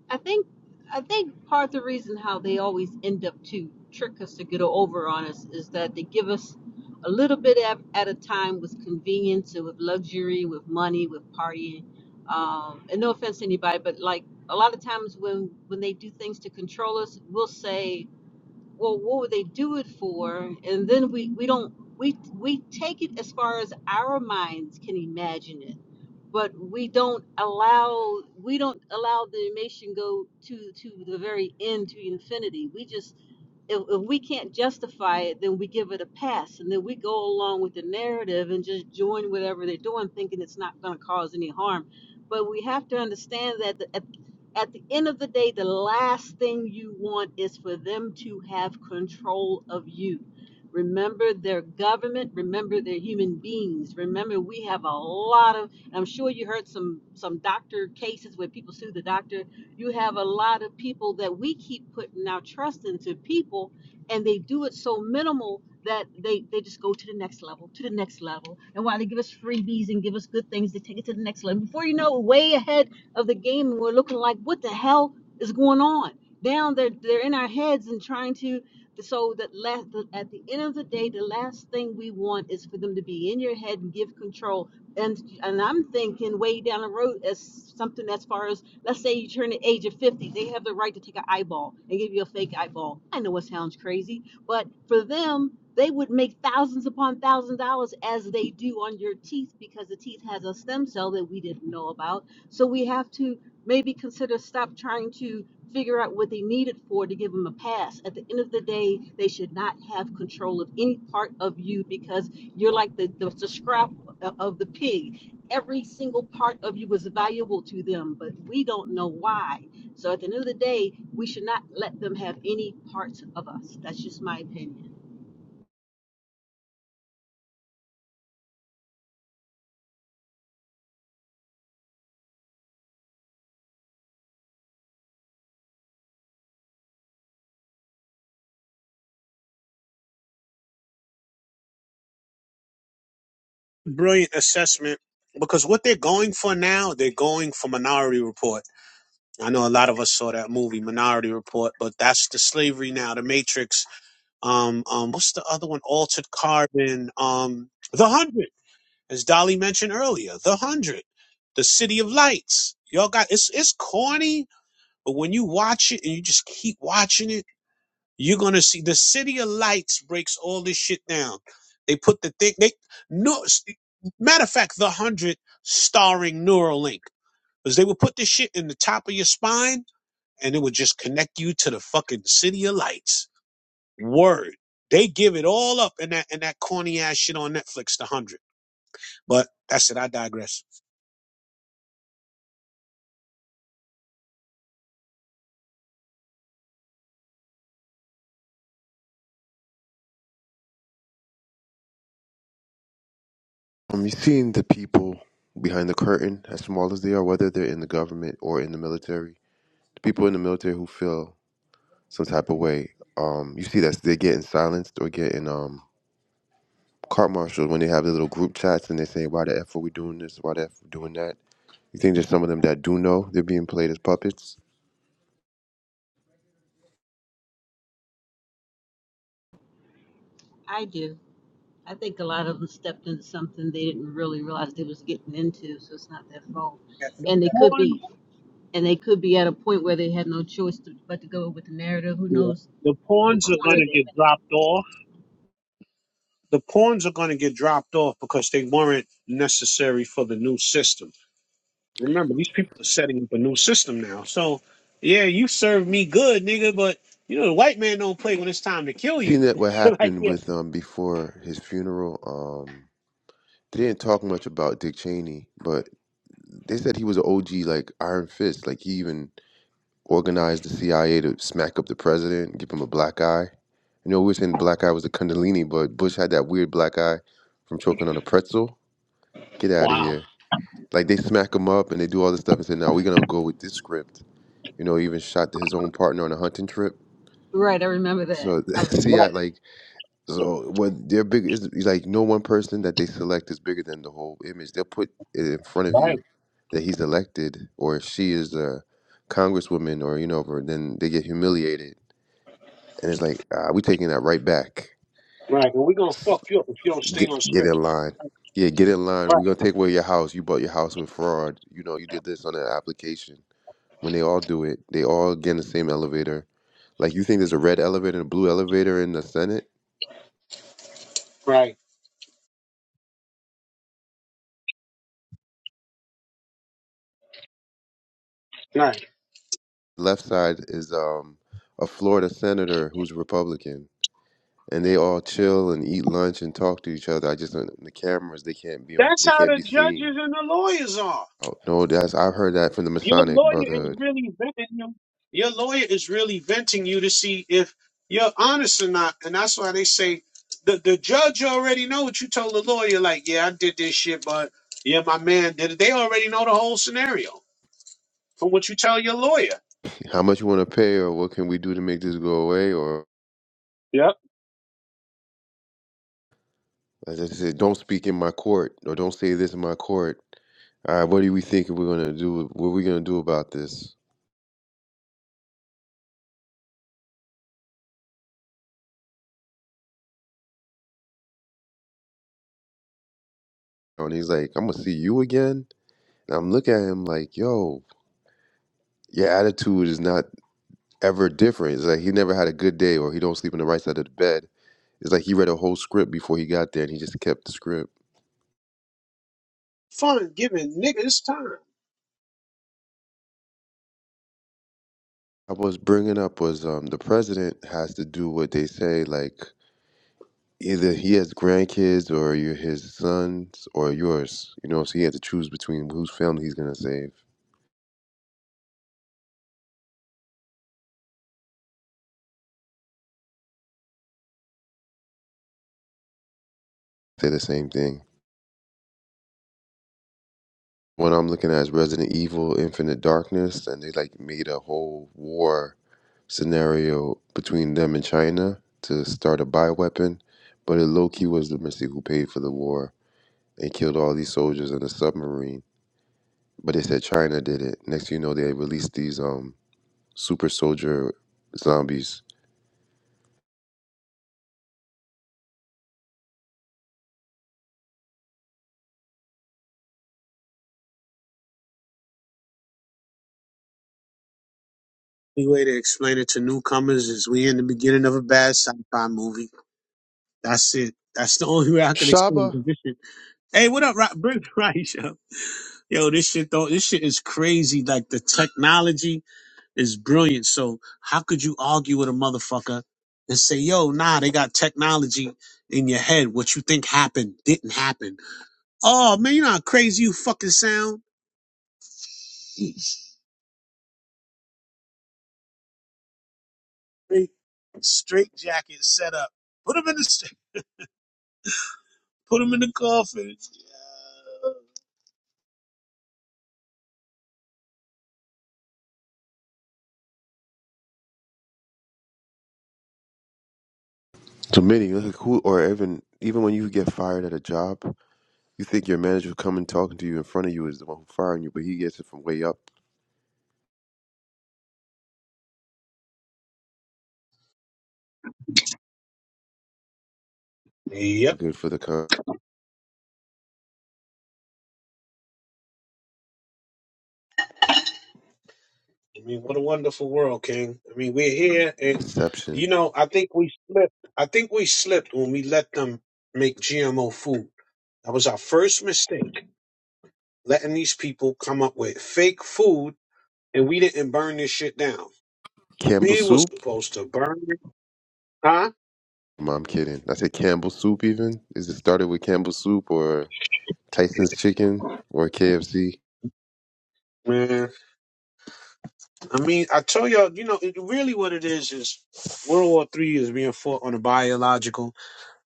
[SPEAKER 12] I think I think part of the reason how they always end up to trick us to get over on us is that they give us a little bit at, at a time with convenience and with luxury, with money, with partying. Um, and no offense to anybody, but like a lot of times when when they do things to control us, we'll say, "Well, what would they do it for?" And then we we don't we we take it as far as our minds can imagine it but we don't allow we don't allow the nation go to to the very end to infinity. We just if, if we can't justify it, then we give it a pass, and then we go along with the narrative and just join whatever they're doing, thinking it's not going to cause any harm. But we have to understand that the, at, at the end of the day, the last thing you want is for them to have control of you. Remember their government. Remember they're human beings. Remember we have a lot of. and I'm sure you heard some some doctor cases where people sue the doctor you have a lot of people that we keep putting our trust into people and they do it so minimal that they, they just go to the next level, to the next level. And while they give us freebies and give us good things, they take it to the next level. Before you know it, way ahead of the game and we're looking like, what the hell is going on? Down they're they're in our heads and trying to so that last at the end of the day, the last thing we want is for them to be in your head and give control. And and I'm thinking way down the road as something as far as Let's say you turn the age of 50, they have the right to take an eyeball and give you a fake eyeball. I know it sounds crazy, but for them, they would make thousands upon thousands of dollars as they do on your teeth because the teeth has a stem cell that we didn't know about. So we have to maybe consider stop trying to figure out what they need it for to give them a pass. At the end of the day, they should not have control of any part of you because you're like the, the, the scrap of the pig every single part of you was valuable to them, but we don't know why. So at the end of the day, we should not let them have any parts of us. That's just my opinion.
[SPEAKER 2] Brilliant assessment. Because what they're going for now, they're going for minority report. I know a lot of us saw that movie Minority Report, but that's the slavery now, the Matrix. Um, um, what's the other one? Altered Carbon. Um, The Hundred, as Dolly mentioned earlier, The Hundred, The City of Lights. Y'all got it's it's corny, but when you watch it and you just keep watching it, you're gonna see the City of Lights breaks all this shit down. They put the thing. They no s- matter of fact, The Hundred starring Neuralink because they would put this shit in the top of your spine and it would just connect you to the fucking city of lights. Word. They give it all up in that in that corny ass shit on Netflix, the hundred. But that's it. I digress.
[SPEAKER 10] Um, you've seen the people behind the curtain, as small as they are, whether they're in the government or in the military. The people in the military who feel some type of way. Um, you see that they're getting silenced or getting um court martialed when they have their little group chats and they're saying, "Why the f are we doing this? Why the f are we doing that?" You think there's some of them that do know they're being played as puppets.
[SPEAKER 12] I do. I think a lot of them stepped into something they didn't really realize they was getting into, so it's not their fault.
[SPEAKER 2] Yeah, The
[SPEAKER 12] And they could
[SPEAKER 2] pawns,
[SPEAKER 12] be, and they could be at a point where they had no choice to, but to go with the narrative. Who
[SPEAKER 2] yeah,
[SPEAKER 12] knows
[SPEAKER 2] the
[SPEAKER 12] what
[SPEAKER 2] pawns are
[SPEAKER 12] corner
[SPEAKER 2] gonna
[SPEAKER 12] they're
[SPEAKER 2] get dropped off. The pawns are gonna get dropped off because they weren't necessary for the new system. Remember, these people are setting up a new system now. So, yeah, you served me good, nigga. But you know, the white man don't play when it's time to kill you.
[SPEAKER 10] Seen that what
[SPEAKER 2] like,
[SPEAKER 10] happened
[SPEAKER 2] yeah,
[SPEAKER 10] with um before his funeral. Um, they didn't talk much about Dick Cheney, but They said he was an OG, like Iron Fist. Like he even organized the CIA to smack up the president, give him a black eye. You know, we were saying the black eye was the Kundalini, but Bush had that weird black eye from choking on a pretzel. Get out of
[SPEAKER 2] wow,
[SPEAKER 10] here. Like they smack him up and they do all this stuff and say, "Now we're gonna go with this script." You know, he even shot his own partner on a hunting trip.
[SPEAKER 12] in? Right. I remember that.
[SPEAKER 10] So,
[SPEAKER 12] I was gonna
[SPEAKER 10] see, I
[SPEAKER 12] say.
[SPEAKER 2] right,
[SPEAKER 10] like So when they're big, it's it's like no one person that they select is bigger than the whole image. They'll put it in front of
[SPEAKER 2] right.
[SPEAKER 10] you that he's elected or she is a congresswoman or you know, or then they get humiliated and it's like ah, we taking that right back.
[SPEAKER 2] Right. And we're going to fuck you up if you don't stay
[SPEAKER 10] Get
[SPEAKER 2] on
[SPEAKER 10] get
[SPEAKER 2] script.
[SPEAKER 10] in line. Yeah, get in line. We're
[SPEAKER 2] Right.
[SPEAKER 10] gonna take away your house. You bought your house with fraud. You know, you did this on an application. When they all do it, they all get in the same elevator. Like you think there's a red elevator and a blue elevator in the Senate
[SPEAKER 2] Right. Right.
[SPEAKER 10] left side is um a Florida senator who's Republican, and they all chill and eat lunch and talk to each other. I just don't- the cameras they can't be on,
[SPEAKER 2] That's
[SPEAKER 10] they
[SPEAKER 2] how
[SPEAKER 10] can't
[SPEAKER 2] the
[SPEAKER 10] be seen.
[SPEAKER 2] judges and the lawyers are.
[SPEAKER 10] Oh, no, that's I've heard that from the
[SPEAKER 2] Your
[SPEAKER 10] Masonic
[SPEAKER 2] lawyer is
[SPEAKER 10] Brotherhood.
[SPEAKER 2] really venting you. Your lawyer is really venting you to see if you're honest or not. And that's why they say the, the judge already know what you told the lawyer. Like, yeah, I did this shit, but yeah, my man did it. They already know the whole scenario from what you tell your lawyer.
[SPEAKER 10] How much you want to pay, or what can we do to make this go away, or
[SPEAKER 2] Yep.
[SPEAKER 10] as I said, don't speak in my court, or don't say this in my court. All right, what do we think we're gonna do? What are we gonna do about this? And he's like, I'm gonna see you again. And I'm looking at him like, yo, your attitude is not ever different. It's like he never had a good day or he don't sleep on the right side of the bed. It's like he read a whole script before he got there and he just kept the script.
[SPEAKER 2] Fun giving niggas time.
[SPEAKER 10] I was bringing up was um, the president has to do what they say, like either he has grandkids or you're his sons or yours, you know, so he had to choose between whose family he's going to save. Say the same thing. What I'm looking at is Resident Evil Infinite Darkness, and they like made a whole war scenario between them and China to start a bioweapon, but it low key was the Mystic who paid for the war and killed all these soldiers in the submarine. But they said China did it. Next thing you know, they released these um super soldier zombies.
[SPEAKER 2] The way to explain it to newcomers is we in the beginning of a bad sci-fi movie That's it. That's the only way I can explain the
[SPEAKER 10] Shaba
[SPEAKER 2] condition. Hey, what up, Rock Bring Rice? Yo, Yo, this shit though, this shit is crazy. Like the technology is brilliant. So how could you argue with a motherfucker and say, yo, nah, they got technology in your head. What you think happened didn't happen. Oh man, you know how crazy you fucking sound. Straight, straight jacket set up. Put him in the put him in the coffin.
[SPEAKER 10] to many, like who or even even when you get fired at a job, you think your manager coming talking to you in front of you is the one who firing you, but he gets it from way up.
[SPEAKER 2] Yep.
[SPEAKER 10] Good for the
[SPEAKER 2] I mean, what a wonderful world, King. I mean, we're here, and you
[SPEAKER 10] conception.
[SPEAKER 2] know, I think we slipped. I think we slipped when we let them make GMO food. That was our first mistake, letting these people come up with fake food, and we didn't burn this shit down.
[SPEAKER 10] Campbell
[SPEAKER 2] We was
[SPEAKER 10] soup.
[SPEAKER 2] supposed to burn it, huh?
[SPEAKER 10] No, I'm kidding. I said Campbell Soup. Even is it started with Campbell Soup or Tyson's Chicken or KFC?
[SPEAKER 2] Man, I mean, I tell y'all, you know, it, really what it is is World War Three is being fought on a biological,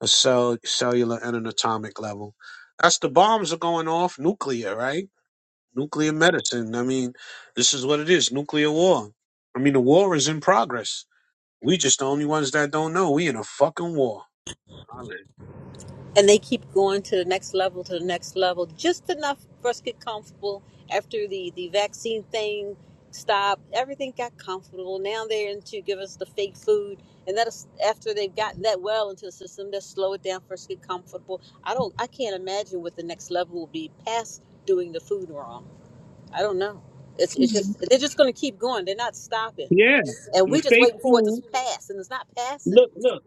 [SPEAKER 2] a cell, cellular, and an atomic level. That's the bombs are going off nuclear, right? nuclear medicine. I mean, this is what it is nuclear war. I mean, the war is in progress. We just the only ones that don't know. We in a fucking war. Hallelujah.
[SPEAKER 12] and they keep going to the next level to the next level just enough for us to get comfortable after the the vaccine thing stopped everything got comfortable now they're into give us the fake food and that's after they've gotten that well into the system they'll slow it down for us to get comfortable i don't i can't imagine what the next level will be past doing the food wrong i don't know it's, it's just they're just going to keep going they're not stopping
[SPEAKER 2] Yeah,
[SPEAKER 12] and
[SPEAKER 2] And
[SPEAKER 12] we're just
[SPEAKER 2] fake
[SPEAKER 12] waiting for it to
[SPEAKER 2] food.
[SPEAKER 12] pass and it's not passing
[SPEAKER 2] Look, look,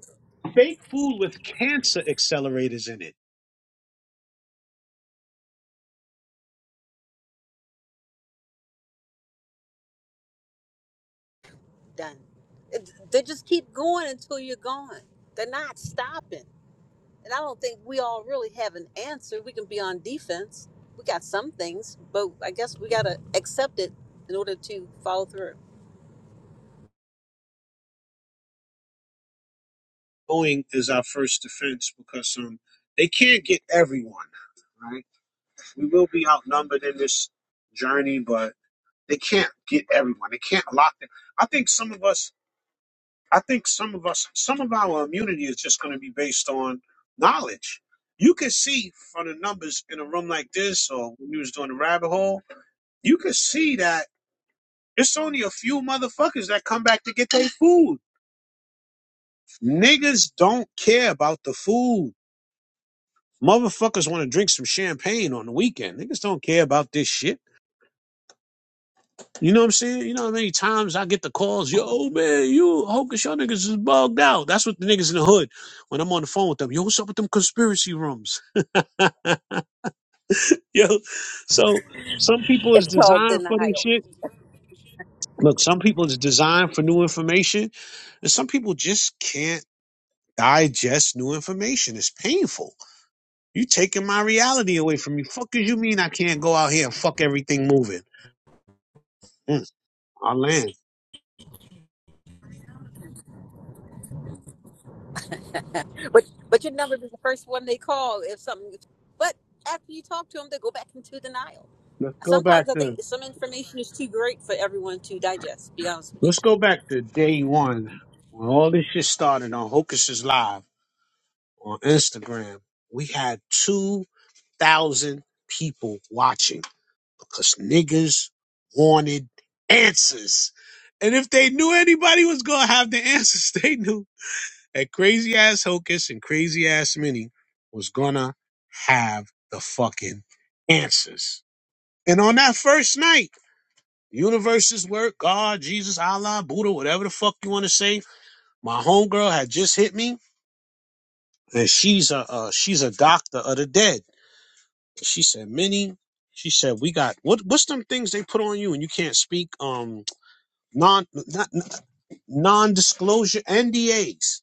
[SPEAKER 2] fake food with cancer accelerators in it.
[SPEAKER 12] done. It, they just keep going until you're gone. They're not stopping. And I don't think we all really have an answer. We can be on defense. We got some things, but I guess we got to accept it in order to follow through.
[SPEAKER 2] Boeing is our first defense because um, they can't get everyone. Right, we will be outnumbered in this journey, but they can't get everyone. They can't lock them. I think some of us. I think some of us, some of our immunity is just going to be based on knowledge. You could see from the numbers in a room like this, or when you was doing the rabbit hole, you could see that it's only a few motherfuckers that come back to get their food. Niggas don't care about the food. Motherfuckers want to drink some champagne on the weekend. Niggas don't care about this shit. You know what I'm saying? You know how many times I get the calls, yo, man, you Hocus, your niggas is bugged out. That's what the niggas in the hood when I'm on the phone with them. Yo, what's up with them conspiracy rooms? yo, so some people is
[SPEAKER 12] It's called
[SPEAKER 2] designed for this
[SPEAKER 12] denial.
[SPEAKER 2] shit. Look, some people is designed for new information, and some people just can't digest new information. It's painful. You taking my reality away from me. Fuck is you mean I can't go out here and fuck everything moving? Mm, I land.
[SPEAKER 12] But but you'd never be the first one they call if something. But after you talk to them, they go back into denial.
[SPEAKER 2] Let's go
[SPEAKER 12] Sometimes
[SPEAKER 2] back
[SPEAKER 12] I
[SPEAKER 2] to
[SPEAKER 12] think some information is too great for everyone to digest. to Be honest with you.
[SPEAKER 2] Let's go back to day one when all this shit started on Hocus's Live on Instagram. We had 2,000 people watching because niggas wanted answers. And if they knew anybody was going to have the answers, they knew that crazy ass Hocus and crazy ass Minnie was going to have the fucking answers. And on that first night, universes work, God, Jesus, Allah, Buddha, whatever the fuck you want to say, My homegirl had just hit me, and she's a uh, she's a doctor of the dead. She said, "Minnie," she said, "We got what? What's them things they put on you and you can't speak? Um, non not non-disclosure NDAs.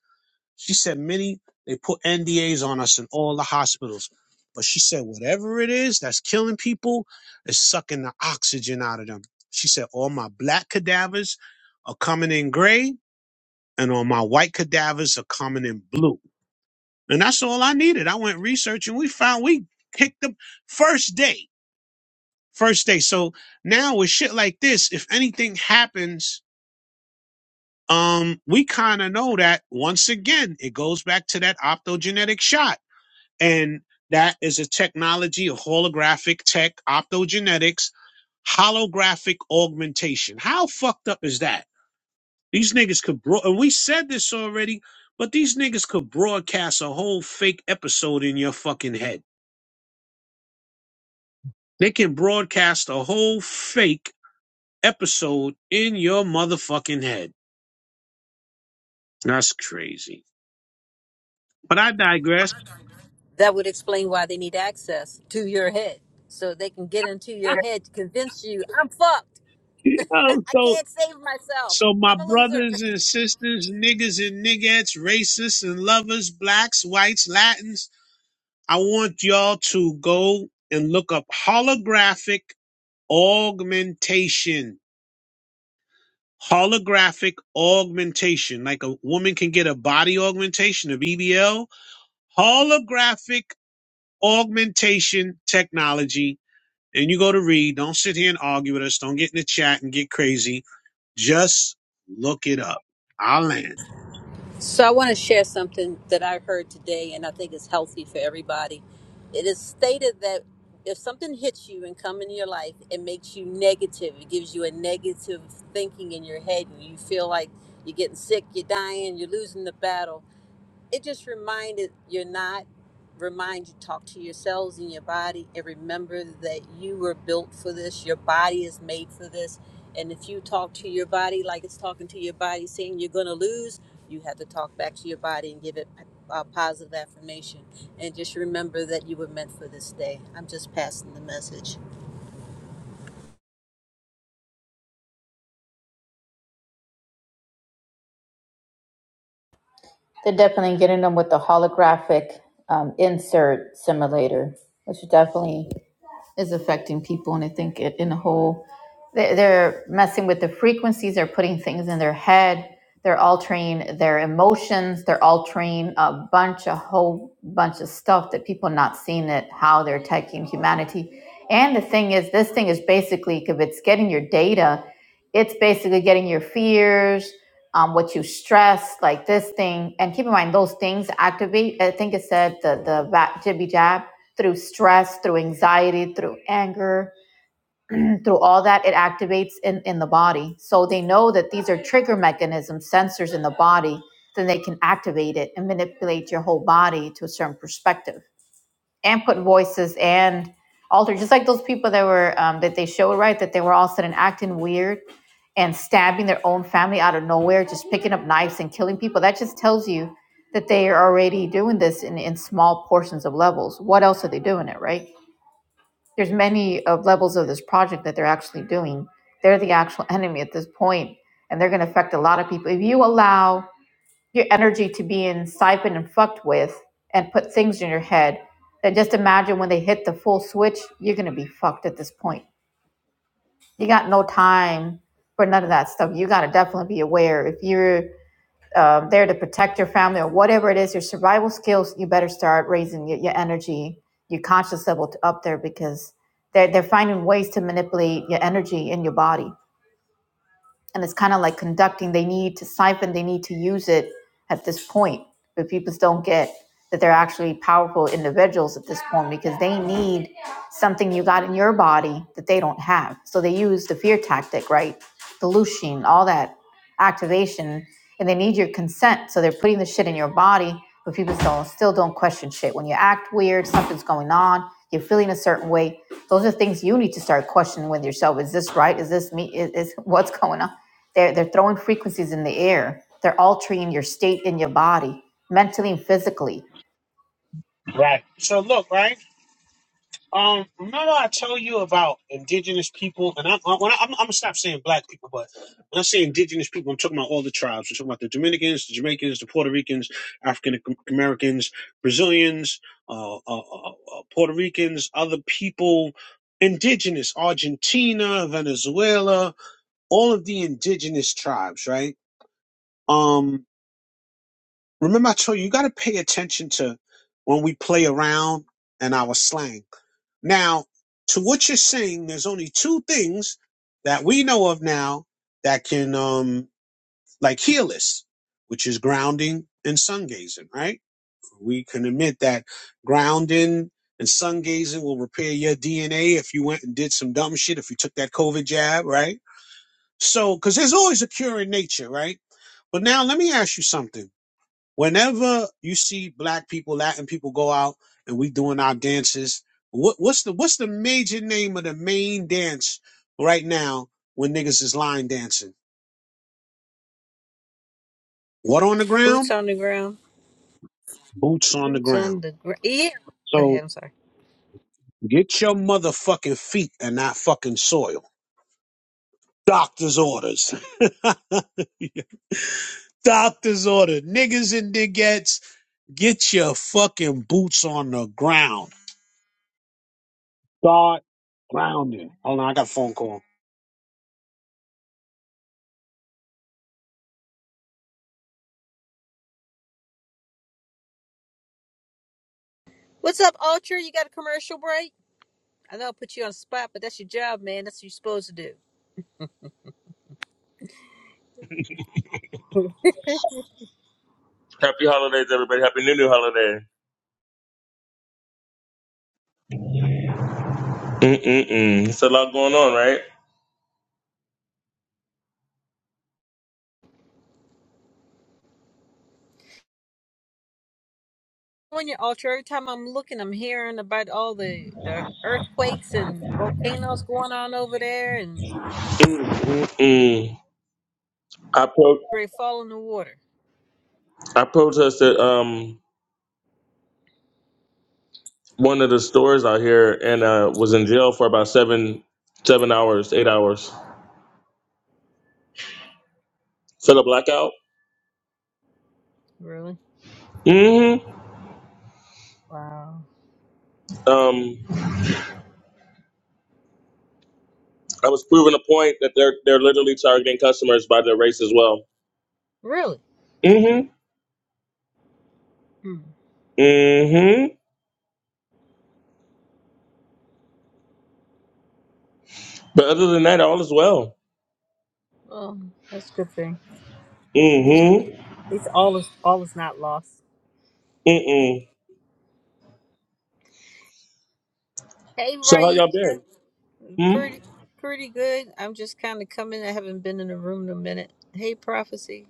[SPEAKER 2] She said many they put NDAs on us in all the hospitals. But she said whatever it is that's killing people is sucking the oxygen out of them. She said all my black cadavers are coming in gray and all my white cadavers are coming in blue. And that's all I needed. I went researching. We found we kicked the first day. First day. So now with shit like this, if anything happens, um, we kind of know that once again, it goes back to that optogenetic shot. And that is a technology of holographic tech, optogenetics, holographic augmentation. How fucked up is that? These niggas could bro and we said this already, but these niggas could broadcast a whole fake episode in your fucking head They can broadcast a whole fake episode in your motherfucking head. That's crazy. But I digress.
[SPEAKER 12] that would explain why they need access to your head so they can get into your head to convince you i'm fucked
[SPEAKER 2] Yo,
[SPEAKER 12] i
[SPEAKER 2] so
[SPEAKER 12] can't save myself
[SPEAKER 2] so my
[SPEAKER 12] i'm a loser
[SPEAKER 2] brothers and sisters, niggas and niggettes, racists and lovers, blacks, whites, Latins, I want y'all to go and look up holographic augmentation. Holographic augmentation. Like a woman can get a body augmentation, of EBL Holographic augmentation technology. And you go to read. Don't sit here and argue with us. Don't get in the chat and get crazy. Just look it up. I'll land.
[SPEAKER 12] so i want to share something that i heard today and i think is healthy for everybody it is stated that if something hits you and come in your life it makes you negative it gives you a negative thinking in your head and you feel like you're getting sick you're dying you're losing the battle it just reminded you're not remind you talk to yourselves and your body and remember that you were built for this your body is made for this and if you talk to your body like it's talking to your body saying you're going to lose you have to talk back to your body and give it a positive affirmation and just remember that you were meant for this day i'm just passing the message
[SPEAKER 1] They're definitely getting them with the holographic um, insert simulator, which is definitely is affecting people. And I think it, in a whole, they- they're messing with the frequencies, they're putting things in their head, they're altering their emotions, they're altering a bunch, a whole bunch of stuff that people not seeing it, how they're attacking humanity. And the thing is, this thing is basically, if it's getting your data, it's basically getting your fears, um, what you stress, like this thing. And keep in mind, those things activate. I think it said the the va- jibby jab through stress, through anxiety, through anger, through all that it activates in, in the body. So they know that these are trigger mechanisms, sensors in the body, then they can activate it and manipulate your whole body to a certain perspective and put voices and alter, just like those people that were, um, that they showed, right? That they were all sudden acting weird and stabbing their own family out of nowhere, just picking up knives and killing people. That just tells you that they are already doing this in, in small portions of levels. What else are they doing it, right? there's many of levels of this project that they're actually doing. They're the actual enemy at this point, and they're going to affect a lot of people. If you allow your energy to be in siphoned and fucked with, and put things in your head, then just imagine when they hit the full switch, you're going to be fucked at this point. You got no time for none of that stuff. You got to definitely be aware if you're um, there to protect your family or whatever it is, your survival skills, you better start raising your, your energy, your conscious level to up there because they're, they're finding ways to manipulate your energy in your body and it's kind of like conducting they need to siphon they need to use it at this point but people don't get that they're actually powerful individuals at this point because they need something you got in your body that they don't have so they use the fear tactic right the leucine all that activation and they need your consent so they're putting the shit in your body but people still still don't question shit when you act weird something's going on you're feeling a certain way those are things you need to start questioning with yourself is this right is this me is, is what's going on they're, they're throwing frequencies in the air. They're altering your state in your body, mentally and physically.
[SPEAKER 2] Right. So look, right? Um, remember I told you about indigenous people, and I'm when I, I'm, I'm gonna stop saying black people, but when I say indigenous people, I'm talking about all the tribes. I'm talking about the Dominicans, the Jamaicans, the Puerto Ricans, African Americans, Brazilians, uh, uh, uh, uh, Puerto Ricans, other people, indigenous Argentina, Venezuela, all of the indigenous tribes, right? Um, remember I told you you got to pay attention to when we play around and our slang. Now, to what you're saying, there's only two things that we know of now that can, um, like heal us, which is grounding and sun gazing, right? We can admit that grounding and sun gazing will repair your DNA if you went and did some dumb shit, if you took that COVID jab, right? So, cause there's always a cure in nature, right? But now let me ask you something whenever you see black people, Latin people go out and we doing our dances, what, what's the what's the major name of the main dance right now when niggas is line dancing? What on the
[SPEAKER 12] boots
[SPEAKER 2] ground?
[SPEAKER 12] on the ground
[SPEAKER 2] Boots on the
[SPEAKER 12] boots on
[SPEAKER 2] ground.
[SPEAKER 12] the ground yeah go
[SPEAKER 2] So
[SPEAKER 12] ahead i'm sorry
[SPEAKER 2] get your motherfucking feet and not fucking soil. Doctor's orders. Doctor's order. Niggas and diggets, get your fucking boots on the ground. Start grounding. Hold on, I got a phone call.
[SPEAKER 12] what's up ultra you got a commercial break I know I put you on the spot, but that's your job, man. That's what you're supposed to do.
[SPEAKER 13] Happy holidays, everybody. Happy New New Holiday. Mm-mm-mm. It's a lot going on, right?
[SPEAKER 12] On your altar, every time I'm looking, I'm hearing about all the, the earthquakes and volcanoes going on over there and
[SPEAKER 13] Mm-mm-mm. I, pro-
[SPEAKER 12] they fall in the water.
[SPEAKER 13] I protested um, one of the stores out here and uh, was in jail for about seven seven hours, eight hours. For the blackout?
[SPEAKER 12] Really?
[SPEAKER 13] hmm
[SPEAKER 12] Wow.
[SPEAKER 13] Um, I was proving a point that they're they're literally targeting customers by their race as well.
[SPEAKER 12] Really?
[SPEAKER 13] hmm
[SPEAKER 12] Hmm.
[SPEAKER 13] hmm But other than that, all is well.
[SPEAKER 12] Well, that's a good thing. At
[SPEAKER 13] hmm
[SPEAKER 12] least all is all is not lost.
[SPEAKER 13] Mm-mm.
[SPEAKER 12] Hey,
[SPEAKER 13] So how y'all
[SPEAKER 12] Raisha.
[SPEAKER 13] been?
[SPEAKER 12] Pretty pretty good. I'm just kind of coming. I haven't been in the room in a minute. Hey, Prophecy.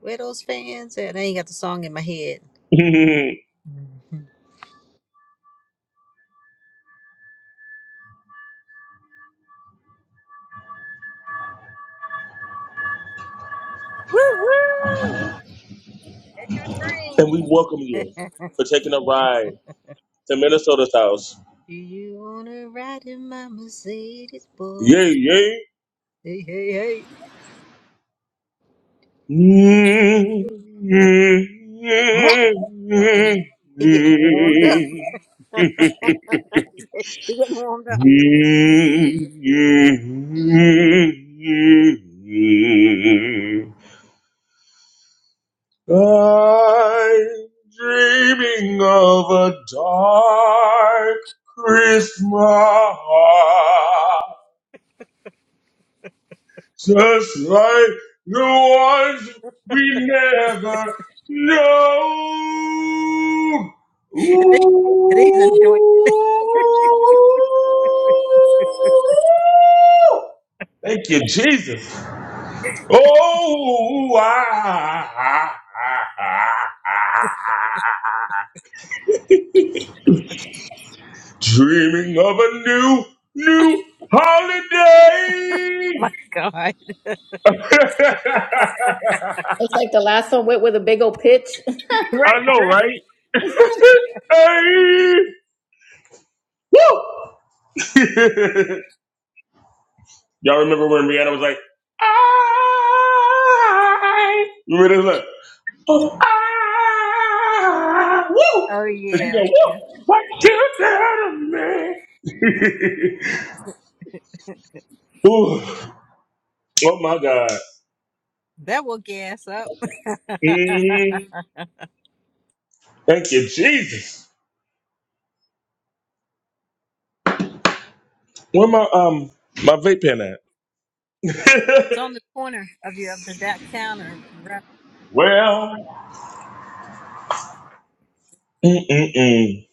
[SPEAKER 12] Where those fans at? I ain't got the song in my head.
[SPEAKER 13] Hmm?
[SPEAKER 12] Mhm. Woo woo! It's
[SPEAKER 13] And we
[SPEAKER 12] your
[SPEAKER 13] welcome
[SPEAKER 12] train.
[SPEAKER 13] you for taking a ride to Minnesota's house.
[SPEAKER 12] Do you wanna ride in my Mercedes, boy?
[SPEAKER 13] Yay, yay.
[SPEAKER 12] Hey, hey, hey. Uh oh, he getting warmed up. He getting warmed up.
[SPEAKER 13] I'm dreaming of a dark Christmas. Just like the ones we never know.
[SPEAKER 12] And he- and he's
[SPEAKER 13] Ooh.
[SPEAKER 12] enjoying.
[SPEAKER 13] Thank you, Jesus. Oh, I, dreaming of a new, new holiday.
[SPEAKER 1] It's like the last one went with a big old pitch.
[SPEAKER 12] Right,
[SPEAKER 13] I know,
[SPEAKER 12] right.
[SPEAKER 13] right? Hey! Woo! Y'all remember when Rihanna was like, I. Remember this like, oh, I. Woo!
[SPEAKER 12] Oh
[SPEAKER 13] And she
[SPEAKER 12] yeah,
[SPEAKER 13] go,
[SPEAKER 12] oh
[SPEAKER 13] woo!
[SPEAKER 12] yeah.
[SPEAKER 13] What you done to me? Ooh. Oh my God.
[SPEAKER 12] That will gas up. it's
[SPEAKER 13] hmm Thank you, Jesus. Where my um my vape pen at?
[SPEAKER 12] on the corner of your of the that counter. Right.
[SPEAKER 13] well, mm-mm-mm.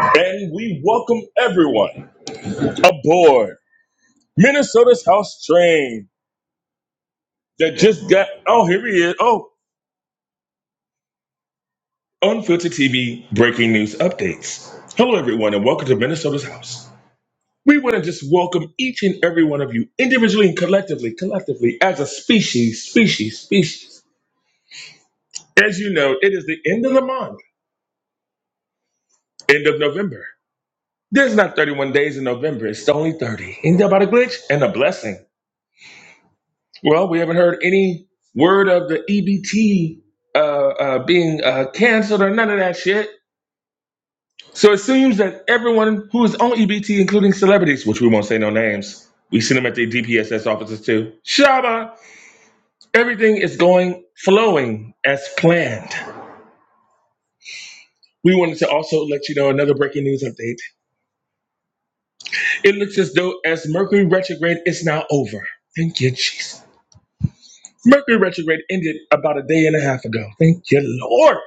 [SPEAKER 13] and we welcome everyone aboard. Minnesota's House Train that just got. Oh, here he is. Oh, Unfiltered TV breaking news updates. Hello, everyone, and welcome to Minnesota's House. We want to just welcome each and every one of you individually and collectively, collectively, as a species, species, species. As you know, it is the end of the month, end of November. There's not 31 days in November, it's only 30. Ain't that about a glitch and a blessing? Well, we haven't heard any word of the EBT uh, uh, being uh, canceled or none of that shit. So it seems that everyone who is on EBT, including celebrities, which we won't say no names, we see them at their DPSS offices too. Shaba, everything is going flowing as planned. We wanted to also let you know another breaking news update. It looks as though as Mercury retrograde is now over. Thank you, Jesus. Mercury retrograde ended about a day and a half ago. Thank you, Lord.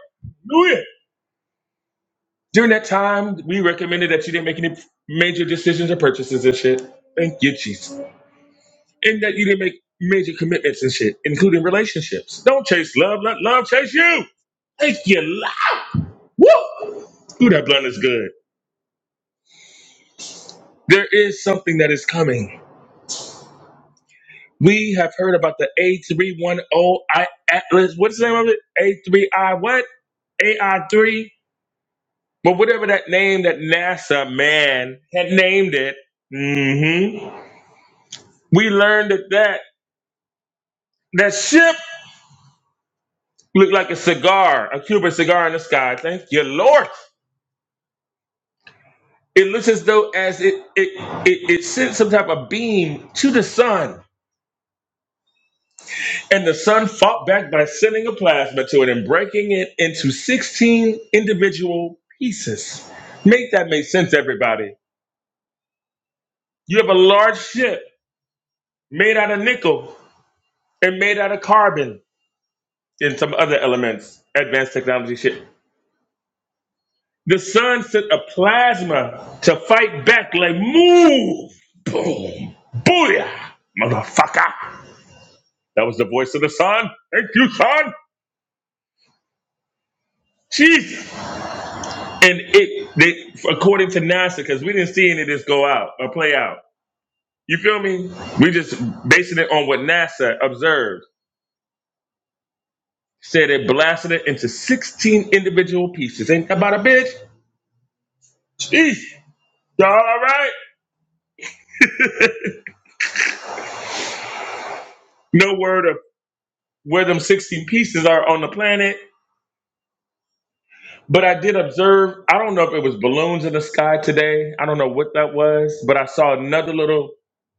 [SPEAKER 13] Hallelujah. During that time, we recommended that you didn't make any major decisions or purchases and shit. Thank you, Jesus. and that you didn't make major commitments and shit, including relationships. Don't chase love, let love chase you. Thank you. li- Woo! Ooh, that blunt is good. There is something that is coming. We have heard about the A310I Atlas. What's the name of it? A3I what? AI3? But whatever that name that NASA man had named it. hmm We learned that that, that ship looked like a cigar, a Cuban cigar in the sky. Thank you, Lord. It looks as though as it it, it it sent some type of beam to the sun, and the sun fought back by sending a plasma to it and breaking it into 16 individual pieces. Make that make sense, everybody. You have a large ship made out of nickel and made out of carbon and some other elements, advanced technology ship. The sun sent a plasma to fight back, like move, boom, booyah, motherfucker. That was the voice of the sun. Thank you, Son. Jesus. And it, they, according to NASA, because we didn't see any of this go out or play out. You feel me? We just basing it on what NASA observed. Said it blasted it into 16 individual pieces. Ain't that about a bitch? Jeez. Y'all all right? No word of where them 16 pieces are on the planet. But I did observe, I don't know if it was balloons in the sky today. I don't know what that was, but I saw another little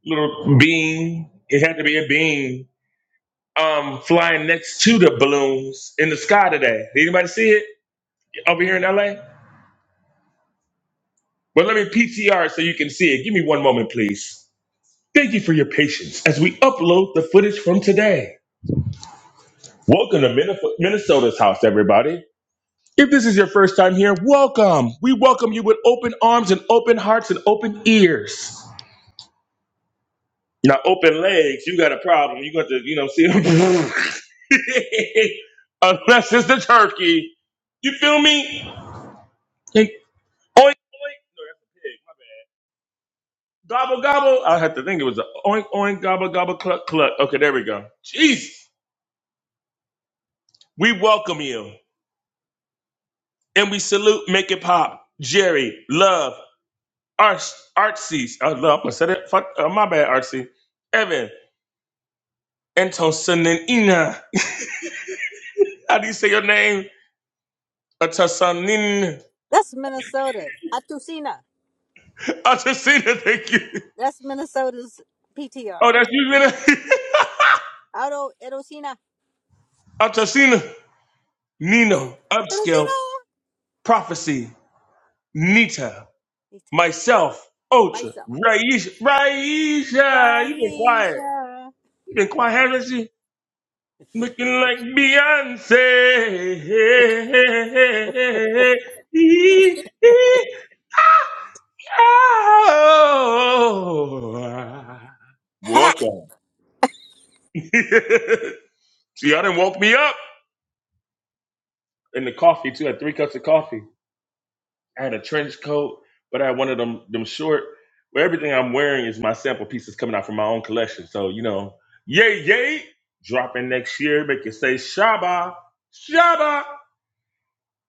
[SPEAKER 13] little beam. It had to be a beam um flying next to the balloons in the sky today. Did anybody see it over here in LA? But let me PTR so you can see it. Give me one moment, please. Thank you for your patience as we upload the footage from today. Welcome to Minnef- Minnesota's house, everybody. If this is your first time here, welcome. We welcome you with open arms and open hearts and open ears. Now open legs, you got a problem. You got to, you know, see unless it's the turkey. You feel me? oink oink. No, that's a pig. My bad. Gobble gobble. I had to think it was a oink oink gobble gobble cluck cluck. Okay, there we go. Jeez. We welcome you and we salute Make It Pop, Jerry, Love, Arts, Artsy. I love. I said it. Fuck. Uh, my bad, Artsy. Evan, Antosin and Ina. How do you say your name? Antosin.
[SPEAKER 12] That's Minnesota. Atusina.
[SPEAKER 13] Alchicina, thank you.
[SPEAKER 12] That's Minnesota's PTR.
[SPEAKER 13] Oh, that's you, Nina?
[SPEAKER 12] Auto Erosina.
[SPEAKER 13] Alchicina.
[SPEAKER 12] Auto
[SPEAKER 13] Nino, Upscale,
[SPEAKER 12] Erosina.
[SPEAKER 13] Prophecy, Nita,
[SPEAKER 12] Ita.
[SPEAKER 13] myself, Ultra,
[SPEAKER 12] Myself.
[SPEAKER 13] Raisha. Raisha, you been quiet.
[SPEAKER 12] Raisha.
[SPEAKER 13] you been quiet, haven't you? Looking like Beyonce.
[SPEAKER 12] Ha!
[SPEAKER 13] Welcome. See, y'all didn't woke me up. and the coffee too. I had three cups of coffee. I had a trench coat, but I had one of them them short where everything I'm wearing is my sample pieces coming out from my own collection. So you know, yay, yay, dropping next year. Make you say shaba, shaba.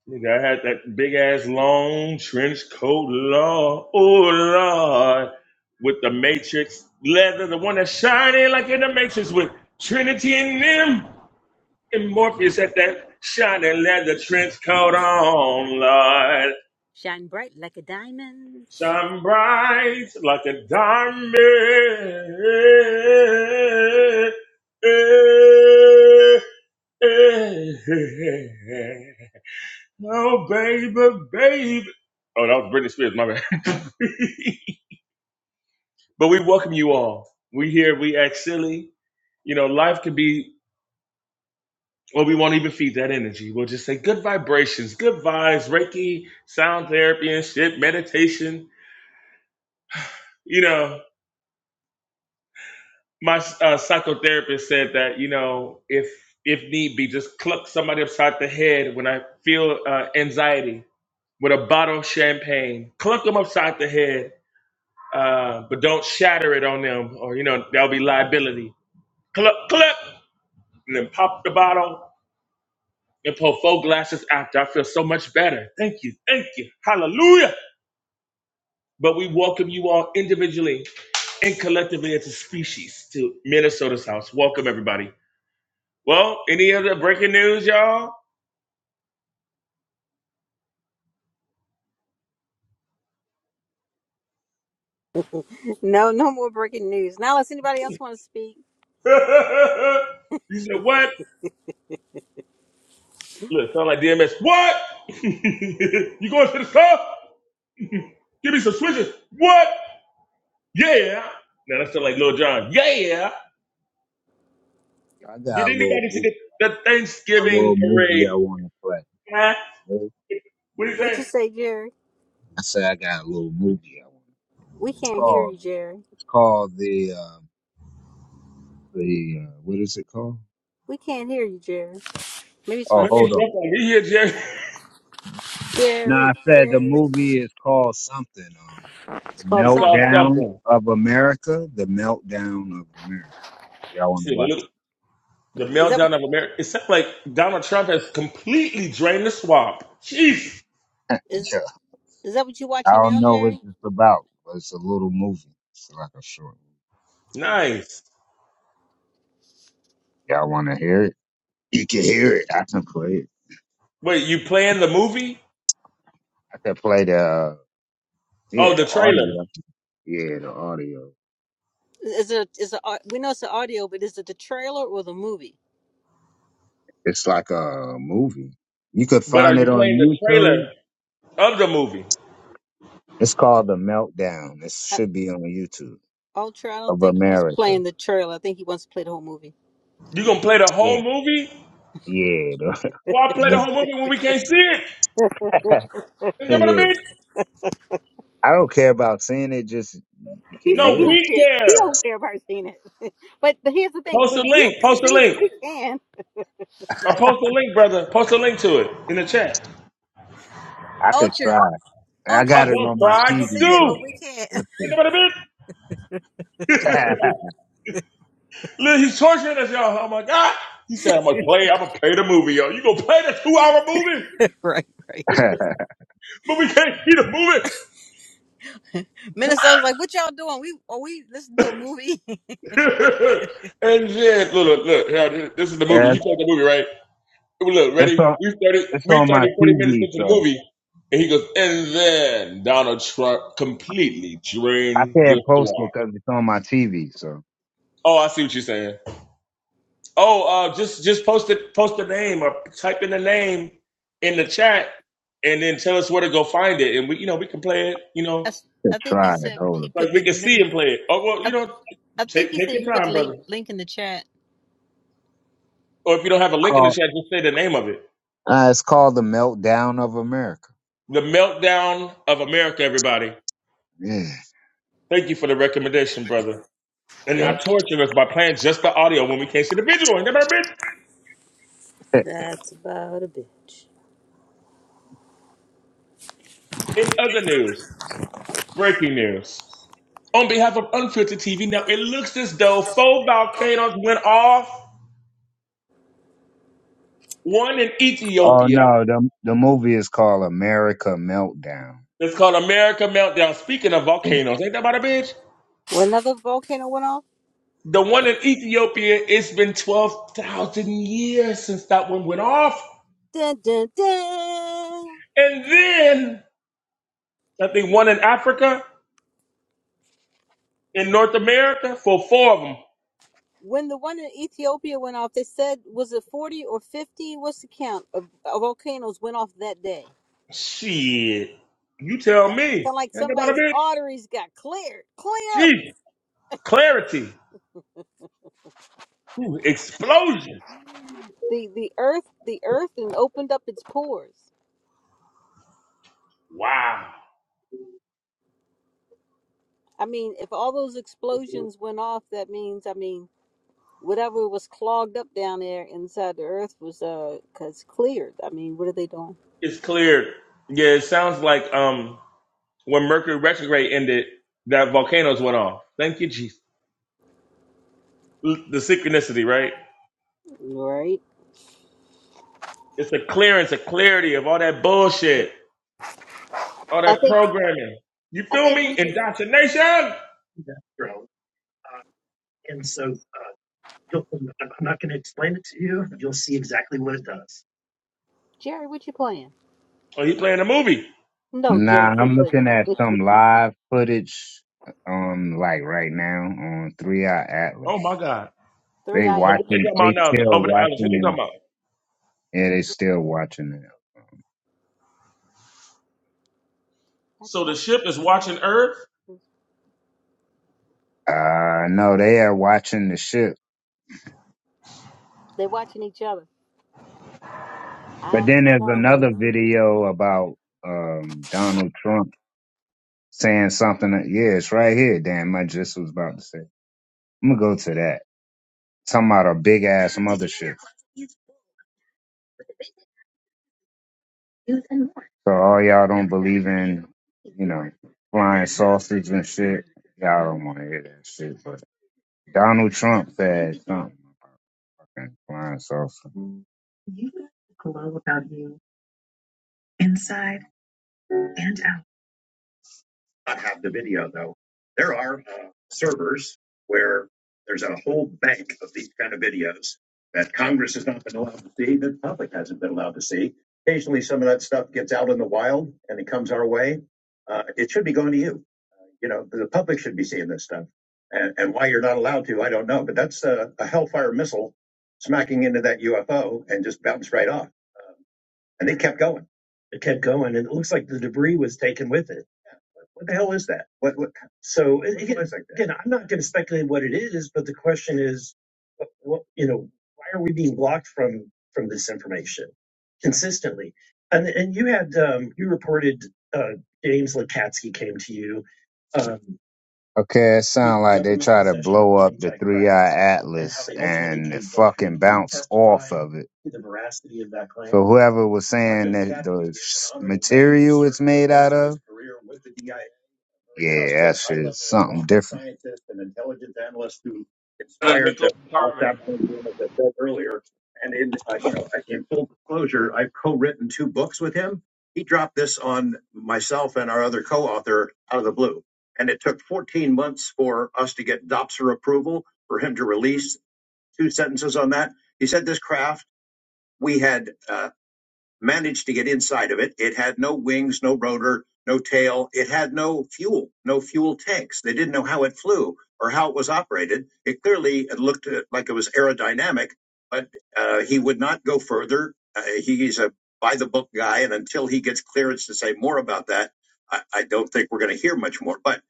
[SPEAKER 13] Nigga, I had that big ass long trench coat, lord, oh lord, with the Matrix leather, the one that's shining like in the Matrix with Trinity in them. And Morpheus had that shining leather trench coat on, Lord.
[SPEAKER 12] Shine bright like a diamond.
[SPEAKER 13] Shine bright like a diamond. Oh, baby, baby. Oh, that was Britney Spears, my bad. but we welcome you all. We here, we act silly. You know, life can be Or we won't even feed that energy. We'll just say good vibrations, good vibes, Reiki, sound therapy and shit, meditation. You know, my uh, psychotherapist said that you know if if need be, just cluck somebody upside the head when I feel uh, anxiety with a bottle of champagne. Cluck them upside the head, uh, but don't shatter it on them, or you know there'll be liability. Cluck, cluck, and then pop the bottle and pour four glasses after. I feel so much better. Thank you, thank you, hallelujah. But we welcome you all individually and collectively as a species to Minnesota's house. Welcome, everybody. Well, any other breaking news, y'all?
[SPEAKER 12] No, no more breaking news. Now, unless anybody else want to speak,
[SPEAKER 13] you said what? Look, sound like DMS. What? you going to the club? Give me some switches. What? Yeah. Now that's like Lil Jon. Yeah.
[SPEAKER 3] I got a
[SPEAKER 13] Did
[SPEAKER 3] little
[SPEAKER 13] anybody see
[SPEAKER 3] movie,
[SPEAKER 13] the, the
[SPEAKER 3] a little
[SPEAKER 13] Thanksgiving
[SPEAKER 3] movie
[SPEAKER 13] parade?
[SPEAKER 3] I want to play.
[SPEAKER 13] Huh?
[SPEAKER 3] Right?
[SPEAKER 13] What do you
[SPEAKER 12] what you
[SPEAKER 13] say?
[SPEAKER 12] say, Jerry?
[SPEAKER 3] I say I got a little movie I want.
[SPEAKER 12] We
[SPEAKER 3] It's
[SPEAKER 12] can't hear
[SPEAKER 3] called,
[SPEAKER 12] you, Jerry.
[SPEAKER 3] it's called the uh, the uh, what is it called?
[SPEAKER 12] We can't hear you, Jerry. Maybe it's my
[SPEAKER 3] Oh,
[SPEAKER 13] Maybe
[SPEAKER 12] phone.
[SPEAKER 3] hold
[SPEAKER 13] it's
[SPEAKER 3] on.
[SPEAKER 13] just like
[SPEAKER 3] hold on.
[SPEAKER 13] me Jerry.
[SPEAKER 3] No,
[SPEAKER 12] Jerry,
[SPEAKER 3] I said the
[SPEAKER 12] Jerry.
[SPEAKER 3] movie is called something. Um,
[SPEAKER 12] It's
[SPEAKER 3] the
[SPEAKER 12] called
[SPEAKER 13] It's called
[SPEAKER 12] something.
[SPEAKER 3] meltdown
[SPEAKER 13] something.
[SPEAKER 3] of America. The meltdown of America. Y'all want to
[SPEAKER 13] Shit, it Look.
[SPEAKER 3] watch
[SPEAKER 13] The
[SPEAKER 12] Is that what,
[SPEAKER 13] meltdown of America. It sounds like Donald Trump has completely drained the swamp. Jesus.
[SPEAKER 3] it?
[SPEAKER 12] is
[SPEAKER 3] Yeah.
[SPEAKER 12] is that what you
[SPEAKER 3] I
[SPEAKER 12] watching
[SPEAKER 3] don't
[SPEAKER 12] now,
[SPEAKER 3] know what
[SPEAKER 12] Jerry?
[SPEAKER 3] it's about, but it's a little movie. It's like a short. movie.
[SPEAKER 12] Uh,
[SPEAKER 13] Nice.
[SPEAKER 3] Y'all want to hear it? You can hear it. I can play it.
[SPEAKER 13] Wait, you playing the movie?
[SPEAKER 3] I can play the uh,
[SPEAKER 13] Oh,
[SPEAKER 3] yeah
[SPEAKER 13] the
[SPEAKER 3] the
[SPEAKER 13] trailer.
[SPEAKER 3] audio. Yeah, the audio.
[SPEAKER 12] is it is a we know it's the audio, but is it the trailer or the movie?
[SPEAKER 3] It's like a movie. You could
[SPEAKER 13] But are
[SPEAKER 3] find it
[SPEAKER 13] you playing
[SPEAKER 3] on
[SPEAKER 13] the
[SPEAKER 3] YouTube.
[SPEAKER 13] trailer of the movie?
[SPEAKER 3] It's called The Meltdown. It
[SPEAKER 12] I,
[SPEAKER 3] should be on YouTube
[SPEAKER 12] Ultra, I don't
[SPEAKER 3] of
[SPEAKER 12] think he's
[SPEAKER 3] America.
[SPEAKER 12] playing the trailer. I think he wants to play the whole movie.
[SPEAKER 13] You gonna play the
[SPEAKER 3] Yeah,
[SPEAKER 13] whole movie?
[SPEAKER 3] yeah, the
[SPEAKER 13] Why play the
[SPEAKER 3] movie.
[SPEAKER 13] whole movie when we can't see it? Is that what I
[SPEAKER 3] Yeah,
[SPEAKER 13] mean?
[SPEAKER 3] I don't care about seeing it. Just you
[SPEAKER 12] He
[SPEAKER 3] can
[SPEAKER 12] said
[SPEAKER 13] No,
[SPEAKER 12] he
[SPEAKER 3] hear it.
[SPEAKER 12] don't
[SPEAKER 13] we
[SPEAKER 12] care. He
[SPEAKER 13] care.
[SPEAKER 12] don't care about seeing it. But, but here's the thing.
[SPEAKER 13] Post a
[SPEAKER 12] But you
[SPEAKER 13] link.
[SPEAKER 12] can
[SPEAKER 13] Post a
[SPEAKER 12] see it.
[SPEAKER 13] link.
[SPEAKER 12] We can.
[SPEAKER 13] Or post a link, brother. Post a link to it in the chat.
[SPEAKER 3] I could
[SPEAKER 12] Ultra,
[SPEAKER 3] try. I
[SPEAKER 12] Ultra,
[SPEAKER 13] Oh,
[SPEAKER 3] got it
[SPEAKER 12] he
[SPEAKER 3] on
[SPEAKER 13] don't
[SPEAKER 3] my
[SPEAKER 12] he
[SPEAKER 13] cry.
[SPEAKER 12] can
[SPEAKER 13] Just do.
[SPEAKER 12] see
[SPEAKER 3] TV,
[SPEAKER 12] it,
[SPEAKER 3] but
[SPEAKER 12] but we
[SPEAKER 13] You
[SPEAKER 12] can't.
[SPEAKER 3] let's see.
[SPEAKER 13] know what I mean?
[SPEAKER 3] yeah,
[SPEAKER 13] Look, he's torturing us, y'all. I'm like, ah. He said, I'm gonna play, I'm gonna play the movie, yo. You gonna play the two hour movie?
[SPEAKER 12] right, right.
[SPEAKER 13] But we can't see the
[SPEAKER 12] Minnesota's like, what y'all doing? We are we listening to a movie?
[SPEAKER 13] movie. and shit, look, look, look, here, this is the movie. He
[SPEAKER 3] it's
[SPEAKER 13] played the movie, right? Look, ready?
[SPEAKER 3] on.
[SPEAKER 13] We started,
[SPEAKER 3] It's
[SPEAKER 13] we
[SPEAKER 3] on my
[SPEAKER 13] 30, 40 minutes
[SPEAKER 3] TV,
[SPEAKER 13] into the
[SPEAKER 3] so
[SPEAKER 13] movie. And he goes, and then Donald Trump completely
[SPEAKER 3] I
[SPEAKER 13] drained the
[SPEAKER 3] can't post it
[SPEAKER 13] swamp.
[SPEAKER 3] because it's on my TV. So
[SPEAKER 13] Oh, I see what you're saying. Oh, uh, just just post it, post the name or type in the name in the chat and then tell us where to go find it. And we, you know, we can play it, you know,
[SPEAKER 12] That's,
[SPEAKER 3] to
[SPEAKER 12] I think he
[SPEAKER 3] try it.
[SPEAKER 12] said
[SPEAKER 3] Hold
[SPEAKER 12] he
[SPEAKER 3] on.
[SPEAKER 12] put
[SPEAKER 13] Like
[SPEAKER 12] the
[SPEAKER 13] we can see
[SPEAKER 12] link.
[SPEAKER 13] and play it. Oh well,
[SPEAKER 12] I,
[SPEAKER 13] you know,
[SPEAKER 12] I think
[SPEAKER 13] take
[SPEAKER 12] he
[SPEAKER 13] take
[SPEAKER 12] said
[SPEAKER 13] your
[SPEAKER 12] he put the
[SPEAKER 13] time, brother.
[SPEAKER 12] link link in the chat.
[SPEAKER 13] Or if you don't have a link in the
[SPEAKER 3] Call,
[SPEAKER 13] chat, just say the name of it.
[SPEAKER 3] uh, it's called The Meltdown of America.
[SPEAKER 13] The Meltdown of America, everybody.
[SPEAKER 3] Yeah.
[SPEAKER 13] Thank you for the recommendation, brother. And
[SPEAKER 3] Yeah.
[SPEAKER 13] not torturing us by playing just the audio when we can't see the visual. Ain't that about it?
[SPEAKER 12] That's about a bitch.
[SPEAKER 13] In other news, breaking news. On behalf of Unfiltered TV, now it looks as though four volcanoes went off, one in
[SPEAKER 3] oh
[SPEAKER 13] Ethiopia.
[SPEAKER 3] no, the the movie is called America Meltdown.
[SPEAKER 13] It's called America Meltdown. Speaking of
[SPEAKER 3] Yeah.
[SPEAKER 13] volcanoes, ain't that about a bitch?
[SPEAKER 12] When another volcano went off.
[SPEAKER 13] The one in Ethiopia, it's been 12,000 years since that one went off.
[SPEAKER 12] Dun, dun, dun.
[SPEAKER 13] And then I think one in Africa, in
[SPEAKER 12] Yeah.
[SPEAKER 13] North America, for four of them.
[SPEAKER 12] When the one in Ethiopia went off, they said was it forty or fifty? What's the count of, of volcanoes went off that day?
[SPEAKER 13] Shit. You tell
[SPEAKER 12] So,
[SPEAKER 13] me.
[SPEAKER 12] sound like
[SPEAKER 13] Ain't nobody
[SPEAKER 12] somebody's
[SPEAKER 13] been?
[SPEAKER 12] arteries got cleared. Clear.
[SPEAKER 13] Gee, clarity. Ooh, explosion.
[SPEAKER 12] the the earth the earth and opened up its pores
[SPEAKER 13] Wow.
[SPEAKER 12] i mean if all those explosions went off that means i mean whatever was clogged up down there inside the earth was uh 'cause cleared i mean what are they doing
[SPEAKER 13] It's cleared. Yeah, it sounds like um when Mercury retrograde ended, that volcanoes went off. Thank you, Jesus. The synchronicity, right?
[SPEAKER 12] right
[SPEAKER 13] It's a clearance, a clarity of all that bullshit. All
[SPEAKER 12] i
[SPEAKER 13] that
[SPEAKER 12] think
[SPEAKER 13] programming. You
[SPEAKER 12] i
[SPEAKER 13] feel
[SPEAKER 12] think
[SPEAKER 13] me?
[SPEAKER 12] we would
[SPEAKER 13] Indoctrination.
[SPEAKER 3] bro. And so uh, you'll, I'm not going to explain it to you. You'll see exactly what it does.
[SPEAKER 12] jerry what you playing
[SPEAKER 13] Oh, he playing a movie.
[SPEAKER 12] no
[SPEAKER 3] Nah,
[SPEAKER 12] jerry can't
[SPEAKER 3] I'm
[SPEAKER 12] play
[SPEAKER 3] looking at some live footage, um, like right now on Three Eye
[SPEAKER 13] Oh my
[SPEAKER 3] Atlas.
[SPEAKER 13] God.
[SPEAKER 12] three
[SPEAKER 3] They
[SPEAKER 12] eye
[SPEAKER 13] Now what they
[SPEAKER 12] atlas
[SPEAKER 3] watching,
[SPEAKER 13] talking about
[SPEAKER 3] they
[SPEAKER 13] now?
[SPEAKER 3] still
[SPEAKER 13] Over the Alice. What they talking
[SPEAKER 3] watching
[SPEAKER 13] about?
[SPEAKER 3] it. Yeah, they still watching it.
[SPEAKER 12] i
[SPEAKER 13] So the
[SPEAKER 12] talk
[SPEAKER 13] ship is watching Earth.
[SPEAKER 3] Uh, no, they are watching the ship.
[SPEAKER 12] they watching each other
[SPEAKER 3] But
[SPEAKER 12] i
[SPEAKER 3] then there's
[SPEAKER 12] saw
[SPEAKER 3] another
[SPEAKER 12] you
[SPEAKER 3] video about, um, Donald Trump saying something. That, yeah, it's right here. Damn, I just was about to say. I'm gonna go to that. Talking about a big ass mothership. So all y'all don't believe in, you know, flying sausage and shit. Y'all don't want to hear that shit. But Donald Trump said something about fucking flying sausage. not have the video though. There are uh, servers where there's a whole bank of these kind of videos that Congress has not been allowed to see, that the public hasn't been allowed to see. Occasionally, some of that stuff gets out in the wild and it comes our way. Uh, it should be going to you. You know, the public should be seeing this stuff. And, and why you're not allowed to, I don't know. But that's a, a Hellfire missile smacking into that UFO and just bounced right off. And they kept going. It kept going, and it looks like the debris was taken with it. What the hell is that? What what? So What again, was like that? again, I'm not going to speculate what it is, but the question is, what, what you know, why are we being blocked from from this information consistently? And and you had um, you reported uh, James Lukatsky came to you. Um, Okay, it the sound like they government try to possession of blow up the James three Christ eye Claims and how atlas they ultimately and it came back fucking and bounce testify off of it. to the veracity of that claim. So whoever was saying Roger that Stack the is an s- honorable man who material it's served made out rest of of, his career with the DIA. Yeah, that's just something different. and And and and who
[SPEAKER 13] The
[SPEAKER 3] inspired the
[SPEAKER 13] nickel and
[SPEAKER 3] the of as I
[SPEAKER 13] carbon.
[SPEAKER 3] I've said said, earlier. And in uh, you know, in full disclosure, I've co-written co-author two two books with him. him He He dropped this "This on on myself and our other co-author out of the blue, And it took 14 months for for us to to get DOPSR approval for him to release two sentences on that. He said this craft we had." uh, managed to get inside of it. It had no wings, no rotor, no tail. It had no fuel, no fuel tanks. They didn't know how it flew or how it was operated. It clearly it looked uh, like it was aerodynamic, but uh, he would not go further. Uh, he's a by the book guy, and until he gets clearance to say more about that, I, I don't think we're going to hear much more. But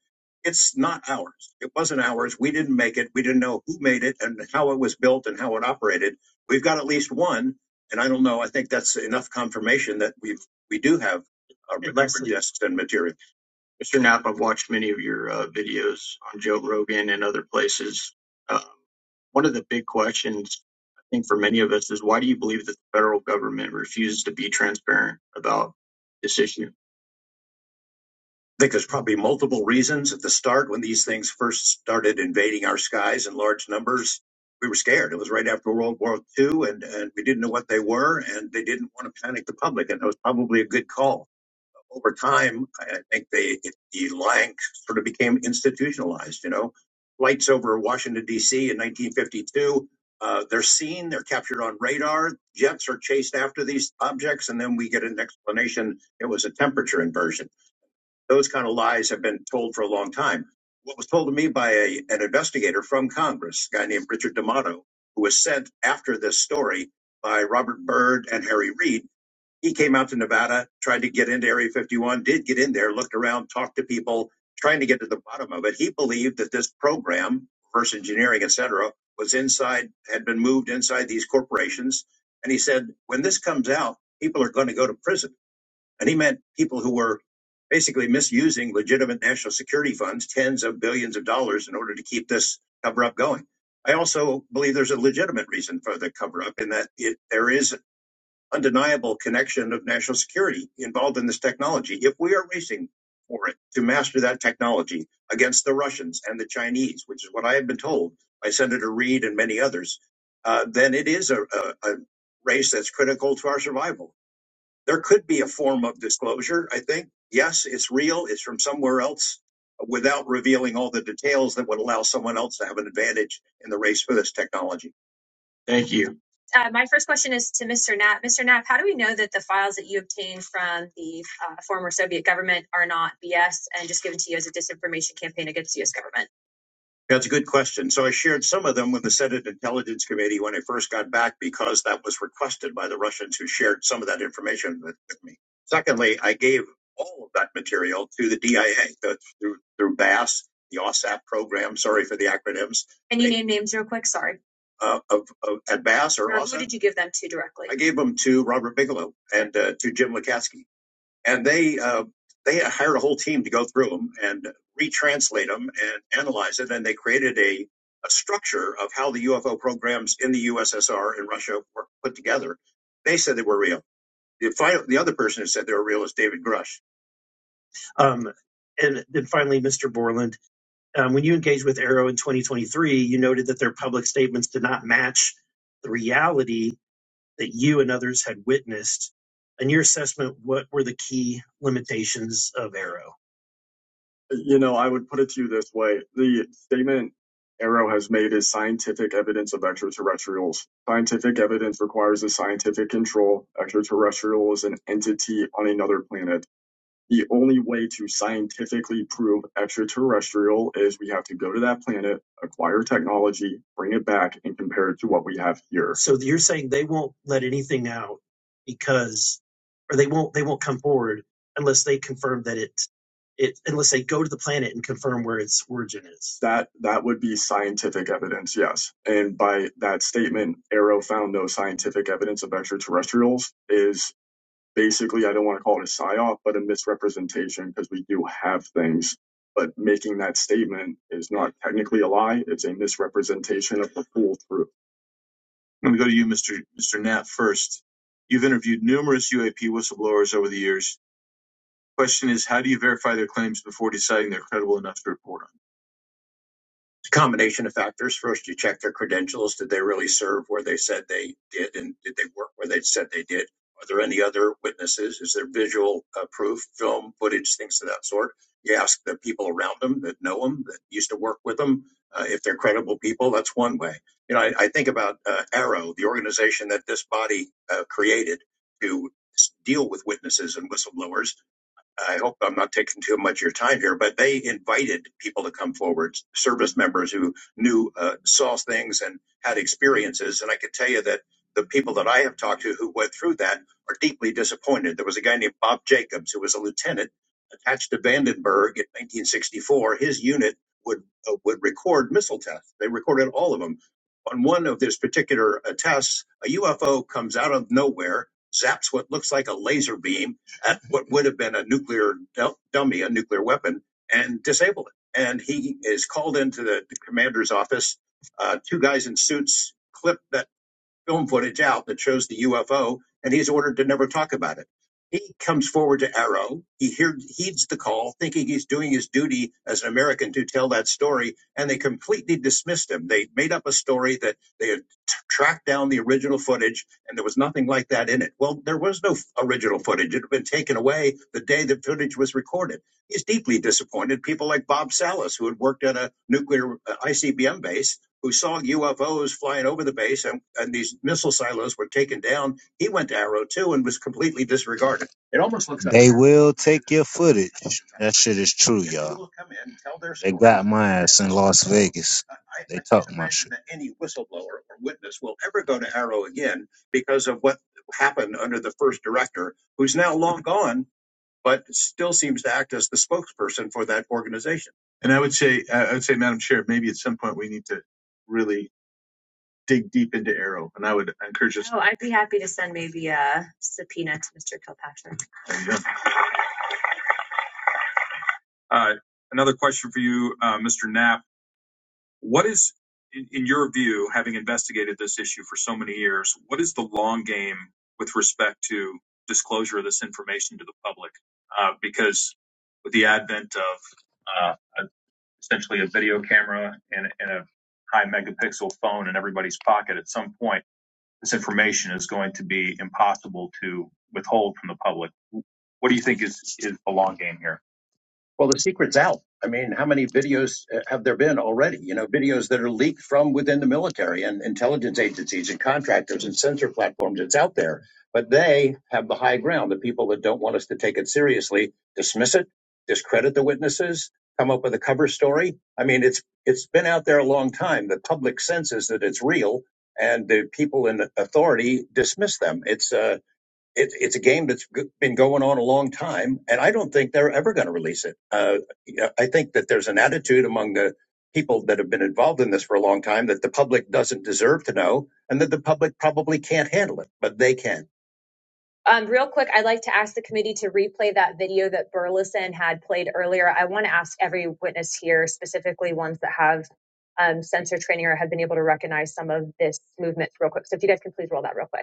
[SPEAKER 3] it's not ours. It wasn't ours. We didn't make it. We didn't know who made it and how it was built and how it operated. We've got at least one and I don't know. I think that's enough confirmation that we we do have uh, record Exactly. and material. Mr. Knapp, I've watched many of your uh, videos on Joe Rogan and other places. Uh, one of the big questions, I think, for many of us is why do you believe that the federal government refuses to be transparent about this issue? I think there's probably multiple reasons at the start when these things first started invading our skies in large numbers. We were scared. It was right after World War II, and, and we didn't know what they were, and they didn't want to panic the public, and that was probably a good call. Over time, I I think they, it, the lying sort of became institutionalized. You know, flights over Washington D.C. in 1952, uh, they're seen, they're captured on radar. Jets are chased after these objects, and then we get an explanation. It was a temperature inversion those kind of lies have been told for a long time. What was told to me by a, an investigator from Congress, a guy named Richard D'Amato, who was sent after this story by Robert Byrd and Harry Reid, he came out to Nevada, tried to get into Area 51, did get in there, looked around, talked to people, trying to get to the bottom of it. He believed that this program, reverse engineering, et cetera, was inside, had been moved inside these corporations. And he said, when this comes out, people are going to go to prison and he meant people who were basically misusing legitimate national security funds, tens of billions of dollars, in order to keep this cover up going. I also believe there's a legitimate reason for the cover up in that it, there is undeniable connection of national security involved in this technology. If we are racing for it to master that technology against the Russians and the Chinese, which is what I have been told by Senator Reid and many others, uh, then it is a, a, a race that's critical to our survival there could be a form of disclosure, I think. Yes, it's real, it's from somewhere else without revealing all the details that would allow someone else to have an advantage in the race for this technology. Thank you. Uh, my first question is to Mr. Knapp. Mr. Knapp, how do we know that the files that you obtained from the uh, former Soviet government are not BS and just given to you as a disinformation campaign against the US government? That's a good question. So I shared some of them with the Senate Intelligence Committee when I first got back because that was requested by the Russians who shared some of that information with, with me. Secondly, I gave all of that material to the DIA the, through, through BASS, the OSAP program. Sorry for the acronyms. Can you name names real quick? Sorry. Uh, of, of, at BASS or, or OSAP? who did you give them to directly? I gave them to Robert Bigelow and uh, to Jim Lukatsky and they uh, they hired a whole team to go through them and retranslate them and analyze it. And they created a, a structure of how the UFO programs in the USSR and Russia were put together. They said they were real. The, final, the other person who said they were real is David Grush. Um, and then finally, Mr. Borland, um, when you engaged with Arrow in 2023, you noted that their public statements did not match the reality that you and others had witnessed. In your assessment, what were the key limitations of Arrow? You know, I would put it to you this way. The statement Arrow has made is scientific evidence of extraterrestrials. Scientific evidence requires a scientific control. Extraterrestrial is an entity on another planet. The only way to scientifically prove extraterrestrial is we have to go to that planet, acquire technology, bring it back, and compare it to what we have here. So you're saying they won't let anything out because, or they won't they won't come forward unless they confirm that it it unless they go to the planet and confirm where its origin is. That that would be scientific evidence, yes. And by that statement, Arrow found no scientific evidence of extraterrestrials. Is basically, I don't want to call it a psyop, but a misrepresentation because we do have things. But making that statement is not technically a lie; it's a misrepresentation of the full truth. Let me go to you, Mr. Mr. Knapp, first. You've interviewed numerous UAP whistleblowers over the years. Question is, how do you verify their claims before deciding they're credible enough to report? on? It's a combination of factors. First, you check their credentials. Did they really serve where they said they did? And did they work where they said they did? Are there any other witnesses? Is there visual uh, proof, film, footage, things of that sort? You ask the people around them that know them, that used to work with them, uh, if they're credible people. That's one way. You know, I, I think about uh, Arrow, the organization that this body uh, created to s- deal with witnesses and whistleblowers I hope I'm not taking too much of your time here, but they invited people to come forward, service members who knew, uh, saw things and had experiences. And I could tell you that the people that I have talked to who went through that are deeply disappointed. There was a guy named Bob Jacobs who was a lieutenant attached to Vandenberg in 1964. His unit would uh, would record missile tests. They recorded all of them. On one of this particular uh, tests, a UFO comes out of nowhere, zaps what looks like a laser beam at what would have been a nuclear dummy, a nuclear weapon, and disable it. And he is called into the, the commander's office. Uh, two guys in suits clip that film footage out that shows the UFO, and he's ordered to never talk about it. He comes forward to Arrow. He hear, heeds the call, thinking he's doing his duty as an American to tell that story, and they completely dismissed him. They made up a story that they had tracked down the original footage, and there was nothing like that in it. Well, there was no original footage. It had been taken away the day the footage was recorded. He's deeply disappointed. People like Bob Salas, who had worked at a nuclear uh, ICBM base, who saw UFOs flying over the base and, and these missile silos were taken down. He went to Arrow too and was completely disregarded. It almost looks like They will take your footage. That shit is true, you all They got my ass in Las Vegas. I They I talk can't my imagine shit. that any whistleblower or witness will ever go to Arrow again because of what happened under the first director, who's now long gone but still seems to act as the spokesperson for that organization. And I would say, I would say, Madam Chair, maybe at some point we need to really dig deep into Arrow, and I would encourage us. Oh, I'd be happy to send maybe a subpoena to Mr. Kilpatrick. There you go. Uh, another question for you, uh, Mr. Knapp. What is, in, in your view, having investigated this issue for so many years, what is the long game with respect to disclosure of this information to the public? Uh, because with the advent of uh, essentially a video camera and, and a high megaboo with what do you think is is here? Well, the secret's out. I mean, how many videos uh, have there been already? You know, videos that are leaked from within the military and intelligence agencies and contractors and sensor platforms. It's out there, but they have the high ground. The people that don't want us to take it seriously dismiss it, discredit the witnesses, come up with a cover story. I mean, it's it's been out there a long time. The public senses that it's real, and the people in authority dismiss them. It's uh, it's it's a game that's been going on a long time, and I don't think they're ever going to release it. Uh, yeah, I think that there's an attitude among the people that have been involved in this for a long time that the public doesn't deserve to know, and that the public probably can't handle it, but they can. Um, real quick, I'd like to ask the committee to replay that video that Burleson had played earlier. I want to ask every witness here, specifically ones that have um, sensor training or have been able to recognize some of this movement, real quick. So if you guys can please roll that real quick.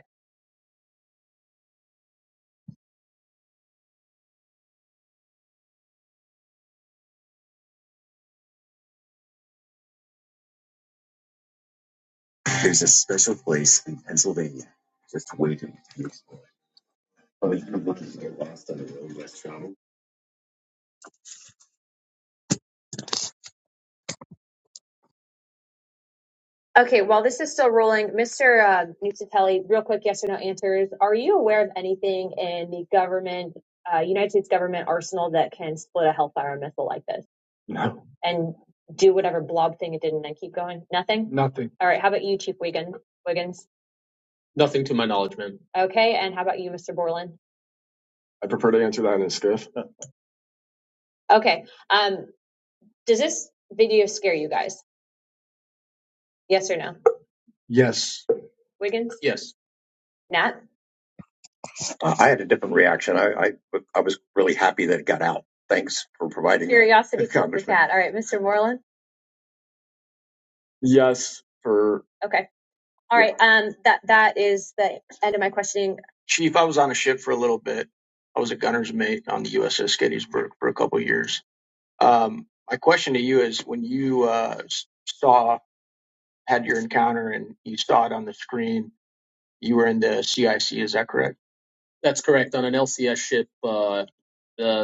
[SPEAKER 3] There's a special place in Pennsylvania just waiting to be explored. Oh, you can look it Okay, while this is still rolling, Mr. Uh, Nucitelli, real quick, yes or no answers. Are you aware of anything in the government, uh, United States government arsenal that can split a Hellfire missile like this No, and do whatever blob thing it did and then keep going? Nothing? nothing. All right, how about you, Chief Wiggins? Wiggins? Nothing to my knowledge, ma'am. Okay, and how about you, Mr. Borland? I prefer to answer that in a skiff. Okay, um, does this video scare you guys? Yes or no? Yes. Wiggins? Yes. Nat? Uh, I had a different reaction. I, I I was really happy that it got out. Thanks for providing Curiosity killed the Congressman. All right, Mr. Moreland? Yes. For Okay. All yeah. right. Um, that that is the end of my questioning. Uh,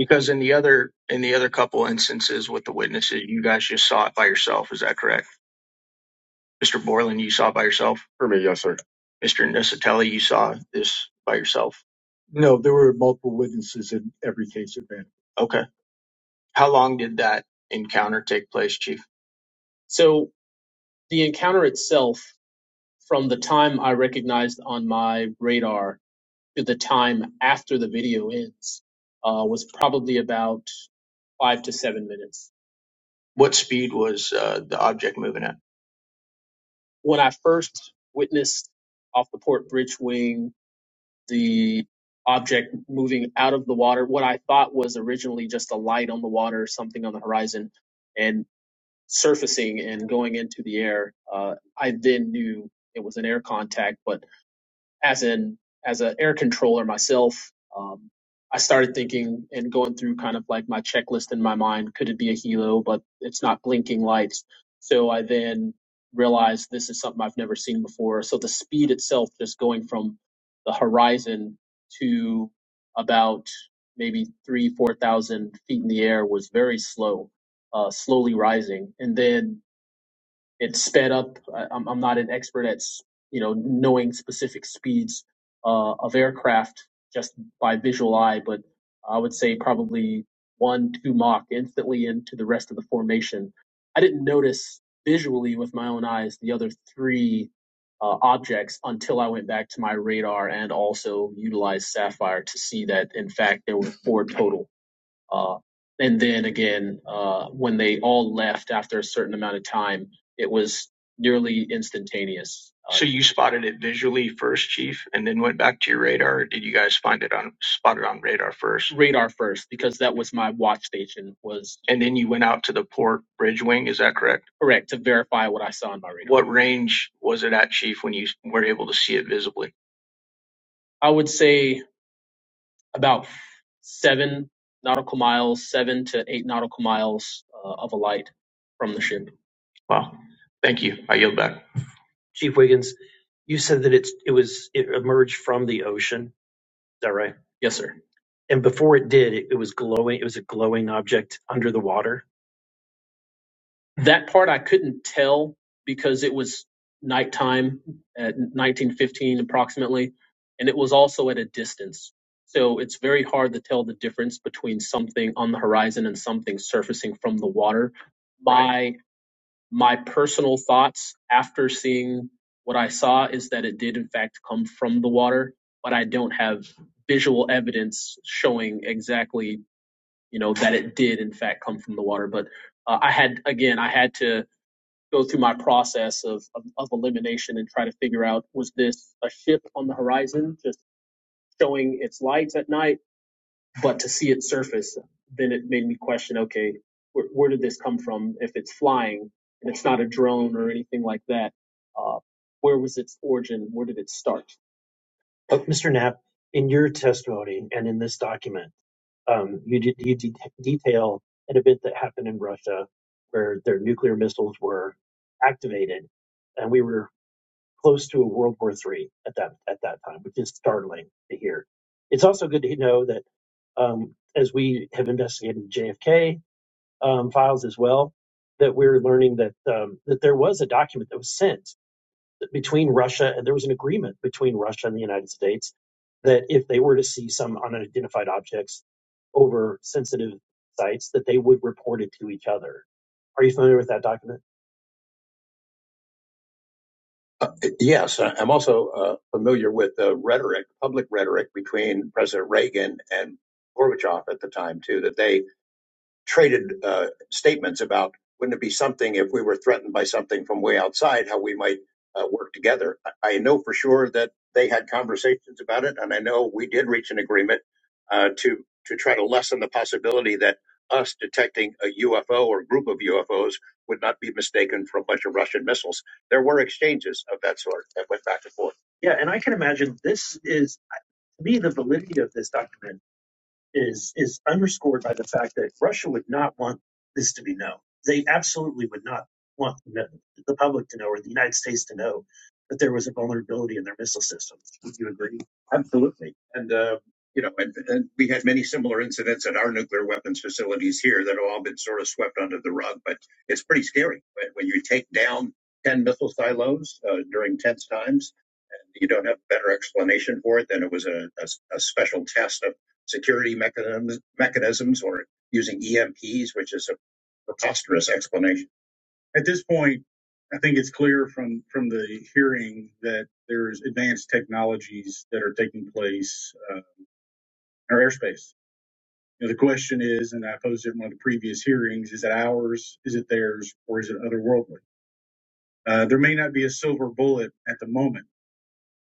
[SPEAKER 3] Because in the other in the other couple instances with the witnesses, you guys just saw it by yourself. Is that correct? Okay. so the encounter itself, from the time I recognized on my radar to the time after the video ends uh, was probably about five to seven minutes. What speed was uh, the object moving at? When I first witnessed off the port bridge wing the object moving out of the water, what I thought was originally just a light on the water, something on the horizon, and surfacing and going into the air, uh, I then knew it was an air contact, but as in as an air controller myself, um, I started thinking and going through kind of like my checklist in my mind. Could it be a helo? But it's not blinking lights. So I then realized this is something I've never seen before. So the speed itself, just going from the horizon to about maybe three, four thousand feet in the air, was very slow, uh, slowly rising, and then it's sped up. I, I'm, I'm not an expert at you know knowing specific speeds uh, of aircraft just by visual eye, but I would say probably one two Mach instantly into the rest of the formation. I didn't notice visually with my own eyes the other three uh, objects until I went back to my radar and also utilized Sapphire to see that in fact there were four total uh, and then again, uh, when they all left after a certain amount of time, it was nearly instantaneous. Uh, So you spotted it visually first, Chief? First. radar first, because that was my watch station, was correct to verify what I saw on my radar. What I would say about seven nautical light. Yield back? Chief Wiggins, you said that it's it was it emerged from the ocean. Is that right? Yes, sir. And before it did, it, it was glowing. It was a glowing object under the water. That part I could. Horizon surfacing the water. My my personal thoughts after seeing what I saw is that it did in fact come from the water, but I don't have visual evidence showing exactly you know that it did in fact come from the water. But uh, I had again I had to go through my process of, of of elimination and try to figure out was a ship on the horizon just showing. but to see it surface, then it made me question, okay, where, where did this come from? If it's flying and it's not a drone or anything like that, uh, where was its origin? Where did it start? Uh, Mr. Knapp, in your testimony and in this document, um, you, de- you de- detail an event that happened in Russia where their nuclear missiles were activated, and we were close to a World War III at that at that time, which is startling to hear. It's also good to know that um, as we have investigated the JFK um, files as well, that we're learning that um, that there was a document that was sent between Russia and there was an agreement between Russia and the United States that if they were to see some unidentified objects over sensitive sites, that they would report it to each other. Are you familiar with that document? Uh, yes, I- I'm also uh, familiar with the rhetoric, public rhetoric between President Reagan and Gorbachev at the time too. That they traded uh, statements about wouldn't it be something if we were threatened by something from way outside, how we might uh, work together. I know for sure that they had conversations about it, and I know we did reach an agreement uh, to to try to lessen the possibility that us detecting a UFO or group of UFOs would not be mistaken for a bunch of Russian missiles. There were exchanges of that sort that went back and forth. Yeah, and I can imagine this is, to me, the validity of this document is is underscored by the fact that Russia would not want this to be known. They absolutely would not want the the public to know or the United States to know that there was a vulnerability in their missile systems. Would you agree? Absolutely. And, uh, you know, and, and we had many similar incidents at our nuclear weapons facilities here that have all been sort of swept under the rug, but it's pretty scary when when you take down 10 missile silos uh, during tense times you don't have a better explanation for it than it was a, a, a special test of security mechanisms, mechanisms or using EMPs, which is a preposterous explanation. At this point, I think it's clear from, from the hearing that there's advanced technologies that are taking place uh, in our airspace. You know, the question is, and I posed it in one of the previous hearings, is it ours, is it theirs, or is it otherworldly? Uh, there may not be a silver bullet at the moment.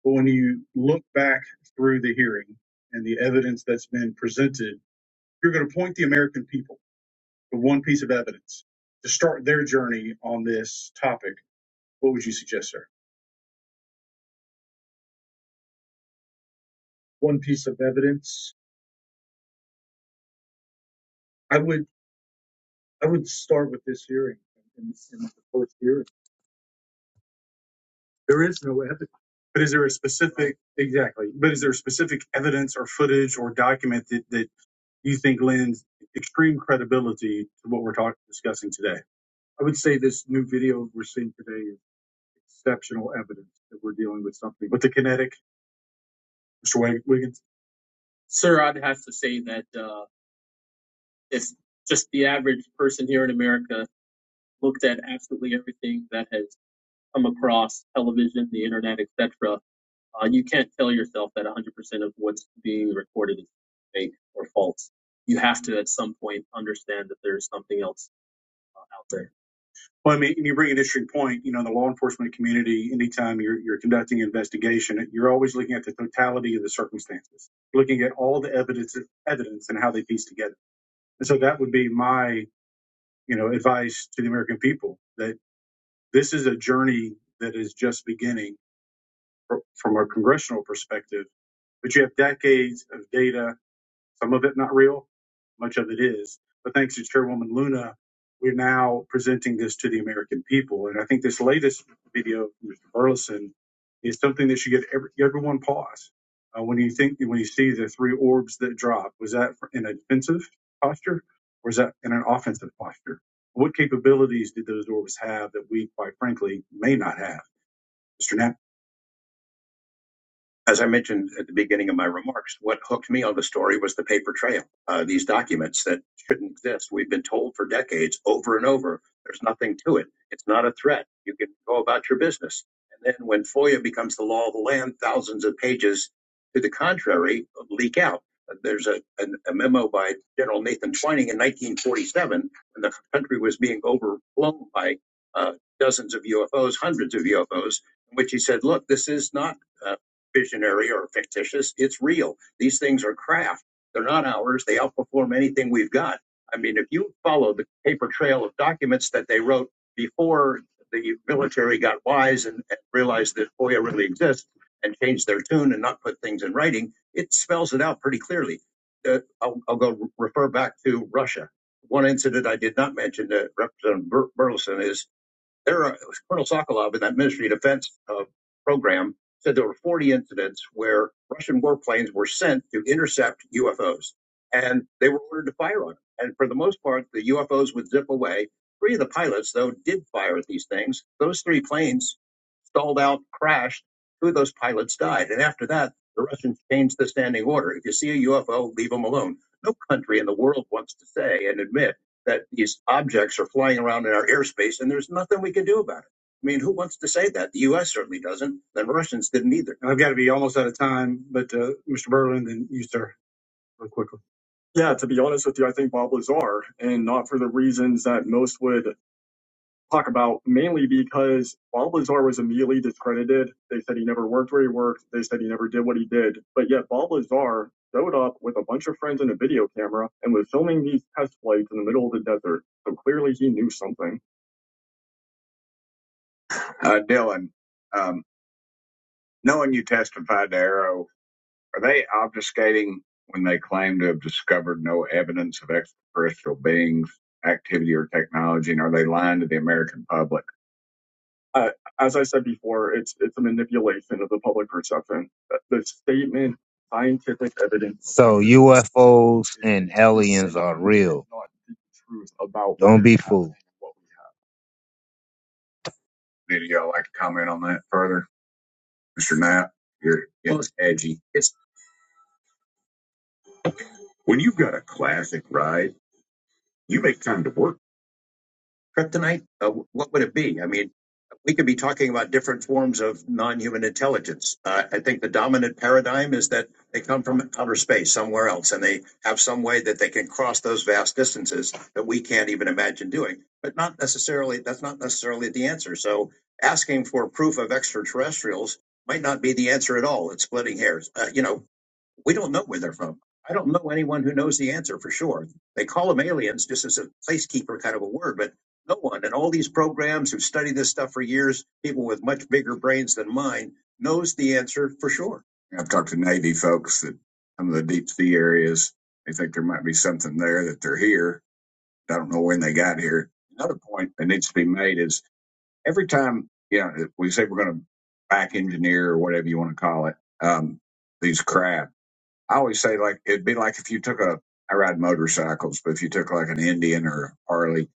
[SPEAKER 3] But when you look back through the hearing and the evidence that's been presented, you're going to point the American people to one piece of evidence to start their journey on this topic. What would you suggest, sir? One piece of evidence. I would I would start with this hearing in, in the first hearing. There is no evidence. But is there a specific, exactly, but is there specific evidence or footage or document that, that you think lends extreme credibility to what we're talking discussing today? I would say this new video we're seeing today is exceptional evidence that we're dealing with something. With the kinetic, Mr. Wiggins, Sir, I'd have to say that uh, if just the average person here in America looked at absolutely everything that has come across television, the internet, etc., uh, you can't tell yourself that 100% of what's being recorded is fake or false. You have to at some point understand that there's something else uh, out there. Well, I mean, you bring an interesting point. You know, in the law enforcement community, anytime you're, you're conducting an investigation, you're always looking at the totality of the circumstances, looking at all the evidence, evidence and how they piece together. And so that would be my, you know, advice to the American people that this is a journey that is just beginning from a congressional perspective, but you have decades of data some of it not real, much of it is. But thanks to Chairwoman Luna, we're now presenting this to the American people. And I think this latest video, Mr. Burleson, is something that should give every, everyone pause. Uh, when you think, when you see the three orbs that drop, was that in a defensive posture or is that in an offensive posture? What capabilities did those orbs have that we, quite frankly, may not have? Mr. Knapp? as I mentioned at the beginning of my remarks, what hooked me on the story was the paper trail. Uh, these documents that shouldn't exist. We've been told for decades, over and over, there's nothing to it. It's not a threat. You can go about your business. And then when FOIA becomes the law of the land, thousands of pages to the contrary leak out. There's a, a, a memo by General Nathan Twining in 1947 when the country was being overflown by uh, dozens of UFOs, hundreds of UFOs, in which he said, look, this is not. uh, visionary or fictitious. It's real. These things are craft. They're not ours. They outperform anything we've got. I mean, if you follow the paper trail of documents that they wrote before the military got wise and, and realized that FOIA really exists and changed their tune and not put things in writing, it spells it out pretty clearly. Uh, I'll, I'll go refer back to Russia. One incident I did not mention that Representative Burleson is there Colonel Sokolov in that Ministry of Defense uh, program said there were 40 incidents where Russian warplanes were sent to intercept UFOs, and they were ordered to fire on them. And for the most part, the UFOs would zip away. Three of the pilots, though, did fire at these things. Those three planes stalled out, crashed. Two of those pilots died. And after that, the Russians changed the standing order. If you see a UFO, leave them alone. No country in the world wants to say and admit that these objects are flying around in our airspace and there's nothing we can do about it. I mean, who wants to say that? The U.S. certainly doesn't. The Russians didn't either. I've got to be almost out of time, but uh, Mr. Berlin, then you, sir, real quickly. Yeah, to be honest with you, I think Bob Lazar, and not for the reasons that most would talk about mainly because Balbazar was immediately discredited. They said he never worked where he worked. They said he never did what he did. But yet Balbazar showed up with a bunch of friends and a video camera and was filming these test flights in the middle of the desert. So clearly he knew something. Uh, Dylan, um, knowing you testified to Arrow, are they obfuscating when they claim to have discovered no evidence of extraterrestrial beings, activity, or technology? And are they lying to the American public? uh, as I said before, it's it's a manipulation of the public perception. Uh, The statement "scientific evidence of So UFOs is and aliens are insane real. not the truth about what Don't is be happening fooled. happening and what we have." Did y'all like to comment on that further? Mr. Knapp, you're getting Well, getting edgy. it's When you've got a classic ride, you make time to work tonight. I mean. we could be talking about different forms of non-human intelligence. Uh, I think the dominant paradigm is that they come from outer space somewhere else and they have some way that they can cross those vast distances that we can't even imagine doing. But not necessarily, that's not necessarily the answer. So asking for proof of extraterrestrials might not be the answer at all. It's splitting hairs. Uh, you know, we don't know where they're from. I don't know anyone who knows the answer for sure. They call them aliens just as a placekeeper kind of a word, but no one. And all these programs who study this stuff for years, people with much bigger brains than mine, knows the answer for sure. I've talked to Navy folks that some of the deep sea areas, they think there might be something there that they're here. I don't know when they got here. Another point that needs to be made is every time, you know, we say we're going to back engineer or whatever you want to call it, um, these crafts. I always say like it'd be like if you took a I ride motorcycles, but if you took like an Indian or Harley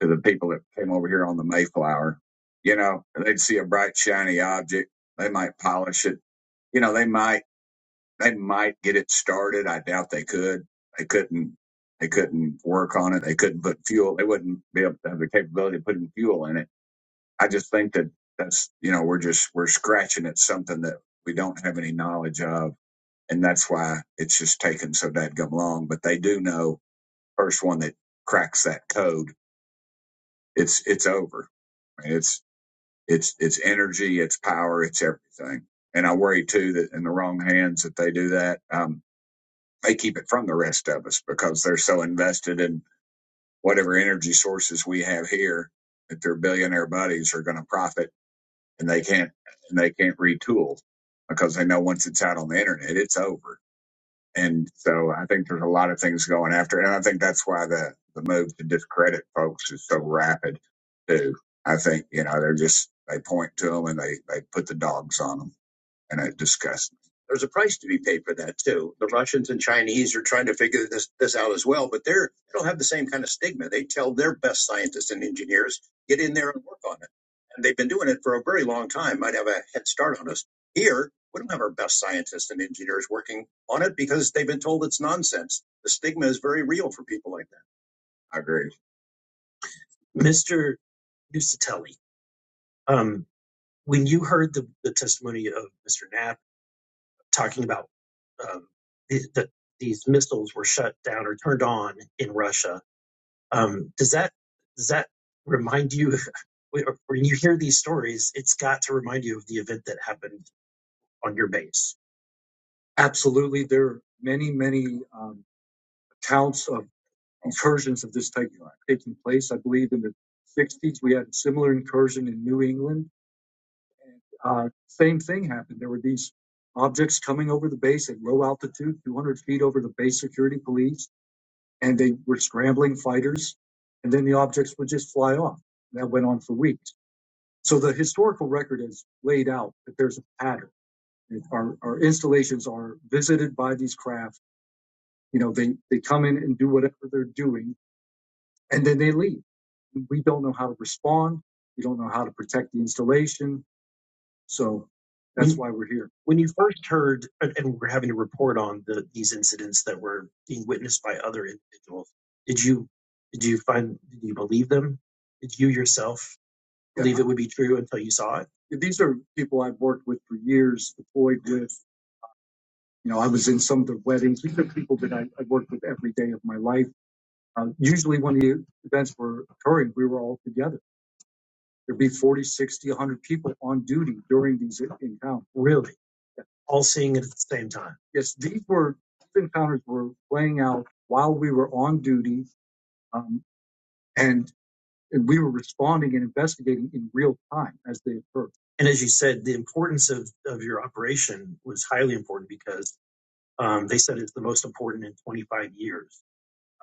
[SPEAKER 3] to the people that came over here on the Mayflower, you know, they'd see a bright shiny object. They might polish it. You know, they might they might get it started. I doubt they could. They couldn't they couldn't work on it. They couldn't put fuel. They wouldn't be able to have the capability of putting fuel in it. I just think that that's you know, we're just we're scratching at something that we don't have any knowledge of and that's why it's just taken so dadgum long. But they do know first one that cracks that code, it's it's over. I mean, it's it's it's energy, it's power, it's everything. And I worry too that in the wrong hands that they do that, um, they keep it from the rest of us because they're so invested in whatever energy sources we have here that their billionaire buddies are going to profit and they can't and they can't retool because they know once it's out on the internet, it's over And so I think there's a lot of things going after it. And I think that's why the, the move to discredit folks is so rapid too. I think, you know, they're just, they point to them and they, they put the dogs on them and I discussed. There's a price to be paid for that too. The Russians and Chinese are trying to figure this, this out as well, but they're they don't have the same kind of stigma. They tell their best scientists and engineers get in there and work on it, and they've been doing it for a very long time. Might have a head start on us here. We don't have our best scientists and engineers working on it because they've been told it's nonsense. The stigma is very real for people like that. I agree. Mr. Nusatelli, um, when you heard the, the testimony of Mr. Knapp talking about um, the, the, these missiles were shut down or turned on in Russia. Um, does that does that remind you when when you hear these stories? It's got to remind you of the event that happened on your base. Absolutely. There are many, many um, accounts of incursions of this type taking place. I believe in the 60s, we had a similar incursion in New England. Uh, same thing happened. There were these objects coming over the base at low altitude, 200 feet over the base security police, and they were scrambling fighters. And then the objects would just fly off. That went on for weeks. So the historical record has laid out that there's a pattern. Our, our installations are visited by these craft. You know, they, they come in and do whatever they're doing, and then they leave. We don't know how to respond. We don't know how to protect the installation So that's why we're here. When you first heard and and are having to report on the, these incidents that were being witnessed by other individuals, did you did you find did you believe them? Did you yourself Yeah. believe it would be true until you saw it? These are people I've worked with for years, deployed with. You know, I was in some of their weddings. These are people that I, I worked with every day of my life. Uh, usually when the events were occurring, we were all together. There'd be 40, 60, 100 people on duty during these encounters. Really. all seeing it at the same time. Yes, these were these encounters were playing out while we were on duty, um, and, and we were responding and investigating in real time as they occurred. And as you said, the importance of, of your operation was highly important because um, they said it's the most important in 25 years,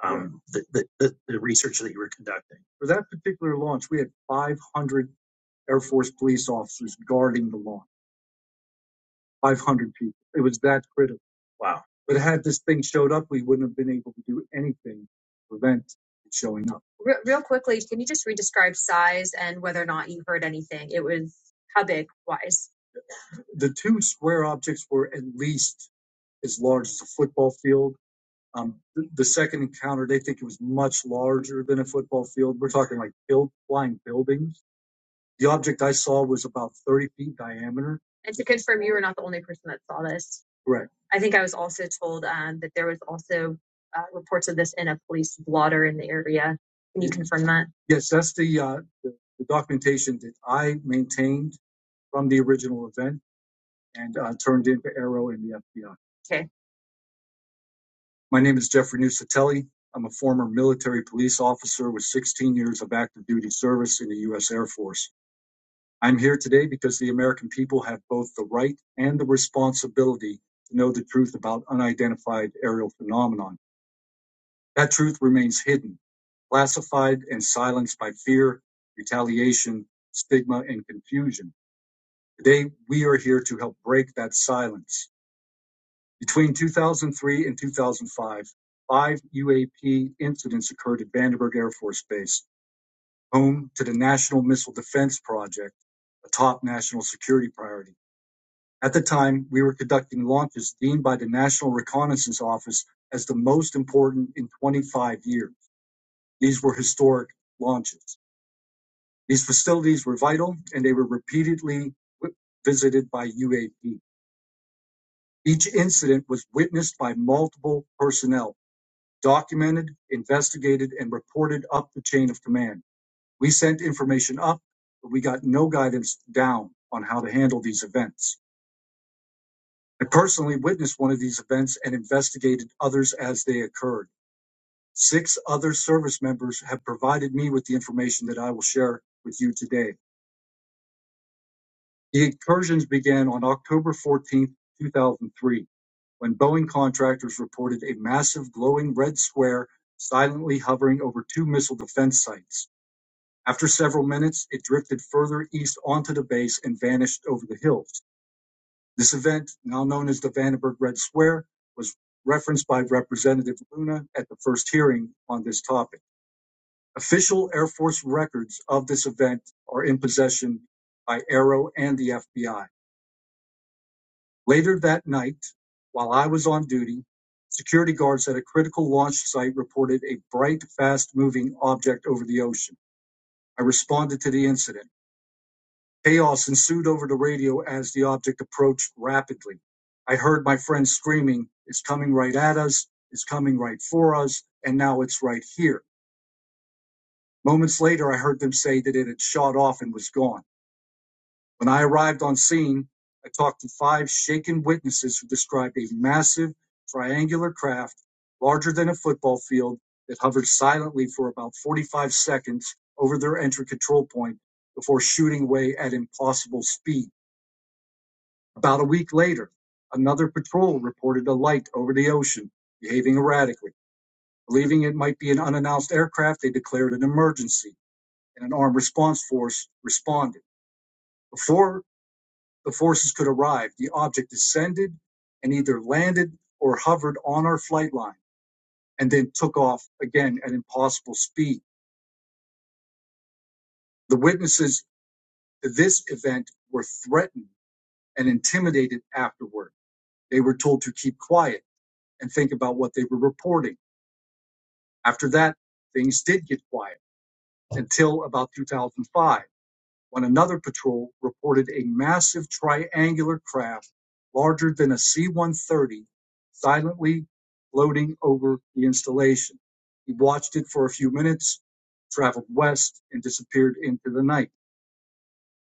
[SPEAKER 3] Right. um, the, the, the, the research that you were conducting. For that particular launch, we had 500 Air Force police officers guarding the launch. 500 people. It was that critical. Wow. But had this thing showed up, we wouldn't have been able to do anything to prevent it showing up. Re- real quickly, can you just re-describe size and whether or not you heard anything? It was how big wise? The two square objects were at least as large as a football field. Um, the, the second encounter, they think it was much larger than a football field. We're talking like build, flying buildings. The object I saw was about 30 feet diameter. And to confirm, you were not the only person that saw this. Correct. I think I was also told um, that there was also uh, reports of this in a police blotter in the area. Can you confirm that? Yes, that's the, uh, the, the documentation that I maintained from the original event and uh, turned into Arrow and the FBI. Okay. My name is Jeffrey Nusatelli. I'm a former military police officer with 16 years of active duty service in the U.S. Air Force. I'm here today because the American people have both the right and the responsibility to know the truth about unidentified aerial phenomenon. That truth remains hidden, classified and silenced by fear, retaliation, stigma, and confusion. Today, we are here to help break that silence. Between 2003 and 2005, five UAP incidents occurred at Vandenberg Air Force Base, home to the National Missile Defense Project, a top national security priority. At the time, we were conducting launches deemed by the National Reconnaissance Office as the most important in 25 years. These were historic launches. These facilities were vital and they were repeatedly visited by UAP. Each incident was witnessed by multiple personnel, documented, investigated, and reported up the chain of command. We sent information up, but we got no guidance down on how to handle these events. I personally witnessed one of these events and investigated others as they occurred. Six other service members have provided me with the information that I will share with you today. The incursions began on October 14, 2003, when Boeing contractors reported a massive glowing red square silently hovering over two missile defense sites. After several minutes, it drifted further east onto the base and vanished over the hills. This event, now known as the Vandenberg Red Square, was referenced by Representative Luna at the first hearing on this topic. Official Air Force records of this event are in possession by Aero and the FBI. Later that night, while I was on duty, security guards at a critical launch site reported a bright, fast moving object over the ocean. I responded to the incident. Chaos ensued over the radio as the object approached rapidly. I heard my friend screaming, It's coming right at us, it's coming right for us, and now it's right here. Moments later, I heard them say that it had shot off and was gone. When I arrived on scene, I talked to five shaken witnesses who described a massive triangular craft, larger than a football field, that hovered silently for about 45 seconds over their entry control point before shooting away at impossible speed. About a week later, another patrol reported a light over the ocean, behaving erratically. Believing it might be an unannounced aircraft, they declared an emergency, and an armed response force responded. Before the forces could arrive, the object descended and either landed or hovered on our flight line and then took off again at impossible speed. The witnesses to this event were threatened and intimidated afterward. They were told to keep quiet and think about what they were reporting After that, things did get quiet until about 2005, when another patrol reported a massive triangular craft larger than a C 130 silently floating over the installation. He watched it for a few minutes, traveled west, and disappeared into the night.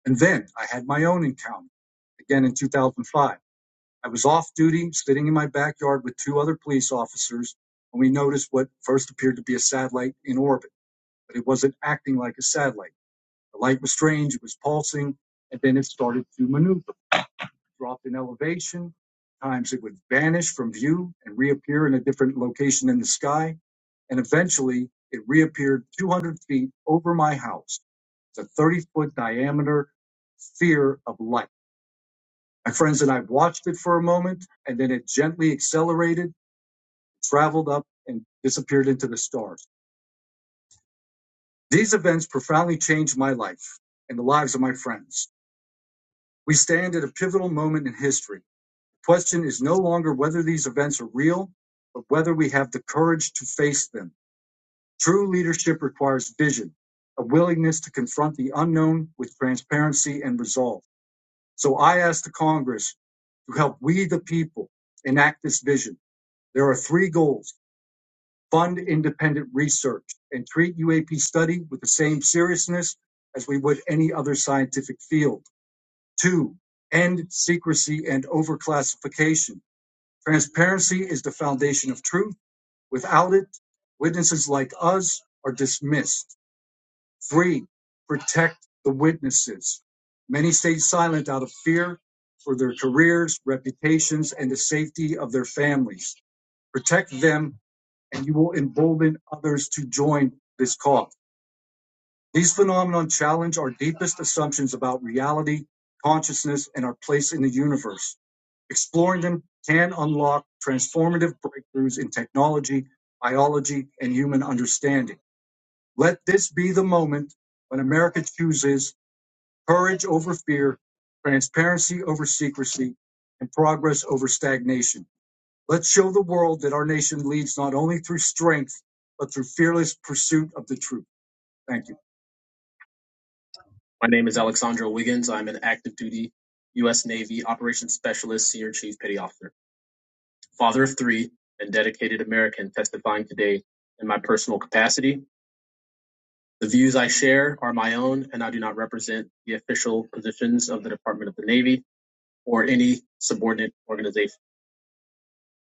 [SPEAKER 3] And then I had my own encounter, again in 2005. I was off duty, sitting in my backyard with two other police officers, and we noticed what first appeared to be a satellite in orbit but it wasn't acting like a satellite. The light was strange, it was pulsing, and then it started to maneuver, It dropped in elevation. Times it would vanish from view and reappear in a different location in the sky. And eventually it reappeared 200 feet over my house. It's a 30 foot diameter sphere of light. My friends and I watched it for a moment, and then it gently accelerated, traveled up, and disappeared into the stars. These events profoundly changed my life and the lives of my friends. We stand at a pivotal moment in history. The question is no longer whether these events are real, but whether we have the courage to face them. True leadership requires vision, a willingness to confront the unknown with transparency and resolve. So I ask the Congress to help we, the people, enact this vision. There are three goals. Fund independent research and treat UAP study with the same seriousness as we would any other scientific field Two, end secrecy and overclassification. Transparency is the foundation of truth. Without it, witnesses like us are dismissed. Three, protect the witnesses. Many stay silent out of fear for their careers, reputations, and the safety of their families. Protect them, and you will embolden others to join this cause. These phenomena challenge our deepest assumptions about reality, consciousness, and our place in the universe. Exploring them can unlock transformative breakthroughs in technology, biology, and human understanding. Let this be the moment when America chooses courage over fear, transparency over secrecy, and progress over stagnation. Let's show the world that our nation leads not only through strength, but through fearless pursuit of the truth. Thank you. the operations specialist, senior chief petty officer, father of three, and dedicated American testifying today in my personal capacity. The views I share are my own, and I do not represent the official positions of the Department of the Navy or any subordinate organization.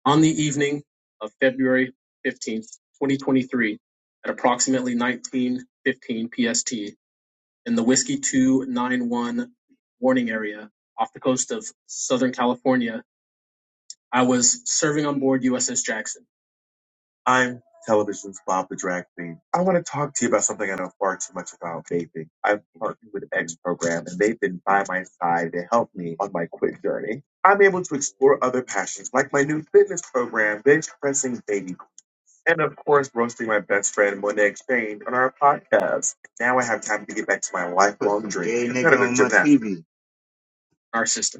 [SPEAKER 3] On the evening of February 15th, 2023, at approximately 19:15 PST, in the Whiskey 291 warning area off the coast of Southern California, I was serving on board USS Jackson. I'm television's Bob the Drag Queen. I want to talk to you about something I know far too much about vaping. I've partnered with X Program, and they've been by my side to help me on my quit journey. I'm able to explore other passions like my new fitness program, bench pressing baby, and of course, roasting my best friend Monet Exchange on our podcast. Now I have time to get back to my lifelong dream. Gay nigga my TV. Our system.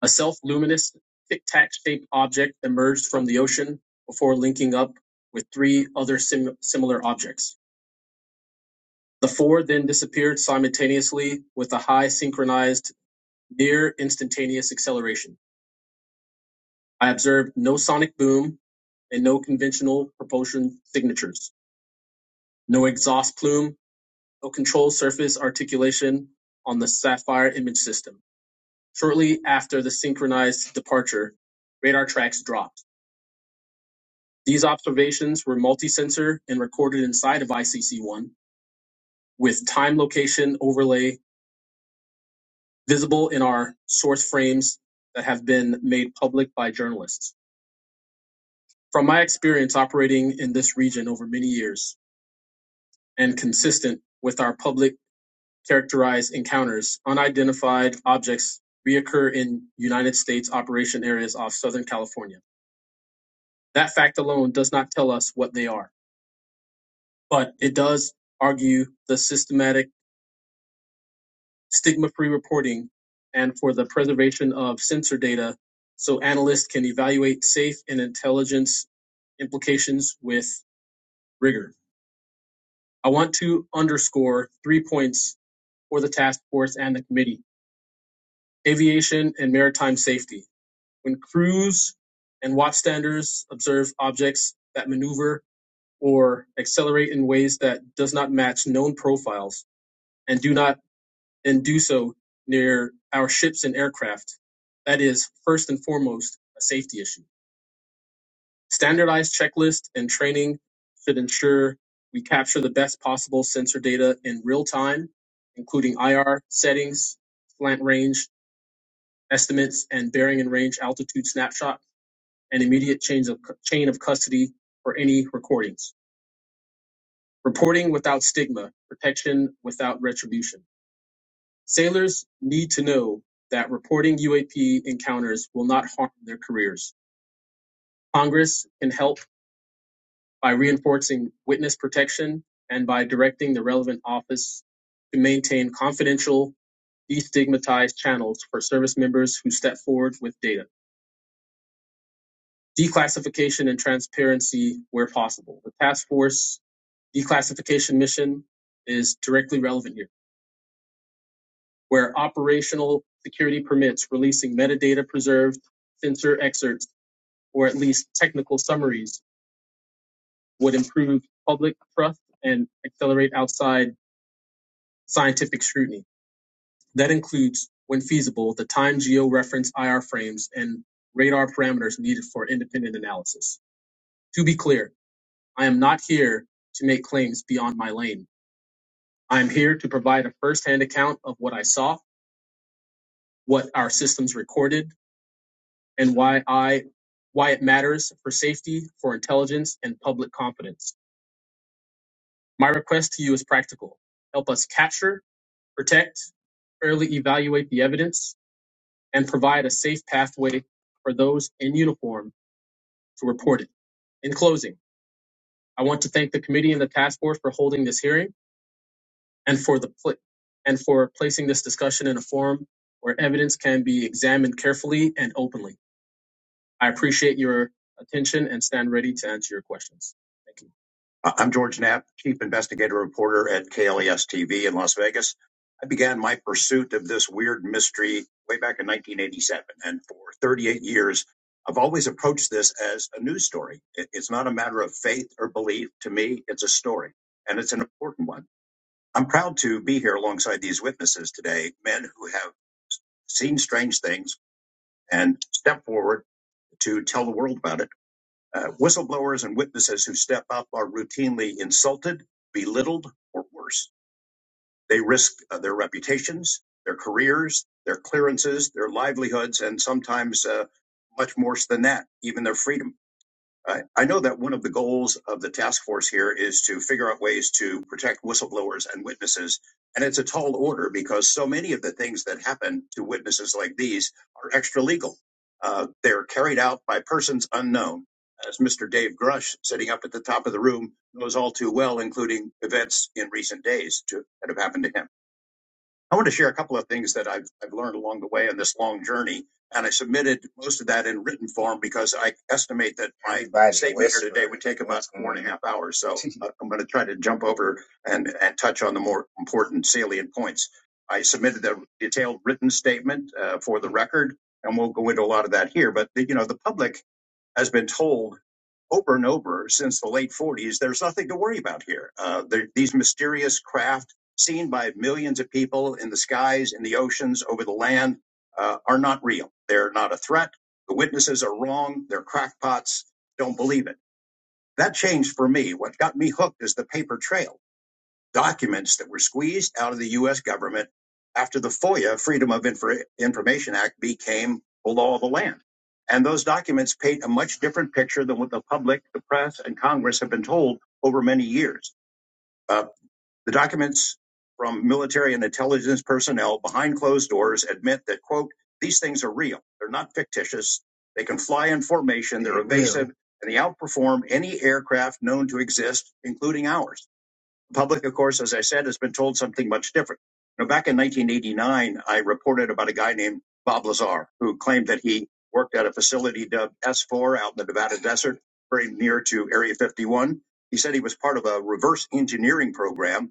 [SPEAKER 3] A self-luminous, tic-tac-shaped object emerged from the ocean before linking up with three other sim- similar objects. With a near intuition, I observed no sonic boom and no propulsion signatures, no exhaust plume, control surface articulation on the Sapphire image system. Shortly after the synchronized departure, radar tracks dropped. People in our have journalists from my being in this region and consistent with our public characterized unidentified objects reoccur in United States operation areas off Southern California. That fact alone does not tell us what they are, but it does argue the systematic stigma free reporting and for the preservation of sensor data so analysts can evaluate safe and intelligence implications with rigor. I want to underscore three points for the task force and the committee aviation and maritime safety. When crews and watchstanders observe objects that maneuver or accelerate in ways that does not match known profiles and do not and do so near our ships and aircraft. That is first and foremost a safety issue. Standardized checklists and training should ensure we capture the best possible sensor data in real time, including IR settings, slant range estimates, and bearing and range altitude snapshot, and immediate change of chain of custody for any recordings. Reporting without stigma, protection without retribution. Sailors need to know that reporting UAP encounters will not harm their careers. Congress can help by reinforcing witness protection and by directing the relevant office to maintain confidential, destigmatized channels for service members who step forward with data. Declassification and transparency where possible. The task force declassification mission is directly relevant here. where operational security permits, releasing metadata preserved sensor excerpts or at least technical summaries would improve public trust and accelerate outside scientific scrutiny. That includes, when feasible, the time georeference IR frames and radar parameters needed for independent analysis. To be clear, I am not here to make claims beyond my lane. I am here to provide a firsthand account of what I saw, what our systems recorded, and why I why it matters for safety, for intelligence, and public confidence. My request to you is practical. Help us capture, protect, fairly evaluate the evidence, and provide a safe pathway for those in uniform to report it. In closing, I want to thank the committee and the task force for holding this hearing and for the pl- and for placing this discussion in a forum where evidence can be examined carefully and openly. I appreciate your attention and stand ready to answer your questions. Thank you. I- am George Knapp, Chief Investigative Reporter at KLES TV in Las Vegas. I began my pursuit of this weird mystery way back in 1987. And for 38 years, I've always approached this as a news story. It- It's not a matter of faith or belief. To me, it's a story, and it's an important one. I'm proud to be here alongside these witnesses today, men who have seen strange things and stepped forward to tell the world about it. Uh, whistleblowers and witnesses who step up are routinely insulted, belittled, or worse. They risk uh, their reputations, their careers, their clearances, their livelihoods, and sometimes uh, much worse than that, even their freedom. I, I know that one of the goals of the task force here is to figure out ways to protect whistleblowers and witnesses. And it's a tall order because so many of the things that happen to witnesses like these are extralegal. Uh, they're carried out by persons unknown. As Mr. Dave Grush, sitting up at the top of the room, knows all too well, including events in recent days to, that have happened to him. I want to share a couple of things that I've, I've learned along the way in this long journey. And I submitted most of that in written form because I estimate that my statement here today would take about What's hours. So I'm going to try to jump over and, and touch on the more important salient points. I submitted the detailed written statement uh, for the record, and we'll go into a lot of that here. But, the, you know, the public has been told over and over since the late 40s there's nothing to worry about here. Uh, there, these mysterious craft seen by millions of people in the skies, in the oceans, over the land, uh, are not real. They're not a threat. The witnesses are wrong. They're crackpots. Don't believe it. That changed for me. What got me hooked is the paper trail documents that were squeezed out of the U.S. government after the FOIA, Freedom of Infor- Information Act, became the law of the land. And those documents paint a much different picture than what the public, the press, and Congress have been told over many years Uh, the documents from military and intelligence personnel behind closed doors admit that, quote, these things are real. They're not fictitious. They can fly in formation. They're evasive Real. and they outperform any aircraft known to exist, including ours. The public, of course, as I said, has been told something much different. Now, back in 1989, I reported about a guy named Bob Lazar who claimed that he worked at a facility dubbed S4 out in the Nevada desert, very near to Area 51. He said he was part of a reverse engineering program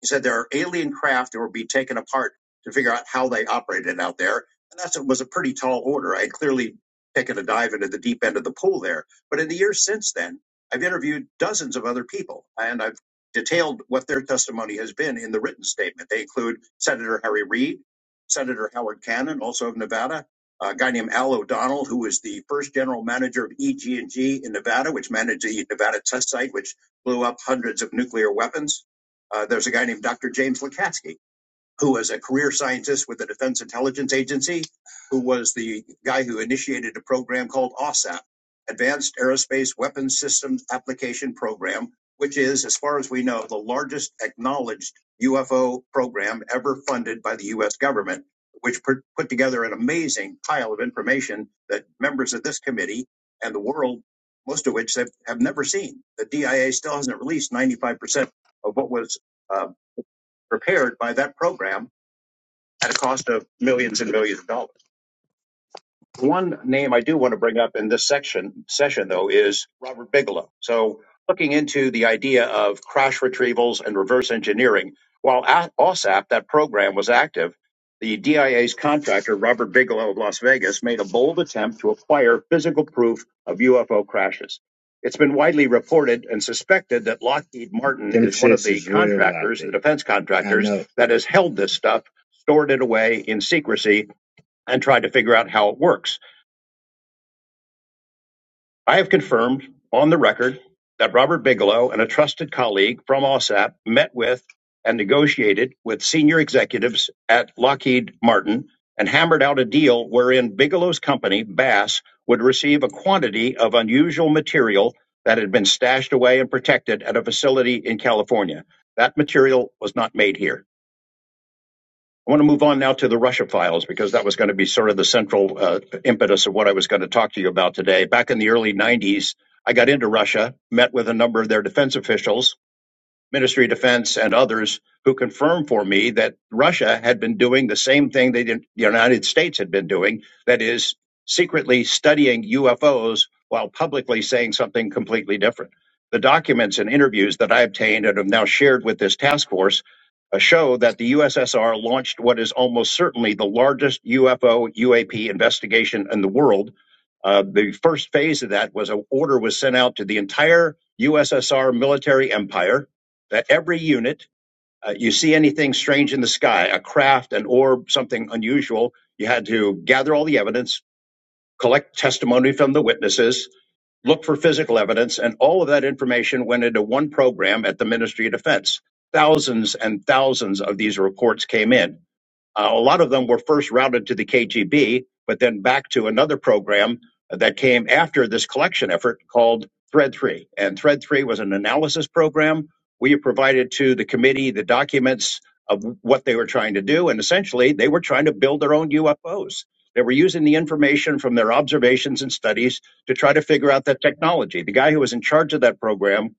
[SPEAKER 3] he said there are alien craft that will be taken apart to figure out how they operated out there. And that was a pretty tall order. I had clearly taken a dive into the deep end of the pool there. But in the years since then, I've interviewed dozens of other people and I've detailed what their testimony has been in the written statement. They include Senator Harry Reid, Senator Howard Cannon, also of Nevada, a guy named Al O'Donnell, who was the first general manager of EG&G in Nevada, which managed the Nevada test site, which blew up hundreds of nuclear weapons uh, there's a guy named Dr. James Lukatsky who was a career scientist with the Defense Intelligence Agency, who was the guy who initiated a program called OSAP, Advanced Aerospace Weapons Systems Application Program, which is, as far as we know, the largest acknowledged UFO program ever funded by the U.S. government, which put put together an amazing pile of information that members of this committee and the world, most of which have, have never seen. The DIA still hasn't released 95% of what was uh, prepared by that program at a cost of millions and millions of dollars. One name I do want to bring up in this section session, though, is Robert Bigelow. So, looking into the idea of crash retrievals and reverse engineering, while at OSAP, that program was active, the DIA's contractor, Robert Bigelow of Las Vegas, made a bold attempt to acquire physical proof of UFO crashes. It's been widely reported and suspected that Lockheed Martin Them is one of the contractors, the defense contractors, that has held this stuff, stored it away in secrecy, and tried to figure out how it works. I have confirmed on the record that Robert Bigelow and a trusted colleague from OSAP met with and negotiated with senior executives at Lockheed Martin and hammered out a deal wherein Bigelow's company, Bass, would receive a quantity of unusual material that had been stashed away and protected at a facility in California. That material was not made here. I want to move on now to the Russia files because that was going to be sort of the central uh, impetus of what I was going to talk to you about today. Back in the early 90s, I got into Russia, met with a number of their defense officials, Ministry of Defense and others who confirmed for me that Russia had been doing the same thing they did, the United States had been doing, that is, secretly studying UFOs while publicly saying something completely different. The documents and interviews that I obtained and have now shared with this task force uh, show that the USSR launched what is almost certainly the largest UFO UAP investigation in the world. Uh, the first phase of that was an order was sent out to the entire USSR military empire uh, every unit, uh, you see anything strange in the sky, a craft, an orb, something unusual, you had to gather all the evidence, collect testimony from the witnesses, look for physical evidence, and all of that information went into one program at the Ministry of Defense. Thousands and thousands of these reports came in uh, a lot of them were first routed to the KGB, but then back to another program that came after this collection effort called Thread 3. And Thread 3 was an analysis program. We provided to the committee the documents of what they were trying to do. And essentially, they were trying to build their own UFOs. They were using the information from their observations and studies to try to figure out that technology. The guy who was in charge of that program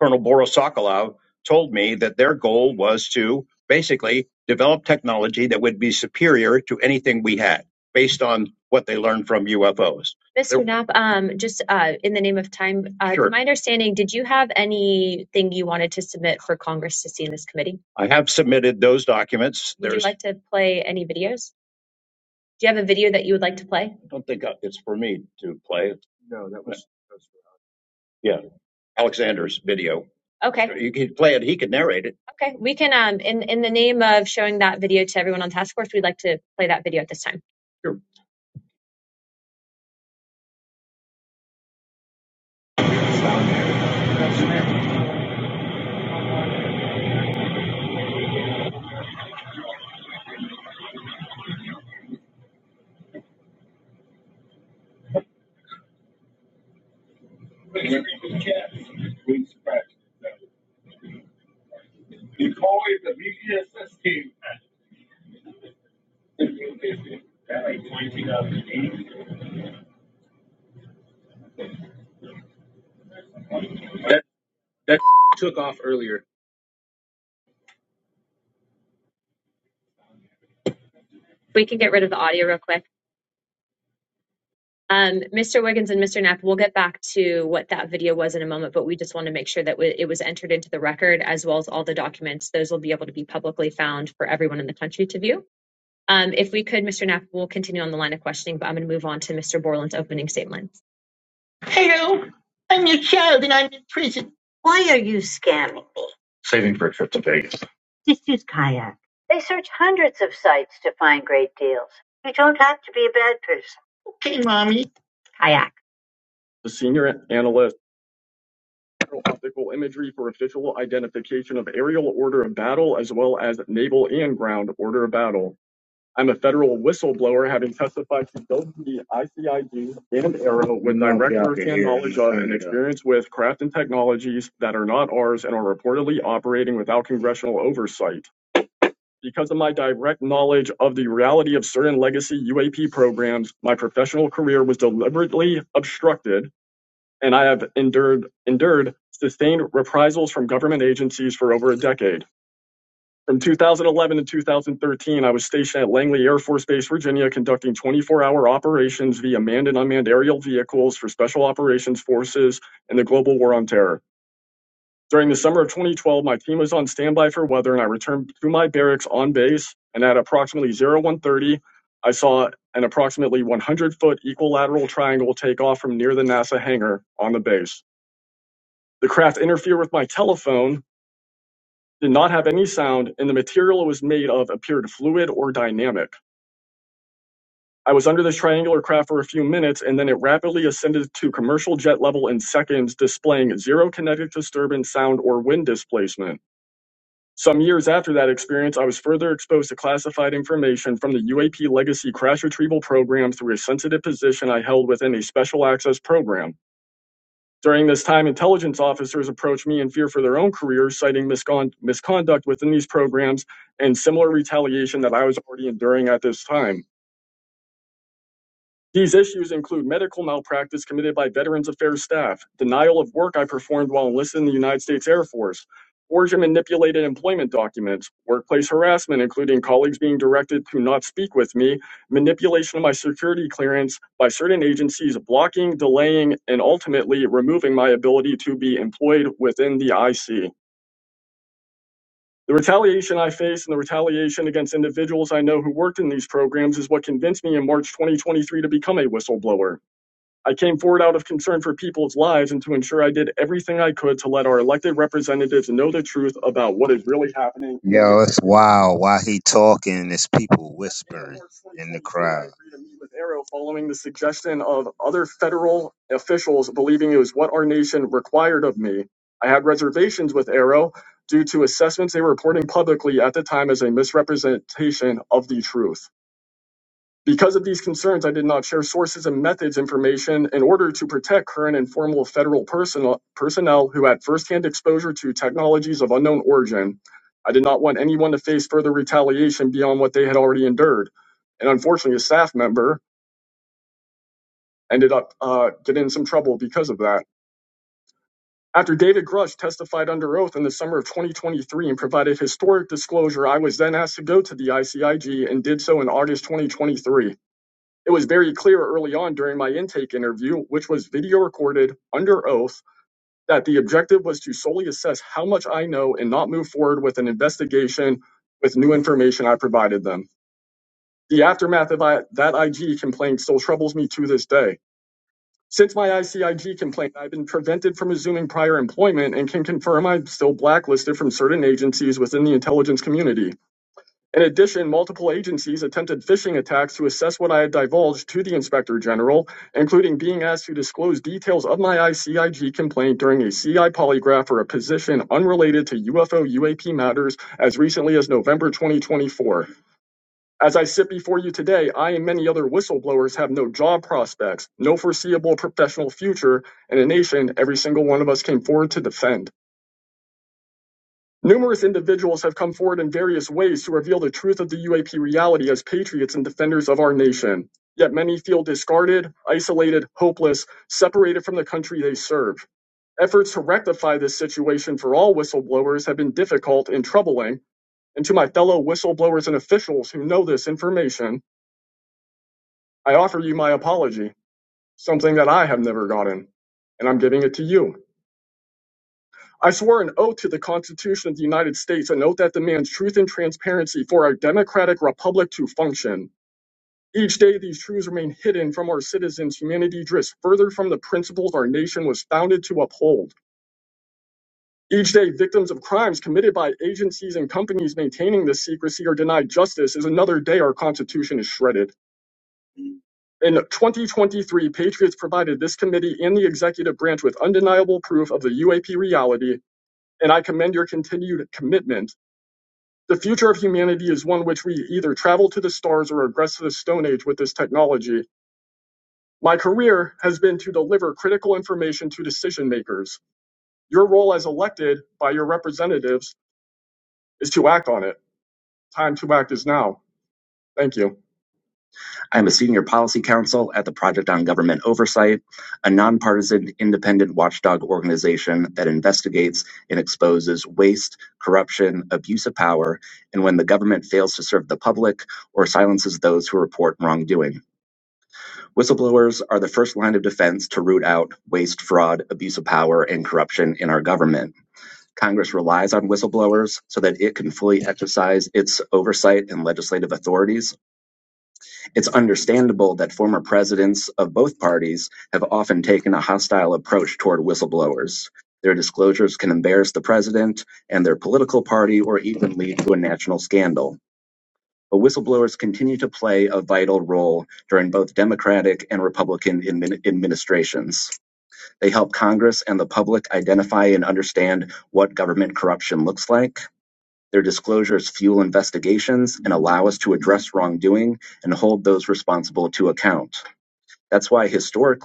[SPEAKER 3] Colonel Borisokolov told me that their goal was to basically develop technology that would be superior to anything we had based on what they learned from UFOs. Mr. Knapp, um, just uh, in the name of time, uh, Sure. to my understanding, did you have anything you wanted to submit for Congress to see in this committee? I have submitted those documents. Would you There's, like to play any videos? Do you have a video that you would like to play? I don't think uh, it's for me to play. No, that was. Yeah. Alexander's video. Okay. You can play it. He could narrate it. Okay, we can um in in the name of showing that video to everyone on task force, we'd like to play that video at this time. Sure. That that took off earlier. We can get rid of the audio real quick. Um, Mr. Wiggins and Mr. Knapp, we'll get back to what that video was in a moment, but we just want to make sure that it was entered into the record as well as all the documents. Those will be able to be publicly found for everyone in the country to view. Um, if we could, Mr. Knapp, we'll continue on the line of questioning, but I'm going to move on to Mr. Borland's opening statement. Hello, I'm your child and I'm in prison. Why are you scamming? Saving for a trip to Vegas. Just use kayak. They search hundreds of sites to find great deals. You don't have to be a bad person. Okay, mommy. Kayak. The senior analyst optical imagery for official identification of aerial order of battle as well as naval and ground order of battle. I'm a federal whistleblower having testified to both the ICIG and ARROW with No direct firsthand knowledge of and uh, experience with craft and technologies that are not ours and are reportedly operating without congressional oversight. Because of my direct knowledge of the reality of certain legacy UAP programs, my professional career was deliberately obstructed and I have endured endured sustained reprisals from government agencies for over a decade. From 2011 to 2013, I was stationed at Langley Air Force Base, Virginia, conducting 24-hour operations via manned and unmanned aerial vehicles for Special Operations Forces in the global war on terror. During the summer of 2012, my team was on standby for weather, and I returned to my barracks on base. And at approximately 01:30, I saw an approximately 100-foot equilateral triangle take off from near the NASA hangar on the base. The craft interfered with my telephone, did not have any sound, and the material it was made of appeared fluid or dynamic. I was under this triangular craft for a few minutes, and then it rapidly ascended to commercial jet level in seconds, displaying zero kinetic disturbance, sound, or wind displacement. Some years after that experience, I was further exposed to classified information from the UAP Legacy Crash Retrieval Program through a sensitive position I held within a special access program. During this time, intelligence officers approached me in fear for their own careers, citing miscon- misconduct within these programs and similar retaliation that I was already enduring at this time. These issues include medical malpractice committed by Veterans Affairs staff, denial of work I performed while enlisted in the United States Air Force, forged and manipulated employment documents, workplace harassment, including colleagues being directed to not speak with me, manipulation of my security clearance by certain agencies, blocking, delaying, and ultimately removing my ability to be employed within the IC. The retaliation I face and the retaliation against individuals I know who worked in these programs is what convinced me in March 2023 to become a whistleblower. I came forward out of concern for people's lives and to ensure I did everything I could to let our elected representatives know the truth about what is really happening in Yo, it's wild. While he talking, it's people whispering in the 2023, I crowd. agreed to meet with Arrow following the suggestion of other federal officials believing it was what our nation required of me. I had reservations with Arrow due to assessments they were reporting publicly at the time as a misrepresentation of the truth. Because of these concerns, I did not share sources and methods information in order to protect current and former federal personnel, personnel who had firsthand exposure to technologies of unknown origin. I did not want anyone to face further retaliation beyond what they had already endured. And unfortunately, a staff member ended up uh, getting in some trouble because of that. After David Grush testified under oath in the summer of 2023 and provided historic disclosure, I was then asked to go to the ICIG and did so in August 2023. It was very clear early on during my intake interview, which was video recorded under oath, that the objective was to solely assess how much I know and not move forward with an investigation with new information I provided them. The aftermath of I, that IG complaint still troubles me to this day. Since my ICIG complaint, I've been prevented from resuming prior employment and can confirm I'm still blacklisted from certain agencies within the intelligence community. In addition, multiple agencies attempted phishing attacks to assess what I had divulged to the Inspector General, including being asked to disclose details of my ICIG complaint during a CI polygraph for a position unrelated to UFO UAP matters as recently as November 2024. As I sit before you today, I and many other whistleblowers have no job prospects, no foreseeable professional future, and a nation every single one of us came forward to defend. Numerous individuals have come forward in various ways to reveal the truth of the UAP reality as patriots and defenders of our nation. Yet many feel discarded, isolated, hopeless, separated from the country they serve. Efforts to rectify this situation for all whistleblowers have been difficult and troubling, and to my fellow whistleblowers and officials who know this information, I offer you my apology, something that I have never gotten, and I'm giving it to you. I swore an oath to the Constitution of the United States, an oath that demands truth and transparency for our democratic republic to function. Each day, these truths remain hidden from our citizens. Humanity drifts further from the principles our nation was founded to uphold. Each day, victims of crimes committed by agencies and companies maintaining this secrecy are denied justice is another day our Constitution is shredded. In 2023, Patriots provided this committee and the executive branch with undeniable proof of the UAP reality, and I commend your continued commitment. The future of humanity is one which we either travel to the stars or regress to the Stone Age with this technology. My career has been to deliver critical information to decision makers. Your role as elected by your representatives is to act on it. Time to act is now. Thank you. really It's understandable that former presidents of both parties have often taken a hostile approach to anti government corruption. Their disclosures fuel investigations and allow us to address wrongdoing and hold those responsible to account. That's why whistleblowers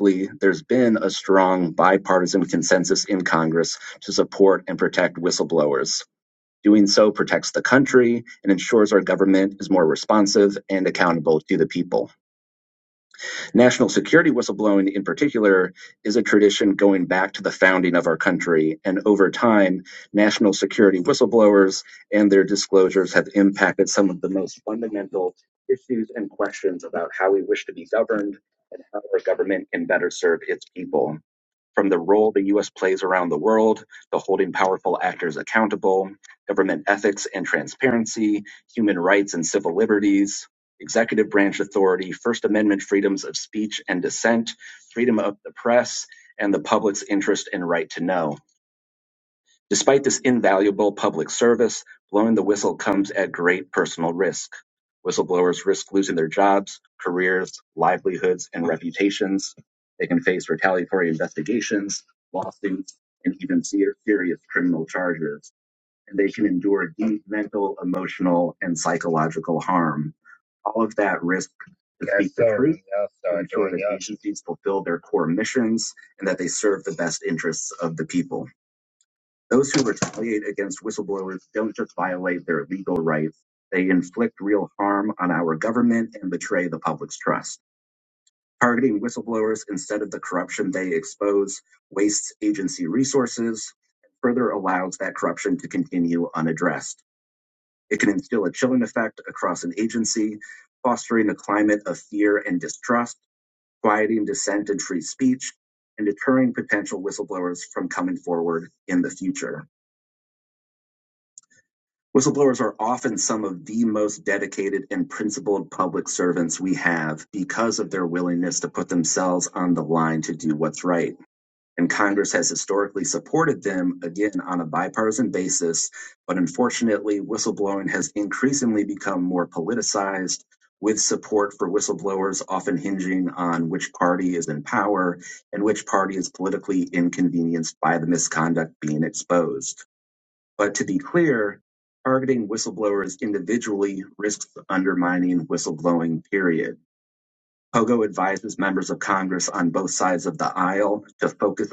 [SPEAKER 3] disclosures have included the most speech and dissent, freedom, and though. Despite this invaluable public service, blowing the whistle comes at great personal risk. Whistleblowers risk losing their jobs, careers, livelihoods, and reputations. They can face retaliatory investigations, lawsuits, and even serious criminal charges. and they can endure deep mental, emotional, and psychological harm. All of that risk to Yes, speak the sir. truth, Yes, to sir. ensure Join that up. agencies fulfill their core missions and that they serve the best interests of the people. Those who retaliate against whistleblowers don't just violate their legal rights, they inflict real harm on our government and betray the public's trust. Targeting whistleblowers instead of the corruption they expose wastes agency resources, further allows that corruption to continue unaddressed. It can instill a chilling effect across myth of fear and distrust, quieting dissent and free speech, and deterring potential whistleblowers for their whistleblowers are the public servants we have with support for whistleblowers often hinging on which party is in power,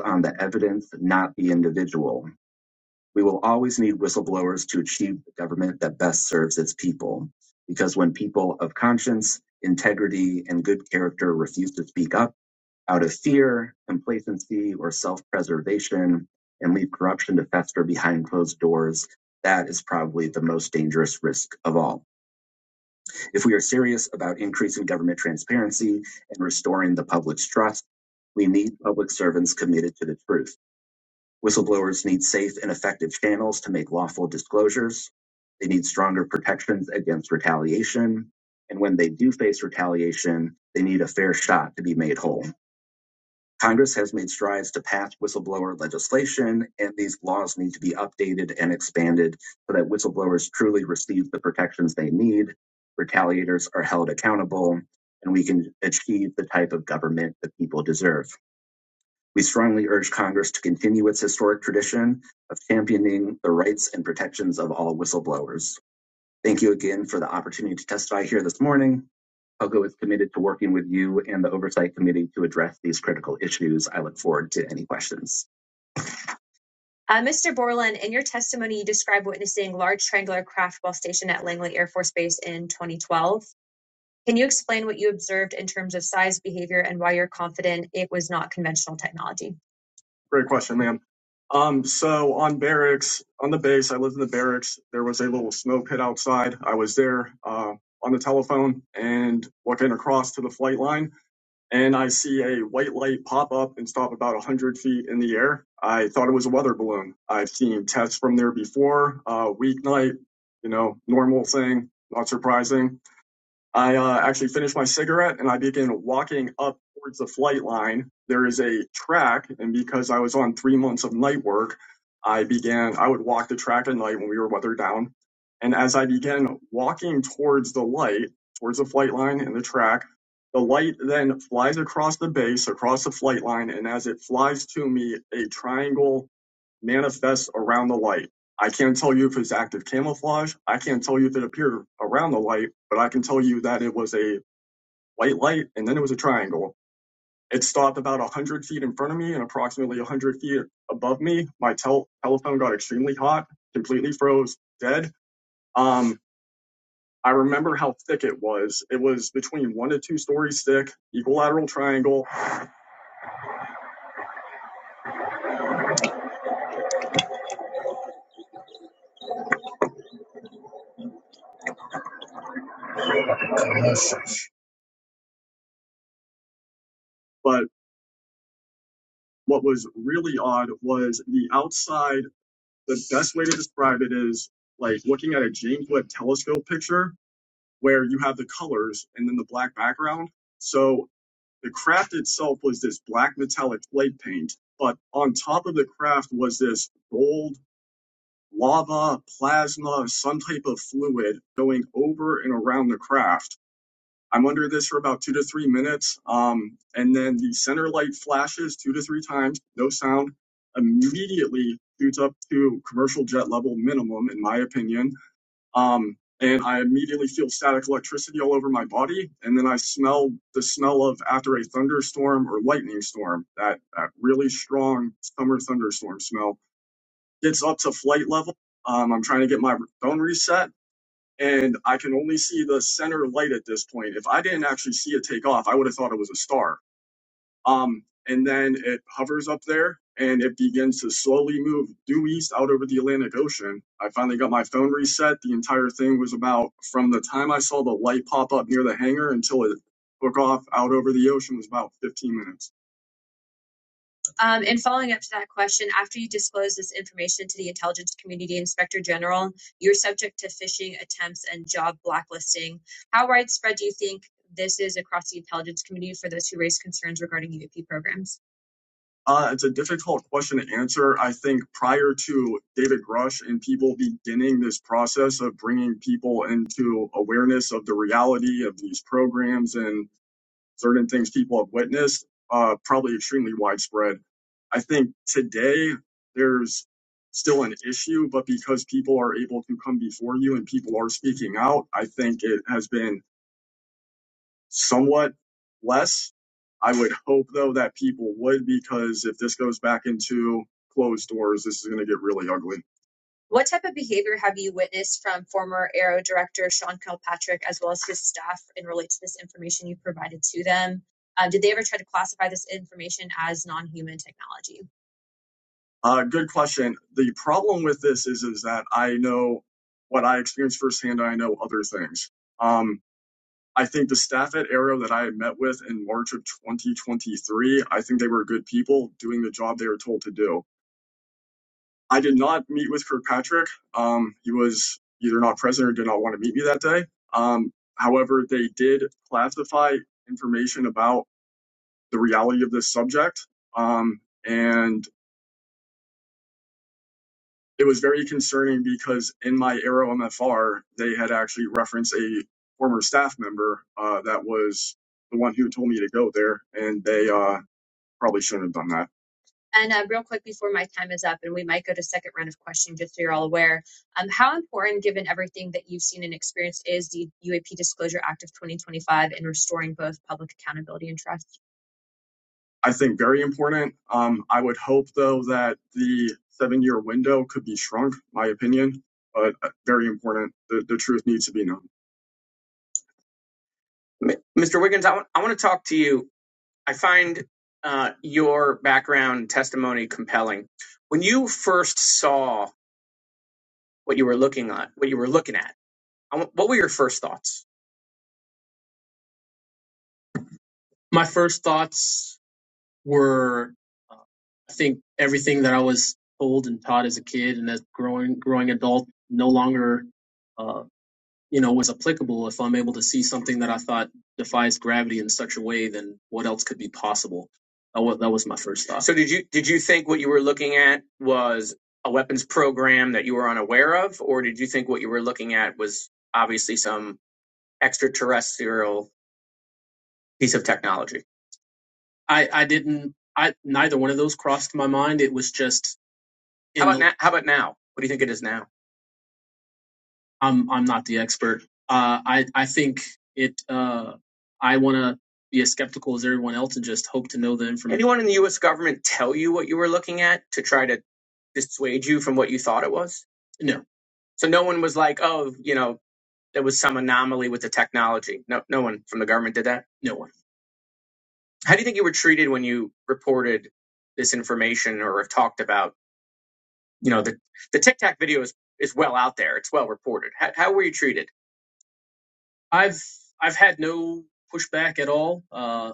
[SPEAKER 3] on that not the individual. We will always need whistleblowers to achieve the government that best serves its people. Because when people of conscience, integrity, and good character refuse to speak up out of fear or self and leave faster impose serious With closure, they need stronger protection, retaliation, and when they do face retaliation, they need a fair shot to be made whole. Congress has made strides to pass whistleblower legislation, and these laws need to be updated and expanded so that whistleblowers truly receive the protections they need, retaliators are held accountable, and we can achieve the type of government that people deserve. We strongly urge Congress to continue its historic tradition of championing the rights and protections of all whistleblowers Uh, Mr. Borland, in your testimony, you described witnessing large triangular craft while stationed at Langley Air Force Base in 2012. Can you explain what you observed in terms of size, behavior, and why you're confident it was not conventional technology? Great question, ma'am. Um, so on barracks, on the base, I lived in the barracks. There was a little snow pit outside. I was there uh, on the telephone and looking across to the flight line and I see a white light pop up and stop about 100 feet in the air. I thought it was a weather balloon. I've seen tests from there before, uh, weeknight, you know, normal thing, not surprising I uh, actually finished my cigarette and I began walking up towards the flight line. There is a track, and because I was on three months of night work, I began, I would walk the track at night when we were weather down. And as I began walking towards the light, towards the flight line and the track, the light then flies across the base, across the flight line, and as it flies to me, a triangle manifests around the light I can't tell you if it's active camouflage. I can't tell you if it appeared around the light, but I can tell you that it was a white light and then it was a triangle. It stopped about 100 feet in front of me and approximately 100 feet above me. My tel- telephone got extremely hot, completely froze, dead. Um, I remember how thick it was. It was between one to two stories thick, equilateral triangle. But what was really odd was the outside, the best way to describe it is like looking at a James Webb telescope picture where you have the colors and then the black background. So the craft itself was this black metallic slate paint, but on top of the craft was this gold lava, plasma, some type of fluid going over and around the craft. I'm under this for about two to three minutes. Um, and then the center light flashes two to three times, no sound, immediately shoots up to commercial jet level minimum, in my opinion um, and I immediately feel static electricity all over my body. And then I smell the smell of after a thunderstorm or lightning storm, that, that really strong summer thunderstorm smell gets up to flight level. Um, I'm trying to get my phone reset and I can only see the center light at this point. If I didn't actually see it take off, I would have thought it was a star um, and then it hovers up there and it begins to slowly move due east out over the Atlantic Ocean. I finally got my phone reset. The entire thing was about from the time I saw the light pop up near the hangar until it took off out over the ocean was about 15 minutes. Um, and following up to that question, after you disclose this information to the intelligence community inspector general, you're subject to phishing attempts and job blacklisting. How widespread do you think this is across the intelligence community for those who raise concerns regarding UAP programs? Uh, it's a difficult question to answer. I think prior to David Grush and people beginning this process of bringing people into awareness of the reality of these programs and certain things people have witnessed, uh, probably extremely widespread. I think today there's still an issue, but because people are able to come before you and people are speaking out, I think it has been somewhat less. I would hope though that people would because if this goes back into closed doors, this is going to get really ugly. What type of behavior have you witnessed from former Aero director Sean Kilpatrick as well as his staff and relate to this information you provided to them? Um, did they ever try to classify this information as non human technology? Uh, good question. The problem with this is is that I know what I experienced firsthand. I know other things. Um, I think the staff at Aero that I had met with in March of 2023, I think they were good people doing the job they were told to do. I did not meet with Kirkpatrick. Um, he was either not present or did not want to meet me that day. Um, however, they did classify information about the reality of this subject. Um, and it was very concerning because in my Aero MFR, they had actually referenced a former staff member uh, that was the one who told me to go there. And they, uh, Probably shouldn't have done that. And uh, real quick before my time is up, and we might go to second round of questions, just so you're all aware, um, how important, given everything that you've seen and experienced, is the UAP Disclosure Act of 2025 in restoring both public accountability and trust? I think very important. Um, I would hope though that the seven year window could be shrunk, my opinion, but uh, very important. The, the truth needs to be known. Who first saw what you were looking on, what you were looking at? What were your first thoughts? My first thoughts were I think everything that I was told and taught as a kid and as growing, grow no longer, uh, you know, was applicable if I'm able to see something that I thought defies gravity in such a way, then could be power stuff. So did you did you think what you were looking at was a weapons program that you were unaware of, or did you think what you were looking at was obviously some exterior? I, How about the, now? How about now? What do you think it is now? I'm, I'm not the expert. Uh, I, I think it, uh, I want to be a skeptic. to know the information. Anyone in the U.S. government tell you what you were looking at to try to dissuade you from what you thought it was? No. So no one was like, oh, you know, there was some anomaly with the technology. No, no one from the government did that. No one. How do you think you were treated when you reported this information or have talked about, you know, the the Tic Tac video is, is well out there. It's well reported. How, how were you treated? I've I've had no pushback at all. Uh,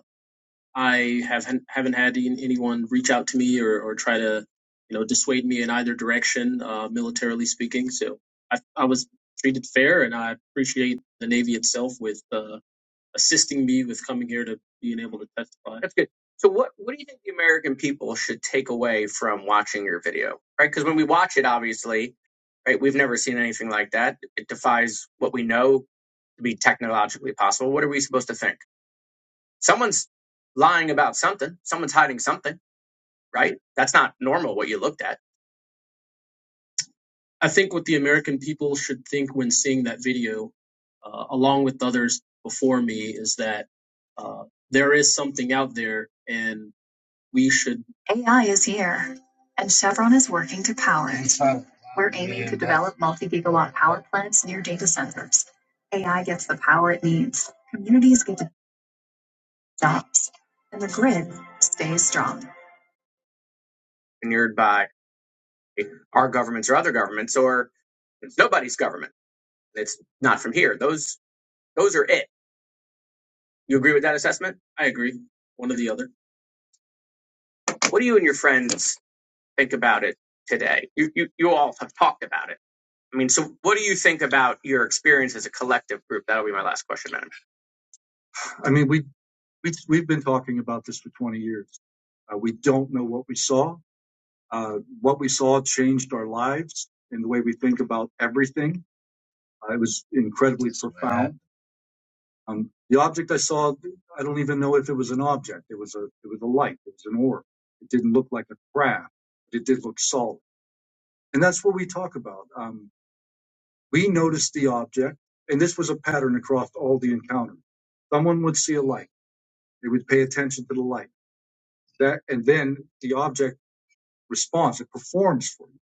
[SPEAKER 3] I have haven't had anyone reach out to me or, or try to you know dissuade me in either direction, uh, militarily speaking. So I, I was treated fair, and I appreciate the Navy itself with uh, assisting me with coming here to being able to testify. If it defies what we know to be technologically possible, what are we supposed to think? Someone's lying about something. Someone's hiding something, right? That's not normal what you looked at. I think what the American people should think when seeing that video uh, along with others before me is that there is something here. AI is here, and Chevron is working to power it. We're aiming to develop multi gigawatt power plants near data centers. AI gets the power it needs, communities get the jobs, and the grid stays strong. Our governments or nobody. It's not. Those are it. You, you, you all have talked. I mean, so what do you think about your experience as a collective group? That question. I mean, we. We've, we've been talking about this for 20 years. Uh, we don't know what we saw. Uh, what we saw changed our lives and the way we think about everything. Uh, it was incredibly Right. profound. Um, the object I saw, I don't even know if it was an object. It was a, it was a light. It was an orb. It didn't look like a craft, but it did look solid. And that's what we talk about. Um, we noticed the object, and this was a pattern across all the encounters. Someone would see a light. They would pay attention to the light. That, and then the object response. It performs for you,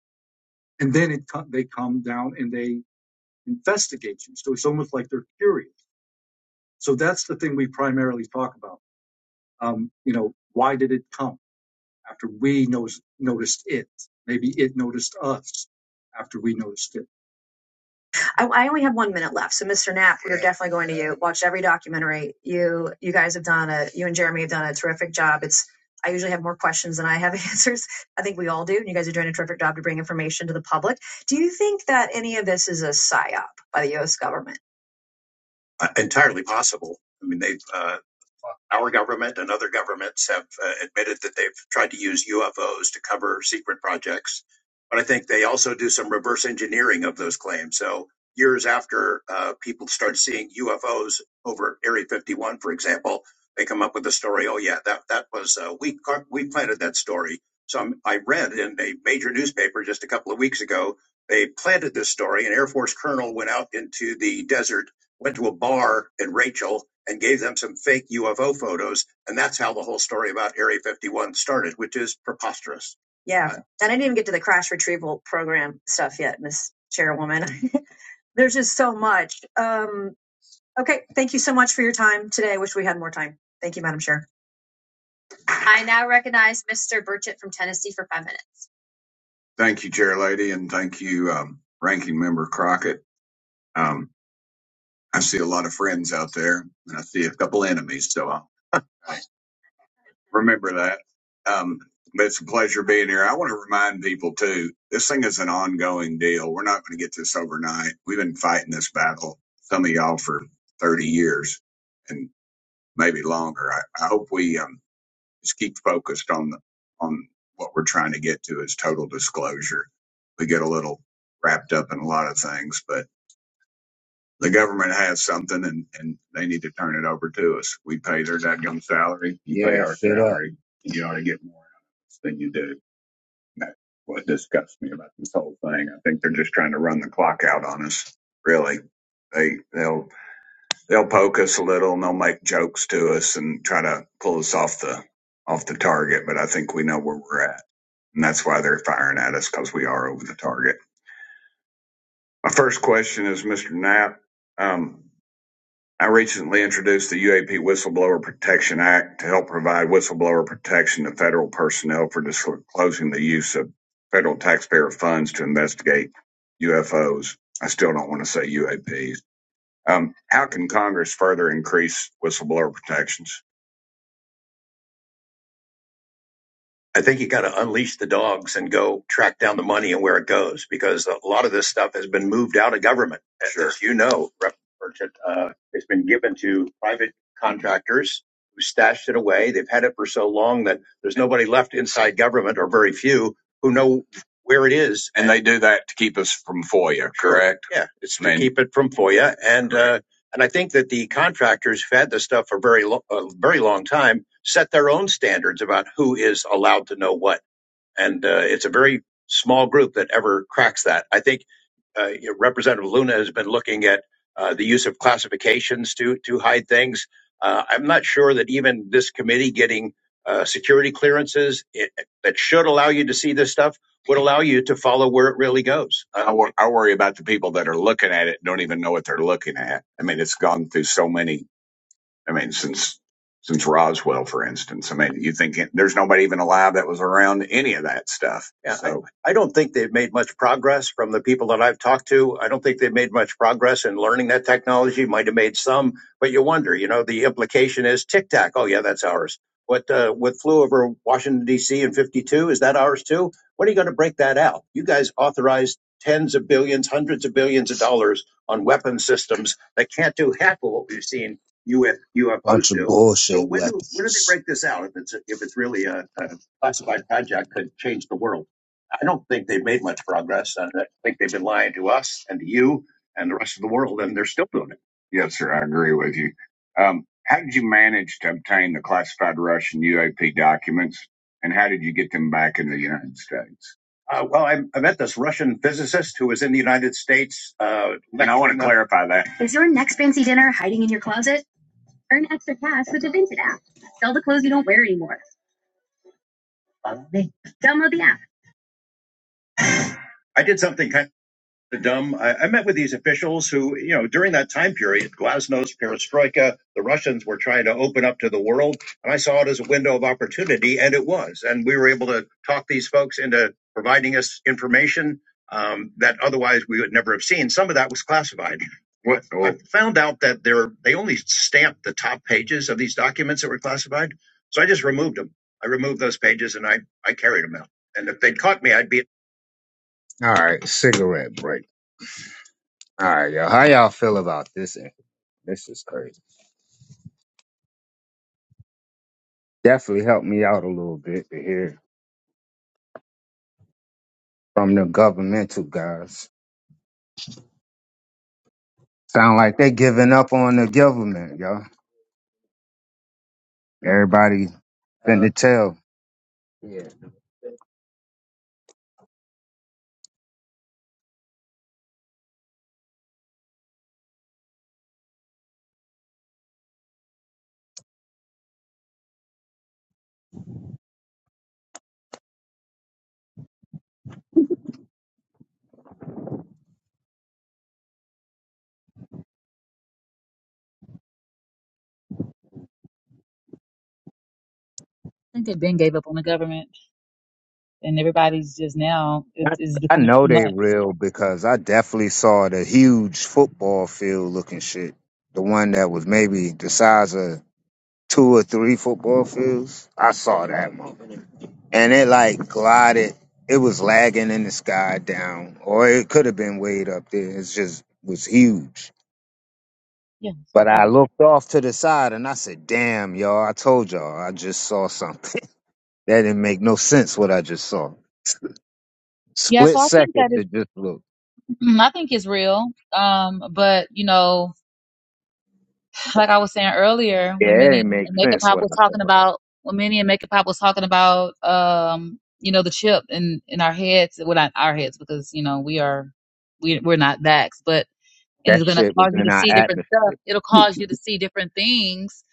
[SPEAKER 3] and then it they come down and they investigate you. So it's almost like they're curious. So that's the thing we primarily talk about. Um, you know, why did it come after we noticed noticed it? Maybe it noticed us after we noticed it. I, I only have one minute left, so Mr. Knapp, we're definitely going to you. Watch every documentary. You you guys have done a you and Jeremy have done a terrific job. It's I usually have more questions than I have answers. I think we all do, and you guys are doing a terrific job to bring information to the public. Do you think that any of this is a psyop by the U.S. government? Uh, entirely possible. I mean, they. have our government and other governments have uh, admitted that they've tried to use UFOs to cover secret projects. But I think they also do some reverse engineering of those claims. So years after uh, people start seeing UFOs over Area 51, for example, they come up with the story. Oh yeah, that that was uh, we car- we planted that story. So I'm, I read in a major newspaper just a couple of weeks ago they planted this story. An Air Force colonel went out into the desert went to a bar in Rachel and gave them some fake UFO photos. And that's how the whole story about Area 51 started, which is preposterous. Yeah. Uh, And I didn't even get to the crash retrieval program stuff yet, Miss Chairwoman. There's just so much. Um, okay. Thank you so much for your time today. I wish we had more time. Thank you, Madam Chair. I now recognize Mr. Burchett from Tennessee for five minutes. Thank you, Chair Lady, and thank you, um, Ranking Member Crockett. Um, I see a lot of friends out there, and I see a couple enemies, so I remember that. Um, but it's a pleasure being here. I want to remind people too, this thing is an ongoing deal. We're not going to get this overnight. We've been fighting this battle, some of y'all for 30 years and maybe longer. I, I hope we, um, just keep focused on the, on what we're trying to get to is total disclosure. We get a little wrapped up in a lot of things, but the government has something and, and they need to turn it over to us. We pay their dadgum salary. You pay Yeah, our straight up. salary. You ought to get more out of us than you do. And That's what disgusts me about this whole thing. I think they're just trying to run the clock out on us. Really. They, they'll, they'll poke us a little and they'll make jokes to us and try to pull us off the, off the target. But I think we know where we're at. And that's why they're firing at us because we are over the target. My first question is Mr. Knapp. um. I recently introduced the UAP Whistleblower Protection Act to help provide whistleblower protection to federal personnel for disclosing the use of federal taxpayer funds to investigate UFOs. I still don't want to say UAPs. Um, how can Congress further increase whistleblower protections? I think you got to unleash the dogs and go track down the money and where it goes because a lot of this stuff has been moved out of government. As Sure. As you know, uh, it's been given to private contractors who stashed it away. They've had it for so long that there's nobody left inside government or very few who know where it is. And and they do that to keep us from FOIA, Sure. correct? Sure. Yeah, it's to keep it. And uh, and I think that the contractors have had this stuff for a very long time standards about who is allowed It's a small group that ever replicating the use of cloud. hide things. I'm not sure that even this committee getting uh, security clearance, see this stuff allow you to follow where it really goes. I, wor- I worry about the people that are looking at it and don't even know what they're looking at. I mean, it's gone through so many. I mean, since since Roswell, for instance. I mean, you think it- there's nobody even alive that was around any of that stuff. Yeah, so I So think they just process and learning that technology might have made some, but you wonder, you know, the implication is tic tac. Oh, yeah, that's ours. What uh, what flew over Washington D.C. in '52 is that ours too? When are you going to break that out? You guys authorized tens of billions, hundreds of billions of dollars on weapon systems that can't do half of what we've seen UF, UFOs bunch of do. So bullshit So when do weapons. when do they break this out? If it's if it's really a, a classified project that could change the world. I don't think they've made much progress. I think they've been lying to us and to you and the rest of the world, and they're still doing it. Yes, sir. I agree with you. Um, how did you manage to obtain the classified Russian UAP documents, and how did you get them back in the United States? Uh, well, I, I met this Russian physicist who was in the United States uh, And I want to clarify that. There's fancy in your closet. Earn extra cash with the Vinted app. Sell the clothes you don't wear anymore. Download the app. the Russians were trying to open up to the world. And I saw it as a window of opportunity, and it was. And we were able to talk these folks into providing us information um, that otherwise we would never have seen. Some of that was classified. What oh. I found out that they're, they only stamped the top pages of these documents that were classified. So I just removed them. I removed those pages and I, I carried them out. And if they'd caught me, I'd be All right, cigarette break. All right, y'all. How y'all feel about this? This is crazy. Definitely helped me out a little bit to hear from the governmental guys. Sound like they giving up on the government, yo. Everybody Uh, finna tell. yeah.
[SPEAKER 11] i think they then gave up on the government and everybody's just now it
[SPEAKER 3] I,
[SPEAKER 11] is
[SPEAKER 3] I
[SPEAKER 11] becoming
[SPEAKER 3] know
[SPEAKER 11] too
[SPEAKER 3] they
[SPEAKER 11] much.
[SPEAKER 3] real because I definitely saw the huge football field looking shit. The one that was maybe the size of two or three football fields. I saw that one. And it like glided. It was lagging in the sky down, or it could have been way up there. It's just was huge.
[SPEAKER 11] Yeah, so I
[SPEAKER 3] But
[SPEAKER 11] got
[SPEAKER 3] I
[SPEAKER 11] it.
[SPEAKER 3] looked off to the side and I said, damn, y'all, I told y'all, I just saw something. that didn't make no sense what I just saw.
[SPEAKER 11] Yeah,
[SPEAKER 3] Split
[SPEAKER 11] so I think
[SPEAKER 3] second
[SPEAKER 11] that
[SPEAKER 3] to
[SPEAKER 11] it,
[SPEAKER 3] just look.
[SPEAKER 11] I think it's real. Um, but you know, like I was saying earlier,
[SPEAKER 3] Yeah,
[SPEAKER 11] when
[SPEAKER 3] it
[SPEAKER 11] Minnie
[SPEAKER 3] ain't make
[SPEAKER 11] and Makeup
[SPEAKER 3] sense
[SPEAKER 11] Pop
[SPEAKER 3] what
[SPEAKER 11] was
[SPEAKER 3] I
[SPEAKER 11] talking
[SPEAKER 3] told though.
[SPEAKER 11] about, when Minnie and Makeup Pop was talking about, um, you know, the chip in in our heads, well, not our heads because you know we are we we're not backs, but and
[SPEAKER 3] That
[SPEAKER 11] it's going to
[SPEAKER 3] shit was
[SPEAKER 11] cause you
[SPEAKER 3] in
[SPEAKER 11] to
[SPEAKER 3] our
[SPEAKER 11] see different stuff.
[SPEAKER 3] atmosphere.
[SPEAKER 11] It'll cause you to see different things.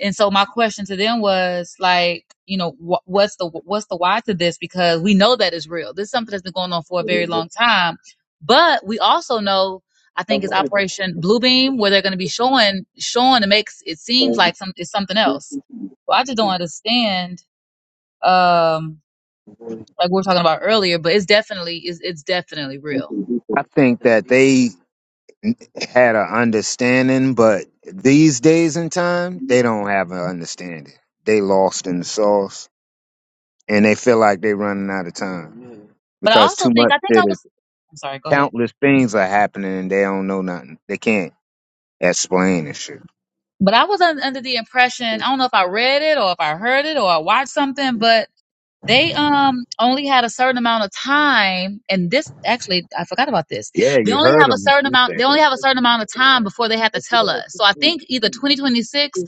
[SPEAKER 11] And so my question to them was like, you know, wh- what's the what's the why to this? Because we know that it's real. This is something that's been going on for a very long time, but we also know. I think it's Operation Bluebeam where they're going to be showing showing it makes it seems like some it's something else. Well, I just don't understand. Um, like we were talking about earlier, but it's definitely it's, it's definitely real.
[SPEAKER 3] I think that they had an understanding, but these days and time, they don't have an understanding. They lost in the sauce and they feel like they running out of time
[SPEAKER 11] But I
[SPEAKER 3] because
[SPEAKER 11] also
[SPEAKER 3] too
[SPEAKER 11] think
[SPEAKER 3] much
[SPEAKER 11] I think
[SPEAKER 3] shit
[SPEAKER 11] I
[SPEAKER 3] is
[SPEAKER 11] was. I'm sorry. Go ahead.
[SPEAKER 3] countless things are happening and they don't know nothing. They can't explain and shit.
[SPEAKER 11] But I was un- under the impression, I don't know if I read it or if I heard it or I watched something, but they um only had a certain amount of time and this actually I forgot about this.
[SPEAKER 3] Yeah,
[SPEAKER 11] They
[SPEAKER 3] you
[SPEAKER 11] only
[SPEAKER 3] heard
[SPEAKER 11] have a
[SPEAKER 3] him.
[SPEAKER 11] certain
[SPEAKER 3] He
[SPEAKER 11] amount
[SPEAKER 3] said
[SPEAKER 11] they only
[SPEAKER 3] that.
[SPEAKER 11] have a certain amount of time before they have to tell us. So I think either 2026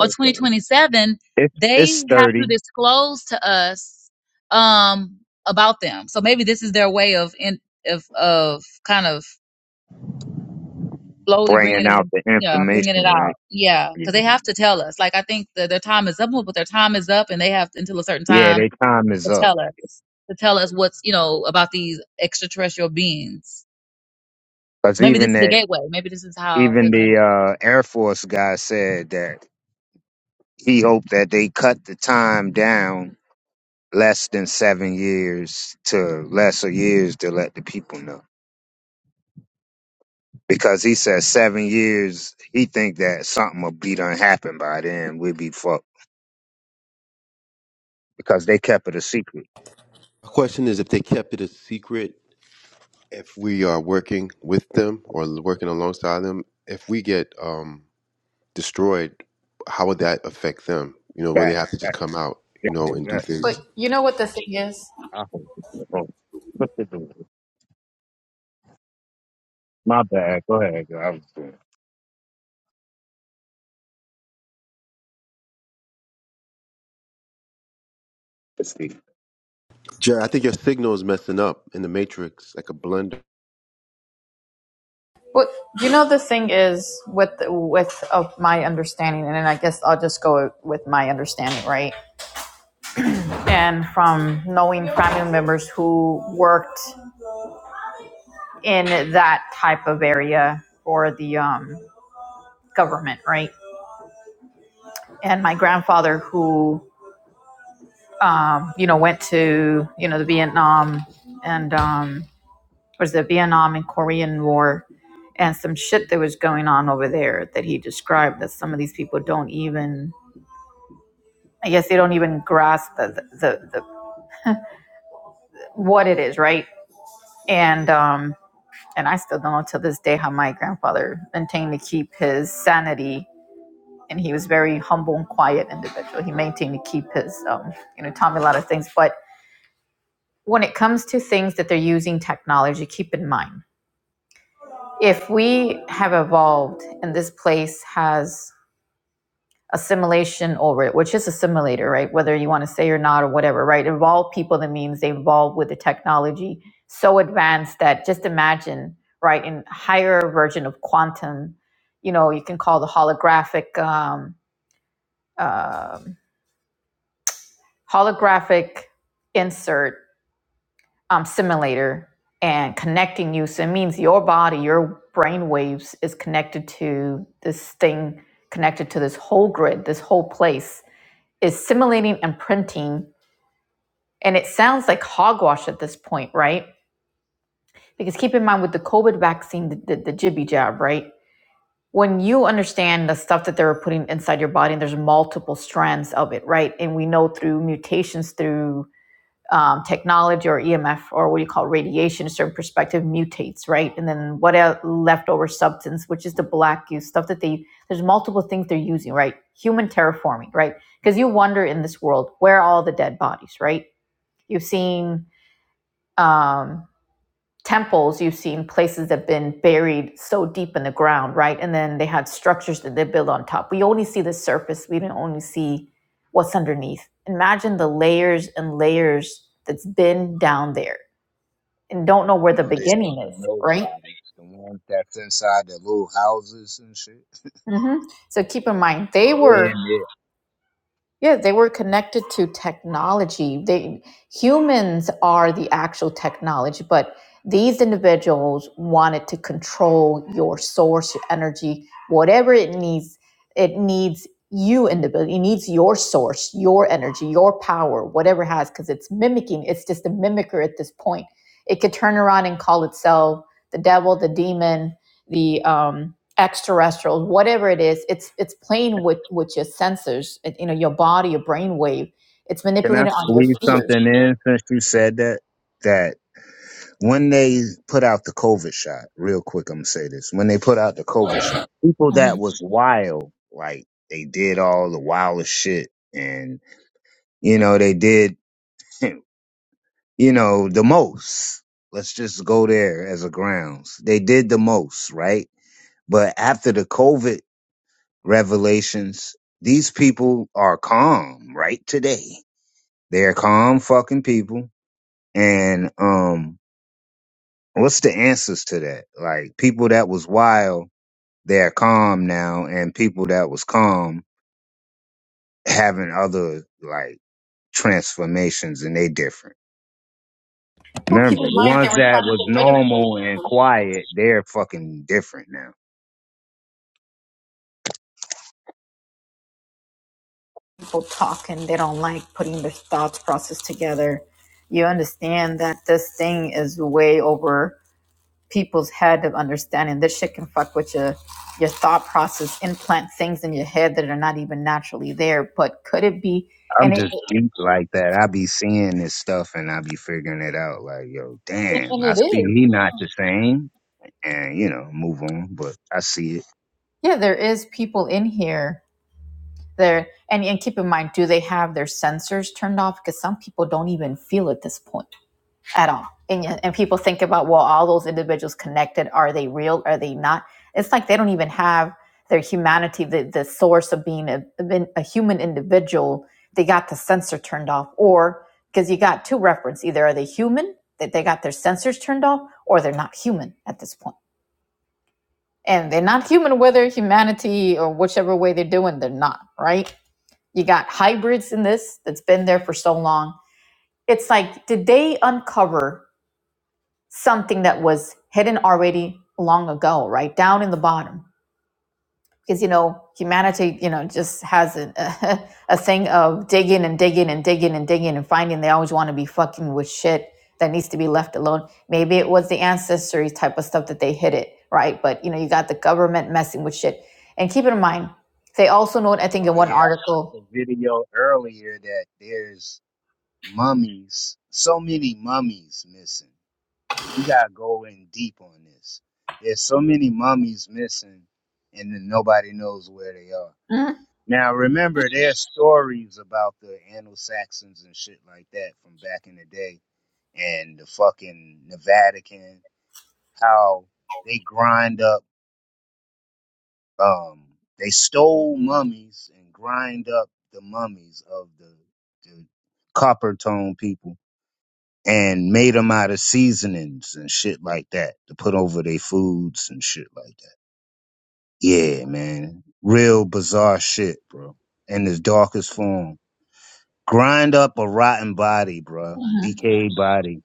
[SPEAKER 11] or 2027
[SPEAKER 3] It's it's
[SPEAKER 11] they have to
[SPEAKER 3] sturdy,
[SPEAKER 11] disclose to us um about them. So maybe this is their way of in of of kind of slowly bringing
[SPEAKER 3] bringing
[SPEAKER 11] it,
[SPEAKER 3] out the
[SPEAKER 11] yeah, bringing it
[SPEAKER 3] information,
[SPEAKER 11] out,
[SPEAKER 3] right?
[SPEAKER 11] yeah,
[SPEAKER 3] Yeah,
[SPEAKER 11] because they have to tell us. Like I think that their time is up, but their time is up, and they have until a certain
[SPEAKER 3] yeah
[SPEAKER 11] time
[SPEAKER 3] their time is
[SPEAKER 11] to
[SPEAKER 3] up.
[SPEAKER 11] tell us to tell us what's you know about these extraterrestrial beings.
[SPEAKER 3] Cause
[SPEAKER 11] Maybe this
[SPEAKER 3] even
[SPEAKER 11] is the
[SPEAKER 3] that,
[SPEAKER 11] gateway. Maybe this is how they're
[SPEAKER 3] even
[SPEAKER 11] gonna.
[SPEAKER 3] the uh, Air Force guy said that he hoped that they cut the time down less than seven years to lesser years to let the people know. because he says seven years. He think that something will be done happen by then. We'll be fucked because they kept it a secret.
[SPEAKER 10] The question is if they kept it a secret. If we are working with them or working alongside them, if we get um, destroyed, how would that affect them? You know, would they
[SPEAKER 3] Back,
[SPEAKER 10] have to just
[SPEAKER 3] back,
[SPEAKER 10] come out, you
[SPEAKER 3] yeah,
[SPEAKER 10] know,
[SPEAKER 3] go
[SPEAKER 10] and do
[SPEAKER 3] back.
[SPEAKER 1] But
[SPEAKER 10] things?
[SPEAKER 1] you know what the thing is?
[SPEAKER 3] I hope. oh, what they doing? My bad. Go ahead. Girl. I was doing. Let's see.
[SPEAKER 10] Jared, I think your signal is messing up in the matrix, like a blender.
[SPEAKER 1] What you know the thing is with with of my understanding, and then I guess I'll just go with my understanding, right? And from knowing family members who worked in that type of area for the um, government, right? And my grandfather who um, you know, went to, you know, the Vietnam and um, was the Vietnam and Korean War and some shit that was going on over there that he described that some of these people don't even, I guess they don't even grasp the, the, the the what it is, right? And, um, and I still don't know to this day how my grandfather maintained to keep his sanity. And he was very humble and quiet individual. He maintained to keep his, um, you know, taught me a lot of things. But when it comes to things that they're using technology, keep in mind if we have evolved and this place has assimilation over it, which is a simulator, right? Whether you want to say or not or whatever, right? Evolved people that means they evolved with the technology so advanced that just imagine, right, in higher version of quantum, you know, you can call the holographic um, um holographic insert um, simulator and connecting you. So it means your body, your brain waves is connected to this thing, connected to this whole grid, this whole place is simulating and printing. And it sounds like hogwash at this point, right? Because keep in mind with the COVID vaccine, the, the, the jibby jab, right? When you understand the stuff that they were putting inside your body, and there's multiple strands of it, right? And we know through mutations, through um, technology or EMF or what you call radiation, a certain perspective mutates, right? And then what a leftover substance, which is the black goo stuff that they there's multiple things they're using, right? Human terraforming, right? Because you wonder in this world where are all the dead bodies, right? You've seen um, temples you've seen places that have been buried so deep in the ground right and then they had structures that they built on top we only see the surface we don't only see what's underneath imagine the layers and layers that's been down there and don't know where
[SPEAKER 3] I
[SPEAKER 1] the
[SPEAKER 3] know they
[SPEAKER 1] beginning
[SPEAKER 3] still in
[SPEAKER 1] is
[SPEAKER 3] those
[SPEAKER 1] right
[SPEAKER 3] bodies, the ones that's inside the little houses and shit.
[SPEAKER 1] hmm so keep in mind they
[SPEAKER 3] Yeah, they
[SPEAKER 1] were
[SPEAKER 3] in there.
[SPEAKER 1] Yeah, they were connected to technology. They humans are the actual technology, but these individuals wanted to control your source, your energy, whatever it needs. It needs you individual. It needs your source, your energy, your power, whatever it has, because it's mimicking. It's just a mimicker at this point. It could turn around and call itself the devil, the demon, the um, extraterrestrials, whatever it is, it's it's playing with with your sensors, it, you know, your body, your brainwave. It's
[SPEAKER 3] Can I
[SPEAKER 1] manipulating on your
[SPEAKER 3] squeeze
[SPEAKER 1] fears.
[SPEAKER 3] something in since you said that? That when they put out the COVID shot, real quick, I'm gonna say this. When they put out the COVID shot, people that was wild, like they did all the wildest shit and, you know, they did, you know, the most. Let's just go there as a grounds. They did the most, right? But after the COVID revelations, these people are calm right today. They're calm fucking people. And, um, what's the answers to that? Like people that was wild they're calm now and people that was calm having other like transformations and they different.
[SPEAKER 1] People keep
[SPEAKER 3] Remember,
[SPEAKER 1] in
[SPEAKER 3] the
[SPEAKER 1] mind they were
[SPEAKER 3] ones
[SPEAKER 1] trying
[SPEAKER 3] that was
[SPEAKER 1] to get rid of
[SPEAKER 3] normal and
[SPEAKER 1] people.
[SPEAKER 3] quiet, they're fucking different now.
[SPEAKER 1] People talk and they don't like putting their thoughts process together. You understand that this thing is way over people's head of understanding. This shit can fuck with your your thought process, implant things in your head that are not even naturally there. But could it be?
[SPEAKER 3] I'm
[SPEAKER 1] And it,
[SPEAKER 3] just deep like that. I be seeing this stuff and I be figuring it out like, yo, damn, I speak he not the same and you know, move on, but I see it.
[SPEAKER 1] yeah, there is people in here They're, and, and keep in mind, do they have their sensors turned off? Because some people don't even feel at this point at all. And, yeah, and people think about, well, all those individuals connected, are they real? Are they not? It's like they don't even have their humanity, the, the source of being a, of being a human individual. They got the sensor turned off, or because you got two reference either are they human, that they got their sensors turned off, or they're not human at this point. And they're not human, whether humanity or whichever way they're doing, they're not, right? You got hybrids in this that's been there for so long. It's like, did they uncover something that was hidden already long ago, right? Down in the bottom. Because, you know, humanity, you know, just has a, a, a thing of digging and digging and digging and digging and finding they always want to be fucking with shit that needs to be left alone. Maybe it was the ancestry type of stuff that they hid it, right? But, you know, you got the government messing with shit. And keep in mind, they also note, I think, in
[SPEAKER 3] Oh
[SPEAKER 1] one
[SPEAKER 3] yeah, I
[SPEAKER 1] article.
[SPEAKER 3] watched a video earlier that there's mummies, so many mummies missing We gotta go in deep on this. There's so many mummies missing, and then nobody knows where they are.
[SPEAKER 1] Mhm.
[SPEAKER 3] Now, remember, there's stories about the Anglo-Saxons and shit like that from back in the day, and the fucking the Vatican, how they grind up, um, they stole mummies and grind up the mummies of the, the copper tone people and made them out of seasonings and shit like that to put over their foods and shit like that. Yeah, man. Real bizarre shit, bro. In its darkest form. Grind up a rotten body, bro. Decayed body.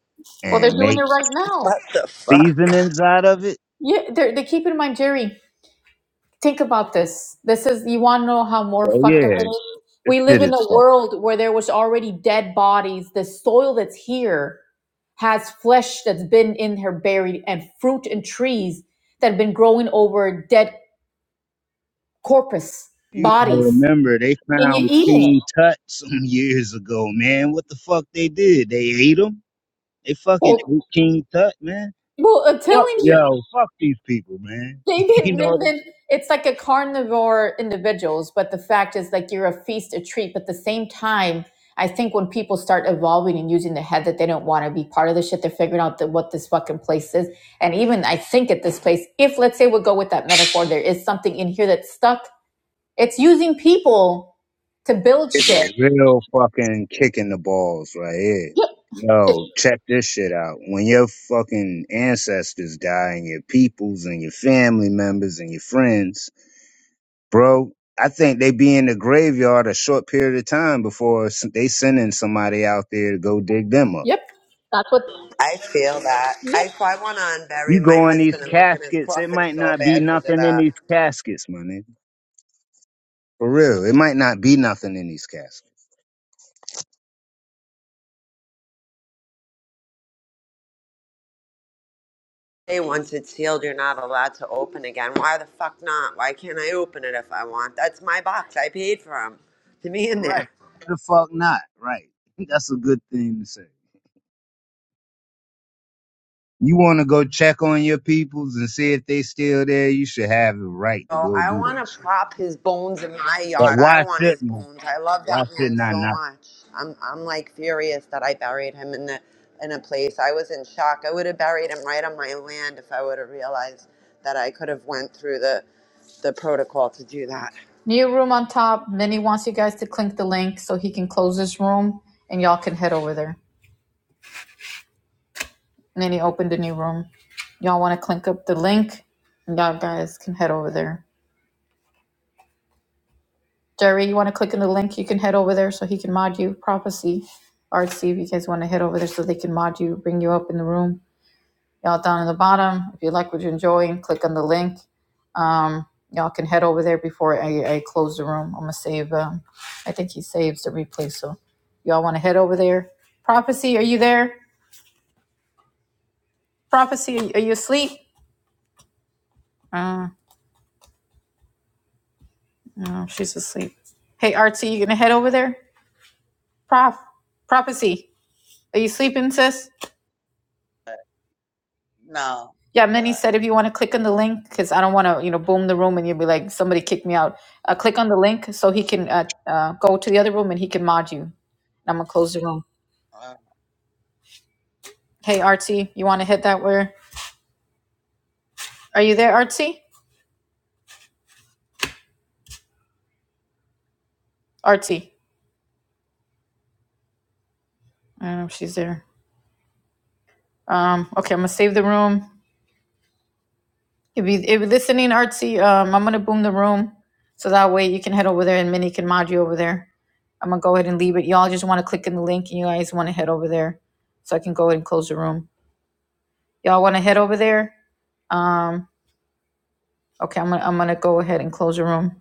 [SPEAKER 1] Well, they're
[SPEAKER 3] And
[SPEAKER 1] doing it
[SPEAKER 3] make
[SPEAKER 1] right
[SPEAKER 6] What
[SPEAKER 1] now.
[SPEAKER 6] the fuck?
[SPEAKER 3] seasonings out of it.
[SPEAKER 1] Yeah, they're, they keep in mind, Jerry. Think about this. This is you want to know how more
[SPEAKER 3] Oh
[SPEAKER 1] fucked up
[SPEAKER 3] yeah.
[SPEAKER 1] it is.
[SPEAKER 3] this
[SPEAKER 1] We live
[SPEAKER 3] shit is
[SPEAKER 1] in a
[SPEAKER 3] fucked.
[SPEAKER 1] world where there was already dead bodies. The soil that's here has flesh that's been in here buried, and fruit and trees that have been growing over dead corpus
[SPEAKER 3] You gotta
[SPEAKER 1] bodies,
[SPEAKER 3] remember they
[SPEAKER 1] and you're
[SPEAKER 3] found
[SPEAKER 1] eating it.
[SPEAKER 3] King Tut some years ago, man. What the fuck they did? They ate him? They
[SPEAKER 1] Well,
[SPEAKER 3] fucking ate King Tut, man.
[SPEAKER 1] well, I'm
[SPEAKER 3] Fuck,
[SPEAKER 1] telling you.
[SPEAKER 3] yo, fuck these people, man.
[SPEAKER 1] They've
[SPEAKER 3] you
[SPEAKER 1] been,
[SPEAKER 3] know
[SPEAKER 1] they've
[SPEAKER 3] what I'm
[SPEAKER 1] been, it's like a carnivore individuals, but the fact is like you're a feast, a treat. But at the same time, I think when people start evolving and using the head that they don't want to be part of the shit, they're figuring out that what this fucking place is. And even I think at this place, if let's say we'll go with that metaphor, there is something in here that's stuck. It's using people to build
[SPEAKER 3] saying? It's a
[SPEAKER 1] shit.
[SPEAKER 3] real fucking kick in the balls right here.
[SPEAKER 1] It-
[SPEAKER 3] Yo, check this shit out. When your fucking ancestors die and your peoples and your family members and your friends, bro, I think they be in the graveyard a short period of time before s- they sending somebody out there to go dig them up.
[SPEAKER 1] yep. That's what,
[SPEAKER 6] I feel that.
[SPEAKER 1] yep.
[SPEAKER 6] I, so I want to
[SPEAKER 3] You
[SPEAKER 6] unbury my
[SPEAKER 3] go in these
[SPEAKER 6] husband and look in his
[SPEAKER 3] caskets, it
[SPEAKER 6] coffin
[SPEAKER 3] might
[SPEAKER 6] so
[SPEAKER 3] not be
[SPEAKER 6] bad because of
[SPEAKER 3] nothing in
[SPEAKER 6] that.
[SPEAKER 3] these caskets, my nigga. For real, it might not be nothing in these caskets.
[SPEAKER 6] Hey, once it's sealed, you're not allowed to open again. Why the fuck not? Why can't I open it if I want? That's my box. I paid for him to be in there.
[SPEAKER 3] Right. Who the fuck not? Right. That's a good thing to say. You want to go check on your peoples and see if they still there, you should have the right to
[SPEAKER 6] Oh,
[SPEAKER 3] go
[SPEAKER 6] I
[SPEAKER 3] do
[SPEAKER 6] want
[SPEAKER 3] that
[SPEAKER 6] to
[SPEAKER 3] shit.
[SPEAKER 6] prop his bones in my
[SPEAKER 3] But
[SPEAKER 6] yard. I
[SPEAKER 3] why
[SPEAKER 6] want his
[SPEAKER 3] shouldn't I?
[SPEAKER 6] bones. I love
[SPEAKER 3] Why
[SPEAKER 6] that man
[SPEAKER 3] shouldn't I
[SPEAKER 6] so
[SPEAKER 3] not?
[SPEAKER 6] much. I'm I'm like furious that I buried him in the in a place. I was in shock. I would have buried him right on my land if I would have realized that I could have went through the the protocol to do that.
[SPEAKER 1] New room on top. Minnie wants you guys to click the link so he can close this room and y'all can head over there. And then he opened a new room. Y'all want to click up the link? Y'all guys can head over there. Jerry, you want to click in the link? You can head over there so he can mod you. Prophecy, artsy, if you guys want to head over there so they can mod you, bring you up in the room. Y'all down in the bottom, if you like what you're enjoying, click on the link. Um, y'all can head over there before I, I close the room. I'm gonna save. Um, I think he saves the replay, so y'all want to head over there. Prophecy, are you there? Prophecy, are you asleep? Uh, No, she's asleep. Hey, Artsy, you gonna head over there? Prof, prophecy. Are you sleeping, sis?
[SPEAKER 4] No.
[SPEAKER 1] Yeah, Minnie
[SPEAKER 4] What?
[SPEAKER 1] said if you want to click on the link, because I don't want to, you know, boom the room and you'll be like, somebody kicked me out. Uh, click on the link so he can uh, uh, go to the other room and he can mod you. And I'm gonna close the room.
[SPEAKER 4] Uh,
[SPEAKER 1] Hey, Artsy, you want to head that where? Are you there, Artsy? Artsy. I don't know if she's there. Um, okay, I'm gonna save the room. If you if you're listening, Artsy, um, I'm gonna boom the room so that way you can head over there and Minnie can mod you over there. I'm gonna go ahead and leave it. Y'all just want to click in the link and you guys want to head over there so I can go ahead and close the room. Y'all want to head over there? Um, okay, I'm gonna I'm gonna go ahead and close the room.